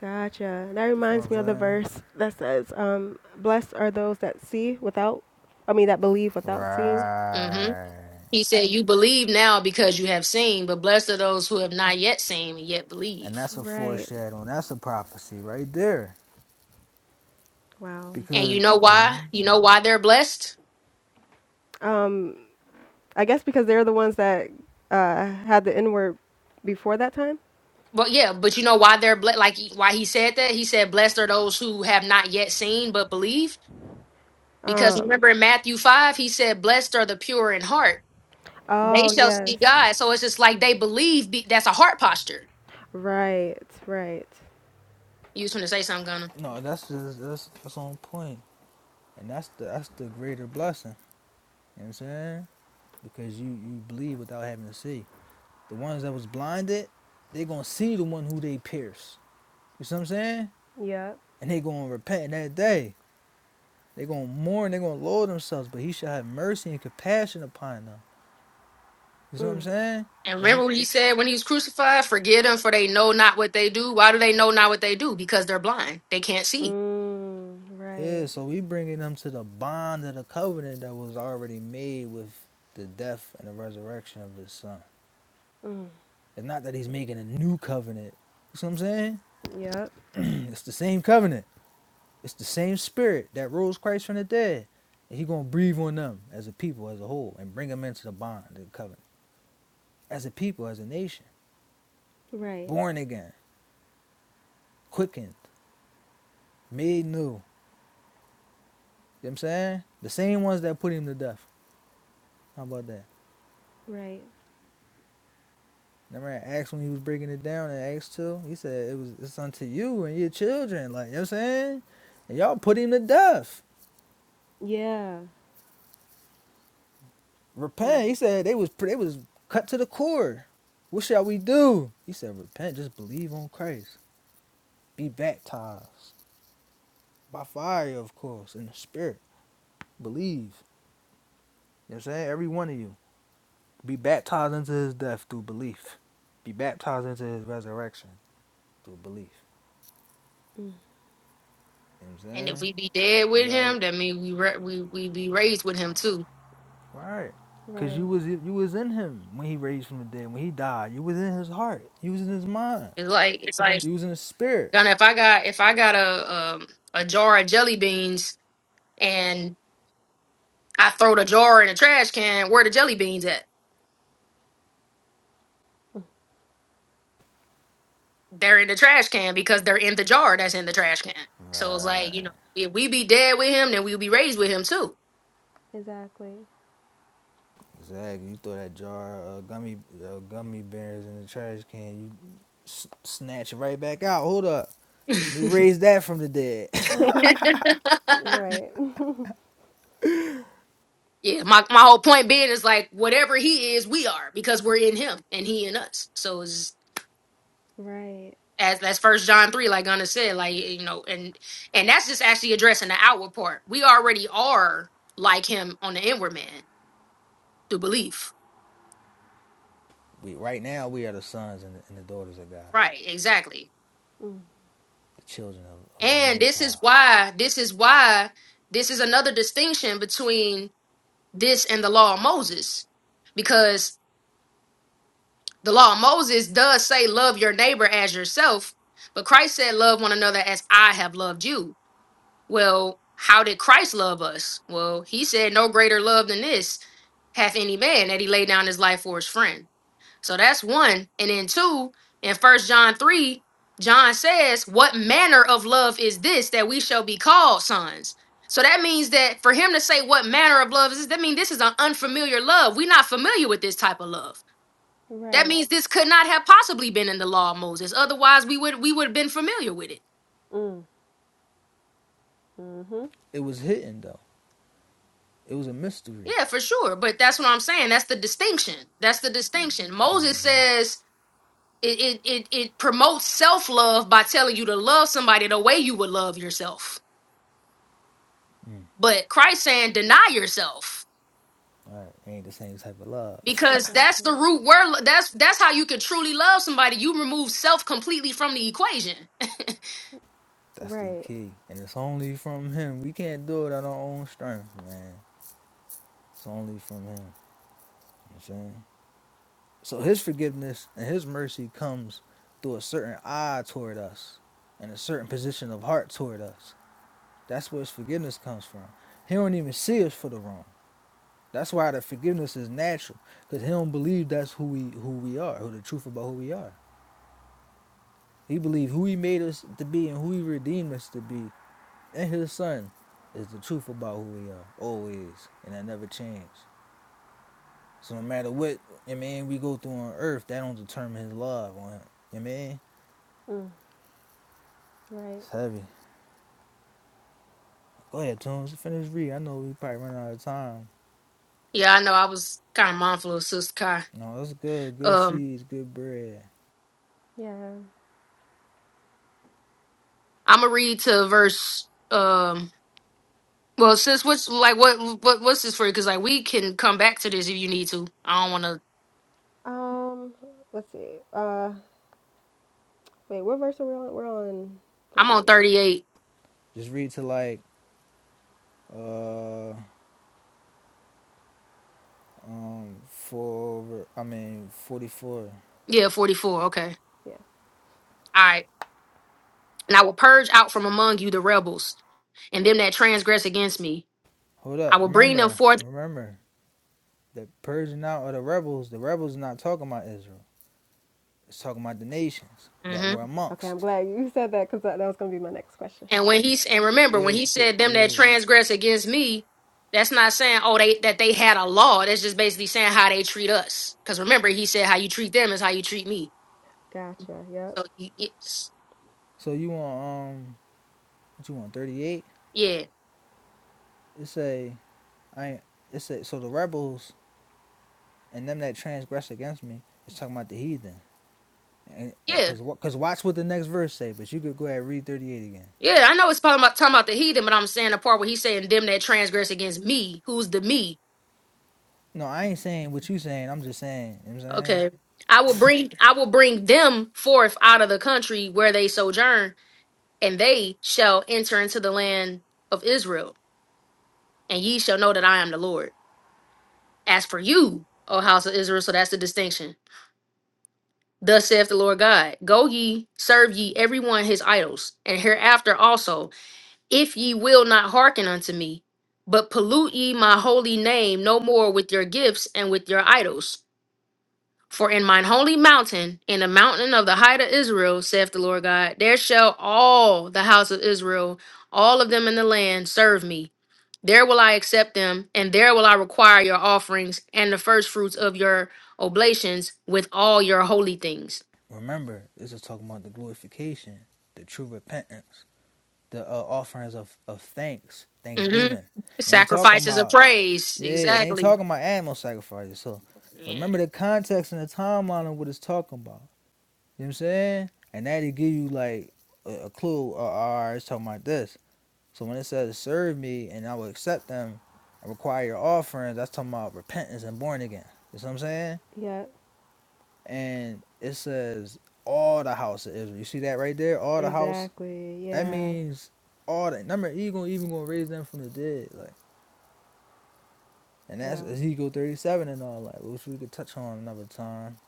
C: Gotcha. That
A: You feel what
C: reminds
A: I'm
C: me of the
A: saying?
C: verse that says, um, "Blessed are those that see without, I mean, that believe without seeing."
B: hmm
A: Right.
B: He said, "You believe now because you have seen, but blessed are those who have not yet seen and yet
A: And
B: believe."
A: that's a
C: Right.
A: foreshadowing. That's a prophecy right there.
C: Wow.
B: And you
A: Because
B: know why?
A: Mhm.
B: You know why they're blessed?
C: Um, I guess because they're the ones that uh, had the N word before that time.
B: But yeah, but you know why they're ble- like why he said that? He said, "Blessed are those who have not yet seen but believe." Because remember in Matthew five, he said, "Blessed are the pure in heart; they
C: Oh
B: shall see
C: yes.
B: God." So it's just like they believe. Be- that's a heart posture.
C: Right. Right.
B: You was going to say something, Gunner.
A: No, that's just that's that's on point, and that's the that's the greater blessing. You know what I'm saying? Because you you believe without having to see. The ones that was blinded, they gonna see the one who they pierced. You see what I'm saying?
C: Yep.
A: And they gonna repent that day. They gonna mourn. They gonna lower themselves. But he shall have mercy and compassion upon them. You see what I'm
C: Mm.
A: saying?
B: And
A: It's,
B: remember what he said when he was crucified? Forgive them, for they know not what they do. Why do they know not what they do? Because they're blind; they can't see.
C: Mm.
A: yeah.
C: Right.
A: So we bringing them to the bond of the covenant that was already made with the death and the resurrection of his son.
C: Mm.
A: It's not that he's making a new covenant. You see what I'm saying?
C: Yep.
A: it's the same covenant. It's the same spirit that rose Christ from the dead. And he's gonna breathe on them as a people, as a whole, and bring them into the bond, the covenant. As a people, as a nation.
C: Right.
A: Born again, quickened, made new. You know what I'm saying? The same ones that put him to death. How about that?
C: Right.
A: Remember I asked when he was breaking it down in Acts 2? He said it was it's unto you and your children. Like, you know what I'm saying? And y'all put him to death.
C: Yeah. Mm,
A: Repent. He said they was they was cut to the core. What shall we do? He said, repent, just believe on Christ. Be baptized. By fire, of course, in the spirit. Believe. You know what I'm saying? Every one of you. Be baptized into his death through belief. Be baptized into his resurrection through belief.
C: mm.
A: You know what I'm
B: And if
A: saying?
B: we be dead with
A: You
B: him,
A: already
B: that means we ra- we we be raised with him too.
A: right. Cause
C: Right.
A: you was you was in him when he raised from the dead. When he died, you was in his heart. You was in his mind.
B: It's like it's like
A: You was in his spirit.
B: Gunna, if I got if I got a um, a jar of jelly beans and I throw the jar in the trash can, where the jelly beans at? They're in the trash can because they're in the jar that's in the trash can. So it's like you
A: Right.
B: know, if we be dead with him, then we'll be raised with him too.
C: Exactly.
A: Exactly. You throw that jar of gummy uh, gummy bears in the trash can, you s- snatch it right back out. Hold up. Let me raise that from the dead.
C: Right.
B: yeah, my my whole point being is like whatever he is, we are because we're in him and he in us. So it's
C: Right.
B: as that's first john 3 like gunna said like you know and and that's just actually addressing the outward part we already are like him on the inward man through belief
A: we right now we are the sons and the, and the daughters of God,
B: right exactly
A: the children of, of the
B: and
A: Most
B: this is
A: High.
B: why this is why this is another distinction between this and the law of moses because the law of moses does say love your neighbor as yourself but christ said love one another as i have loved you Well, how did Christ love us? Well, he said, No greater love than this hath any man that he laid down his life for his friend. So that's one. And then two, in first John 3, John says, What manner of love is this that we shall be called sons? So that means that for him to say what manner of love is this, that means this is an unfamiliar love. We're not familiar with this type of love. That
C: Right.
B: means this could not have possibly been in the law of Moses. Otherwise, we would we would have been familiar with it.
C: Mm. Mhm.
A: It was hidden though. It was a mystery.
B: Yeah, for sure. But that's what I'm saying. That's the distinction. That's the distinction. Moses
A: Mm-hmm.
B: says it it it, it promotes self love by telling you to love somebody the way you would love yourself.
A: Mm.
B: But Christ saying deny yourself
A: All right, It ain't the same type of love.
B: because that's
C: Exactly.
B: the root word. That's that's how you can truly love somebody. You remove self completely from the equation.
A: That's the
C: Right.
A: key, and it's only from Him. We can't do it on our own strength, man. It's only from Him. You know what I'm saying? So his forgiveness and his mercy comes through a certain eye toward us and a certain position of heart toward us. That's where his forgiveness comes from. He don't even see us for the wrong. That's why the forgiveness is natural, because he don't believe that's who we who we are, who the truth about who we are. He believe who he made us to be and who he redeemed us to be, and his son is the truth about who we are, always, and that never change. So no matter what, I mean, we go through on earth, that don't determine his love on him. I mean,
C: Mm. Right.
A: it's heavy. Go ahead, Tunes. Finish reading. I know we probably running out of time.
B: Yeah, I know. I was kind of mindful of Sister Kai.
A: No, that's good. Good
B: Um,
A: seeds, good bread.
C: Yeah.
B: I'm gonna read to verse. Um, well, sis, what's like what what what's this for? Because like we can come back to this if you need to. I don't want to
C: Um. Let's see. Uh. Wait. What verse are we on? We're on
B: I'm
C: thirty.
B: on 38.
A: Just read to like uh um four. I mean forty four.
B: Yeah, 44. Okay. All
C: Yeah.
B: right. And I will purge out from among you the rebels and them that transgress against me.
A: Hold
B: I
A: up.
B: will bring them
A: Remember,
B: forth.
A: remember the Persian out or the rebels. The rebels are not talking about Israel. It's talking about the nations that
B: hmm
A: were
C: Okay. I'm
A: amongst.
C: glad you said that because that, that was gonna be my next question.
B: And when he's and remember when
A: Yeah,
B: he said them that
A: yeah.
B: transgress against me, that's not saying oh they that they had a law. That's just basically saying how they treat us. Because remember he said how you treat them is how you treat me.
C: Gotcha. Yep.
B: So y- it's,
A: So you want um what you want thirty eight?
B: yeah,
A: It say I. ain't- It say so the rebels and them that transgress against me. It's talking about the heathen.
B: yeah,
A: Because because watch what the next verse say, but you could go ahead and read 38 again.
B: yeah. I know it's talking about talking about the heathen, but I'm saying the part where he's saying them that transgress against me. Who's the me?
A: No, I ain't saying what you saying. I'm just saying, you know what I'm saying?
B: Okay. I will bring I will bring them forth out of the country where they sojourn, and they shall enter into the land of Israel, and ye shall know that I am the Lord. As for you, O house of Israel, so that's the distinction. Thus saith the Lord God, Go ye, serve ye every one his idols, and hereafter also, if ye will not hearken unto me, but pollute ye my holy name no more with your gifts and with your idols. For in mine holy mountain, in the mountain of the height of Israel, saith the Lord God, there shall all the house of Israel, all of them in the land, serve me. There will I accept them, and there will I require your offerings and the first fruits of your oblations with all your holy things.
A: Remember, this is talking about the glorification, the true repentance, the uh, offerings of, of thanks,
B: hmm
A: thanksgiving. It ain't talking
B: Sacrifices of
A: about,
B: praise.
A: yeah, it ain't
B: Exactly.
A: talking about animal sacrifices. So
B: Yeah.
A: remember the context and the timeline of what it's talking about. You know what I'm saying? And that'll give you like a, a clue, uh, all right, it's talking about this. So when it says serve me and I will accept them and require your offerings, that's talking about repentance and born again. You see what I'm saying?
C: Yep.
A: And it says all the house of Israel. You see that right there? All the house.
C: Exactly.
A: That
C: Yeah.
A: means all the number he gonna even gonna raise them from the dead. Like and that's
C: Wow.
A: Ezekiel thirty seven and all like which we could touch on another time.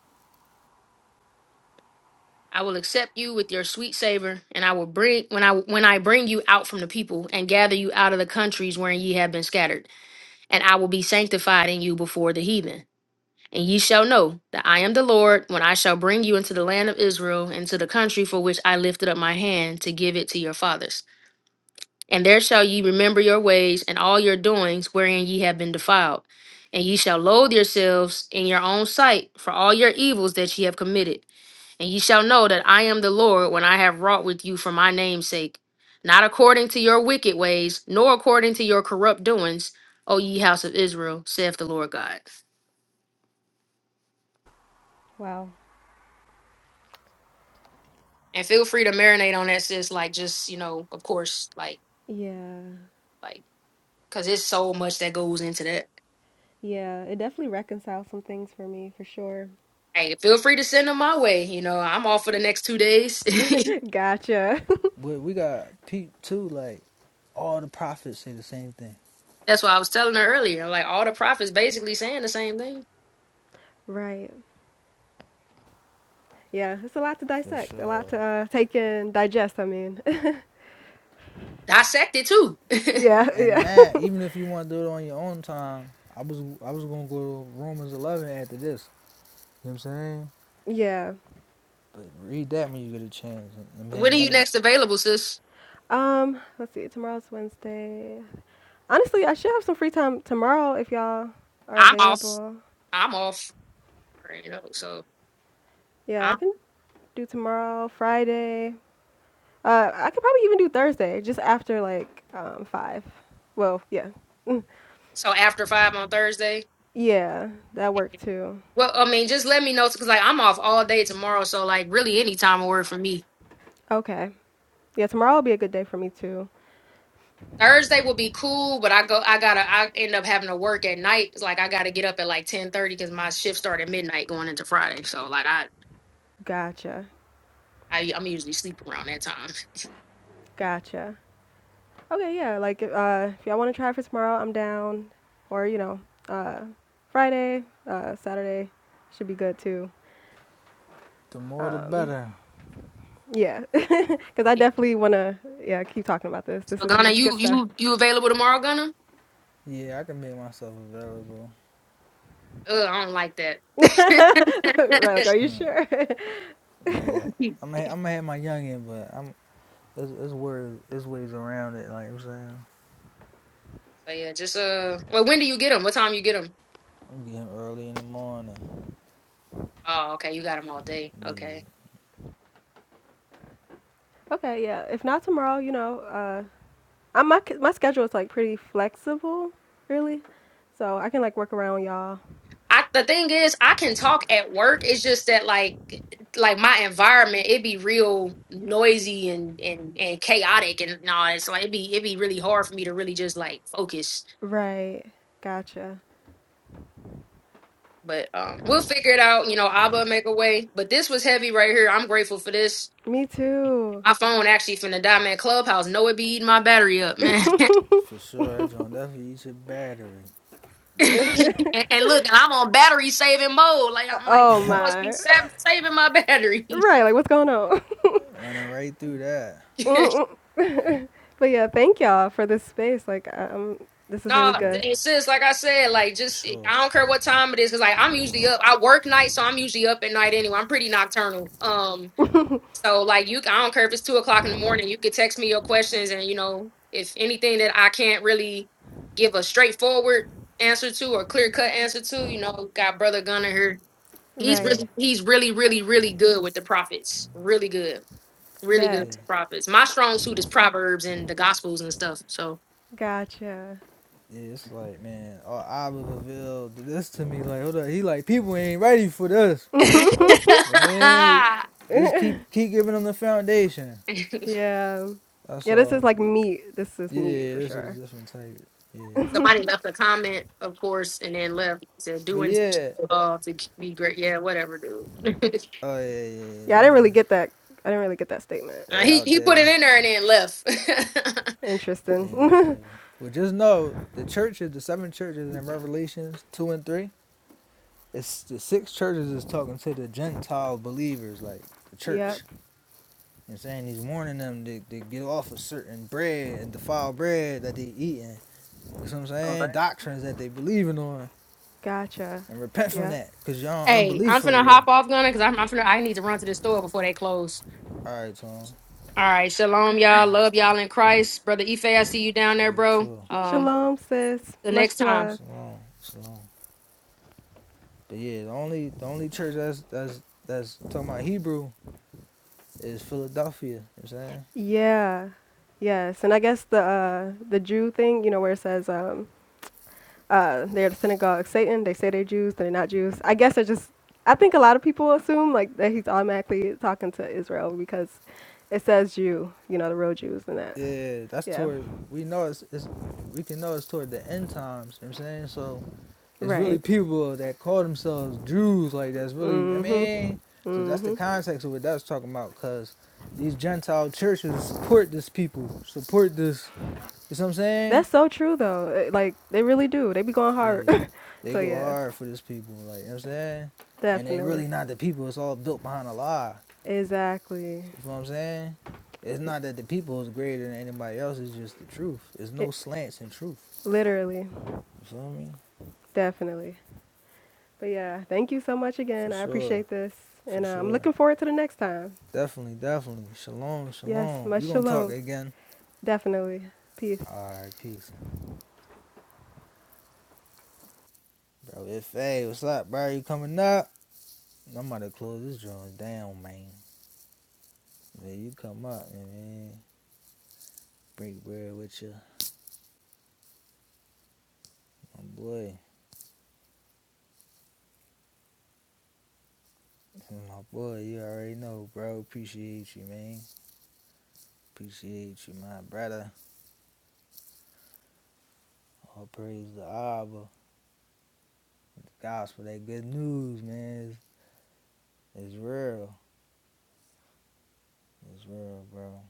B: I will accept you with your sweet savor, and I will bring when I when I bring you out from the people and gather you out of the countries wherein ye have been scattered. and I will be sanctified in you before the heathen. And ye shall know that I am the Lord when I shall bring you into the land of Israel, into the country for which I lifted up my hand to give it to your fathers. And there shall ye remember your ways and all your doings wherein ye have been defiled. And ye shall loathe yourselves in your own sight for all your evils that ye have committed. And ye shall know that I am the Lord when I have wrought with you for my name's sake, not according to your wicked ways, nor according to your corrupt doings, O ye house of Israel, saith the Lord God.
C: Wow.
B: And feel free to marinate on that, sis. Like, just, you know, of course, like,
C: Yeah.
B: like, because it's so much that goes into that.
C: Yeah. It definitely reconciles some things for me for sure.
B: Hey, feel free to send them my way. You know, I'm off for the next two days.
C: Gotcha.
A: But we got Pete too, like all the prophets say the same thing.
B: That's why I was telling her earlier. Like, all the prophets basically saying the same thing.
C: Right. Yeah, it's a lot to
A: For
C: dissect, a lot
A: sure.
C: to uh, take in, digest, I mean.
B: Dissect it too.
C: Yeah,
A: And
C: yeah.
A: that, even if you want to do it on your own time, I was I was gonna go to Romans eleven after this. You know what I'm saying?
C: yeah.
A: But read that when you get a chance. And
B: When
A: man,
B: are you
A: that
B: next available, sis?
C: Um, let's see. Tomorrow's Wednesday. Honestly, I should have some free time tomorrow if y'all are
B: I'm off.
C: available.
B: I'm off. Right, You know, so
C: Yeah, I
B: I
C: can do tomorrow, Friday. Uh, I could probably even do Thursday, just after like um, five. Well, yeah, Mm,
B: so after five on Thursday.
C: yeah, that worked too.
B: Well, I mean, just let me know because like I'm off all day tomorrow, so like really any time will work for me.
C: Okay, yeah, tomorrow will be a good day for me too.
B: Thursday will be cool, but I go I gotta I end up having to work at night. 'cause, Like I gotta get up at like ten thirty because my shift started at midnight going into Friday. So like I,
C: Gotcha,
B: I I'm usually sleep around that time.
C: gotcha. Okay, yeah. Like, if, uh, if y'all want to try for tomorrow, I'm down. Or, you know, uh, Friday, uh, Saturday should be good too.
A: the more the
C: Um,
A: better.
C: yeah, because I
B: Yeah.
C: definitely want to, yeah, keep talking about this. This
B: So
C: is
B: Gunna,
C: some good
B: you
C: stuff.
B: you you available tomorrow, Gunna?
A: Yeah, I can make myself available.
B: Ugh, I don't like that.
C: right, like, are you
A: Hmm.
C: sure?
A: Yeah, I'm i I'm gonna have my youngin, but I'm it's it's ways it's ways around it. Like you know what I'm saying,
B: so yeah, just uh, well, when do you get them? What time you get them?
A: I'm getting early in the morning.
B: Oh, okay, you got them all day.
A: Yeah,
B: Okay.
C: okay, yeah. If not tomorrow, you know, uh, i my, my schedule is like pretty flexible, really. So I can like work around y'all.
B: I the thing is, I can talk at work. It's just that like like my environment, it be real noisy and and and chaotic and all that. So like, it be it be really hard for me to really just like focus.
C: Right, gotcha.
B: But um we'll figure it out. You know, Abba make a way. But this was heavy right here. I'm grateful for this.
C: Me too.
B: My phone actually finna die, man. Clubhouse, know it be eating my battery up, man.
A: for sure. That joint definitely eats your battery.
B: and, and look, I'm on battery saving mode. Like I'm like,
C: Oh
B: you must be
C: my.
B: sav- saving my battery.
C: Right, like, what's going on?
A: Running right through that.
C: Mm, But yeah, thank y'all for this space. Like, um, this is
B: No,
C: really good.
B: and
A: Absolutely,
B: sis, like I said, like
A: for
B: just
A: sure.
B: I don't care what time it is, cause like I'm usually up. I work night, so I'm usually up at night anyway. I'm pretty nocturnal. Um, so like you, I don't care if it's two o'clock in the morning. You could text me your questions, and you know if anything that I can't really give a straightforward answer to or clear cut answer to, you know, got brother Gunner here. He's
A: Yeah,
C: Right.
B: really, he's really, really, really good with the prophets. Really good, really good
C: Bet.
B: with
A: yeah.
B: the prophets. My strong suit is proverbs and the gospels and stuff. So.
C: Gotcha.
A: Yeah, it's like man, all I would reveal this to me. Like, hold up, he like people ain't ready for this. And man, just keep keep giving them the foundation.
C: Yeah.
A: That's
C: Yeah, this is
A: all.
C: like meat. This is
A: Yeah,
C: meat
A: yeah,
C: for
A: this is
C: sure.
A: a different type. Yeah,
B: Somebody left a comment, of course, and then left said
A: but
B: doing
A: yeah,
B: all to be great. Yeah, whatever, dude.
A: oh yeah, yeah, yeah.
C: Yeah, I
A: You
C: didn't
A: know,
C: really get that. I didn't really get that statement.
B: Uh,
A: they
B: he
A: out
B: he put it
A: there,
B: in there and then left.
A: they out
C: Interesting.
A: there. Well, just know the churches, the seven churches in Revelations two and three. It's the six churches is talking to the Gentile believers, like the church.
C: yep.
A: You know what I'm saying? He's warning them to, to get off of certain bread and defile bread that they eating. You know what I'm
B: Alright.
A: saying? Doctrines that they believing on
C: Gotcha.
A: and repent from
C: Yep.
A: that because y'all
B: Hey,
A: unbelief
B: I'm
A: for
B: finna hop
A: real.
B: off, Gunna, cause I'm, I'm finna. I need to run to the store before they close.
A: All right, Tom.
B: All right, shalom, y'all.
A: All
B: Love y'all in Christ, brother Ife. I see you down
A: right,
B: there,
A: you
B: bro.
A: too.
B: Um,
C: Shalom, sis.
B: till next
C: Much
B: time.
C: love.
A: Shalom, shalom. But yeah, the only the only church that's that's that's talking about Hebrew is Philadelphia. You know what I'm saying?
C: Yeah. Yes. And I guess the uh, the Jew thing, you know, where it says um, uh, they're the synagogue of Satan. They say they're Jews, they're not Jews. I guess I just, I think a lot of people assume like that he's automatically talking to Israel because it says Jew, you know, the real Jews and that.
A: Yeah, that's
C: Yeah,
A: toward we know it's, it's we can know it's toward the end times. You know what I'm saying? So It's really
C: right.
A: people that call themselves Jews, like that's really, I mean,
C: Mhm.
A: so that's the
C: Mhm.
A: context of what that's talking about, because these Gentile churches support this people, support this, you know what I'm saying?
C: That's so true though. It- Like they really do. They be going hard.
A: Yeah, they
C: so
A: go
C: yeah,
A: hard for this people, like, you know what I'm saying? And they
C: definitely.
A: really not the people, it's all built behind a lie,
C: Exactly.
A: you know what I'm saying? It's not that the people is greater than anybody else, it's just the truth. There's
C: It,
A: no slants in truth,
C: literally,
A: you feel me?
C: definitely. But yeah, thank you so much
A: For
C: again. I
A: sure,
C: appreciate this,
A: for
C: and uh, I'm
A: sure.
C: looking forward to the next time.
A: Definitely, definitely. Shalom,
C: Yes,
A: shalom.
C: much
A: We're gonna talk
C: shalom.
A: again.
C: Definitely. Peace.
A: All right, peace, bro. If hey, what's up, bro? You coming up? I'm about to close this joint down, man. Man, you come up, man. Break bread with you, my boy. My boy, you already know, bro. Appreciate you, man. Appreciate you, my brother. All praise the Abba, the gospel, that good news, man. It's, it's real. It's real, bro.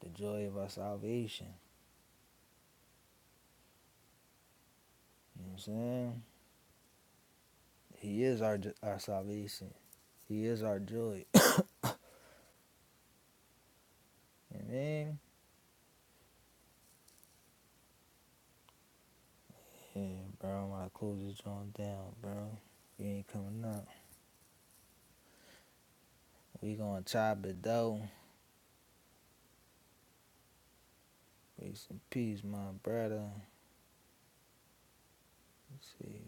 A: The joy of our salvation. You know what I'm saying? He is our our salvation. He is our joy. Amen. Yeah, bro, I cool this joint down, bro. You ain't coming up. We gonna chop it though. Peace and peace, my brother. See.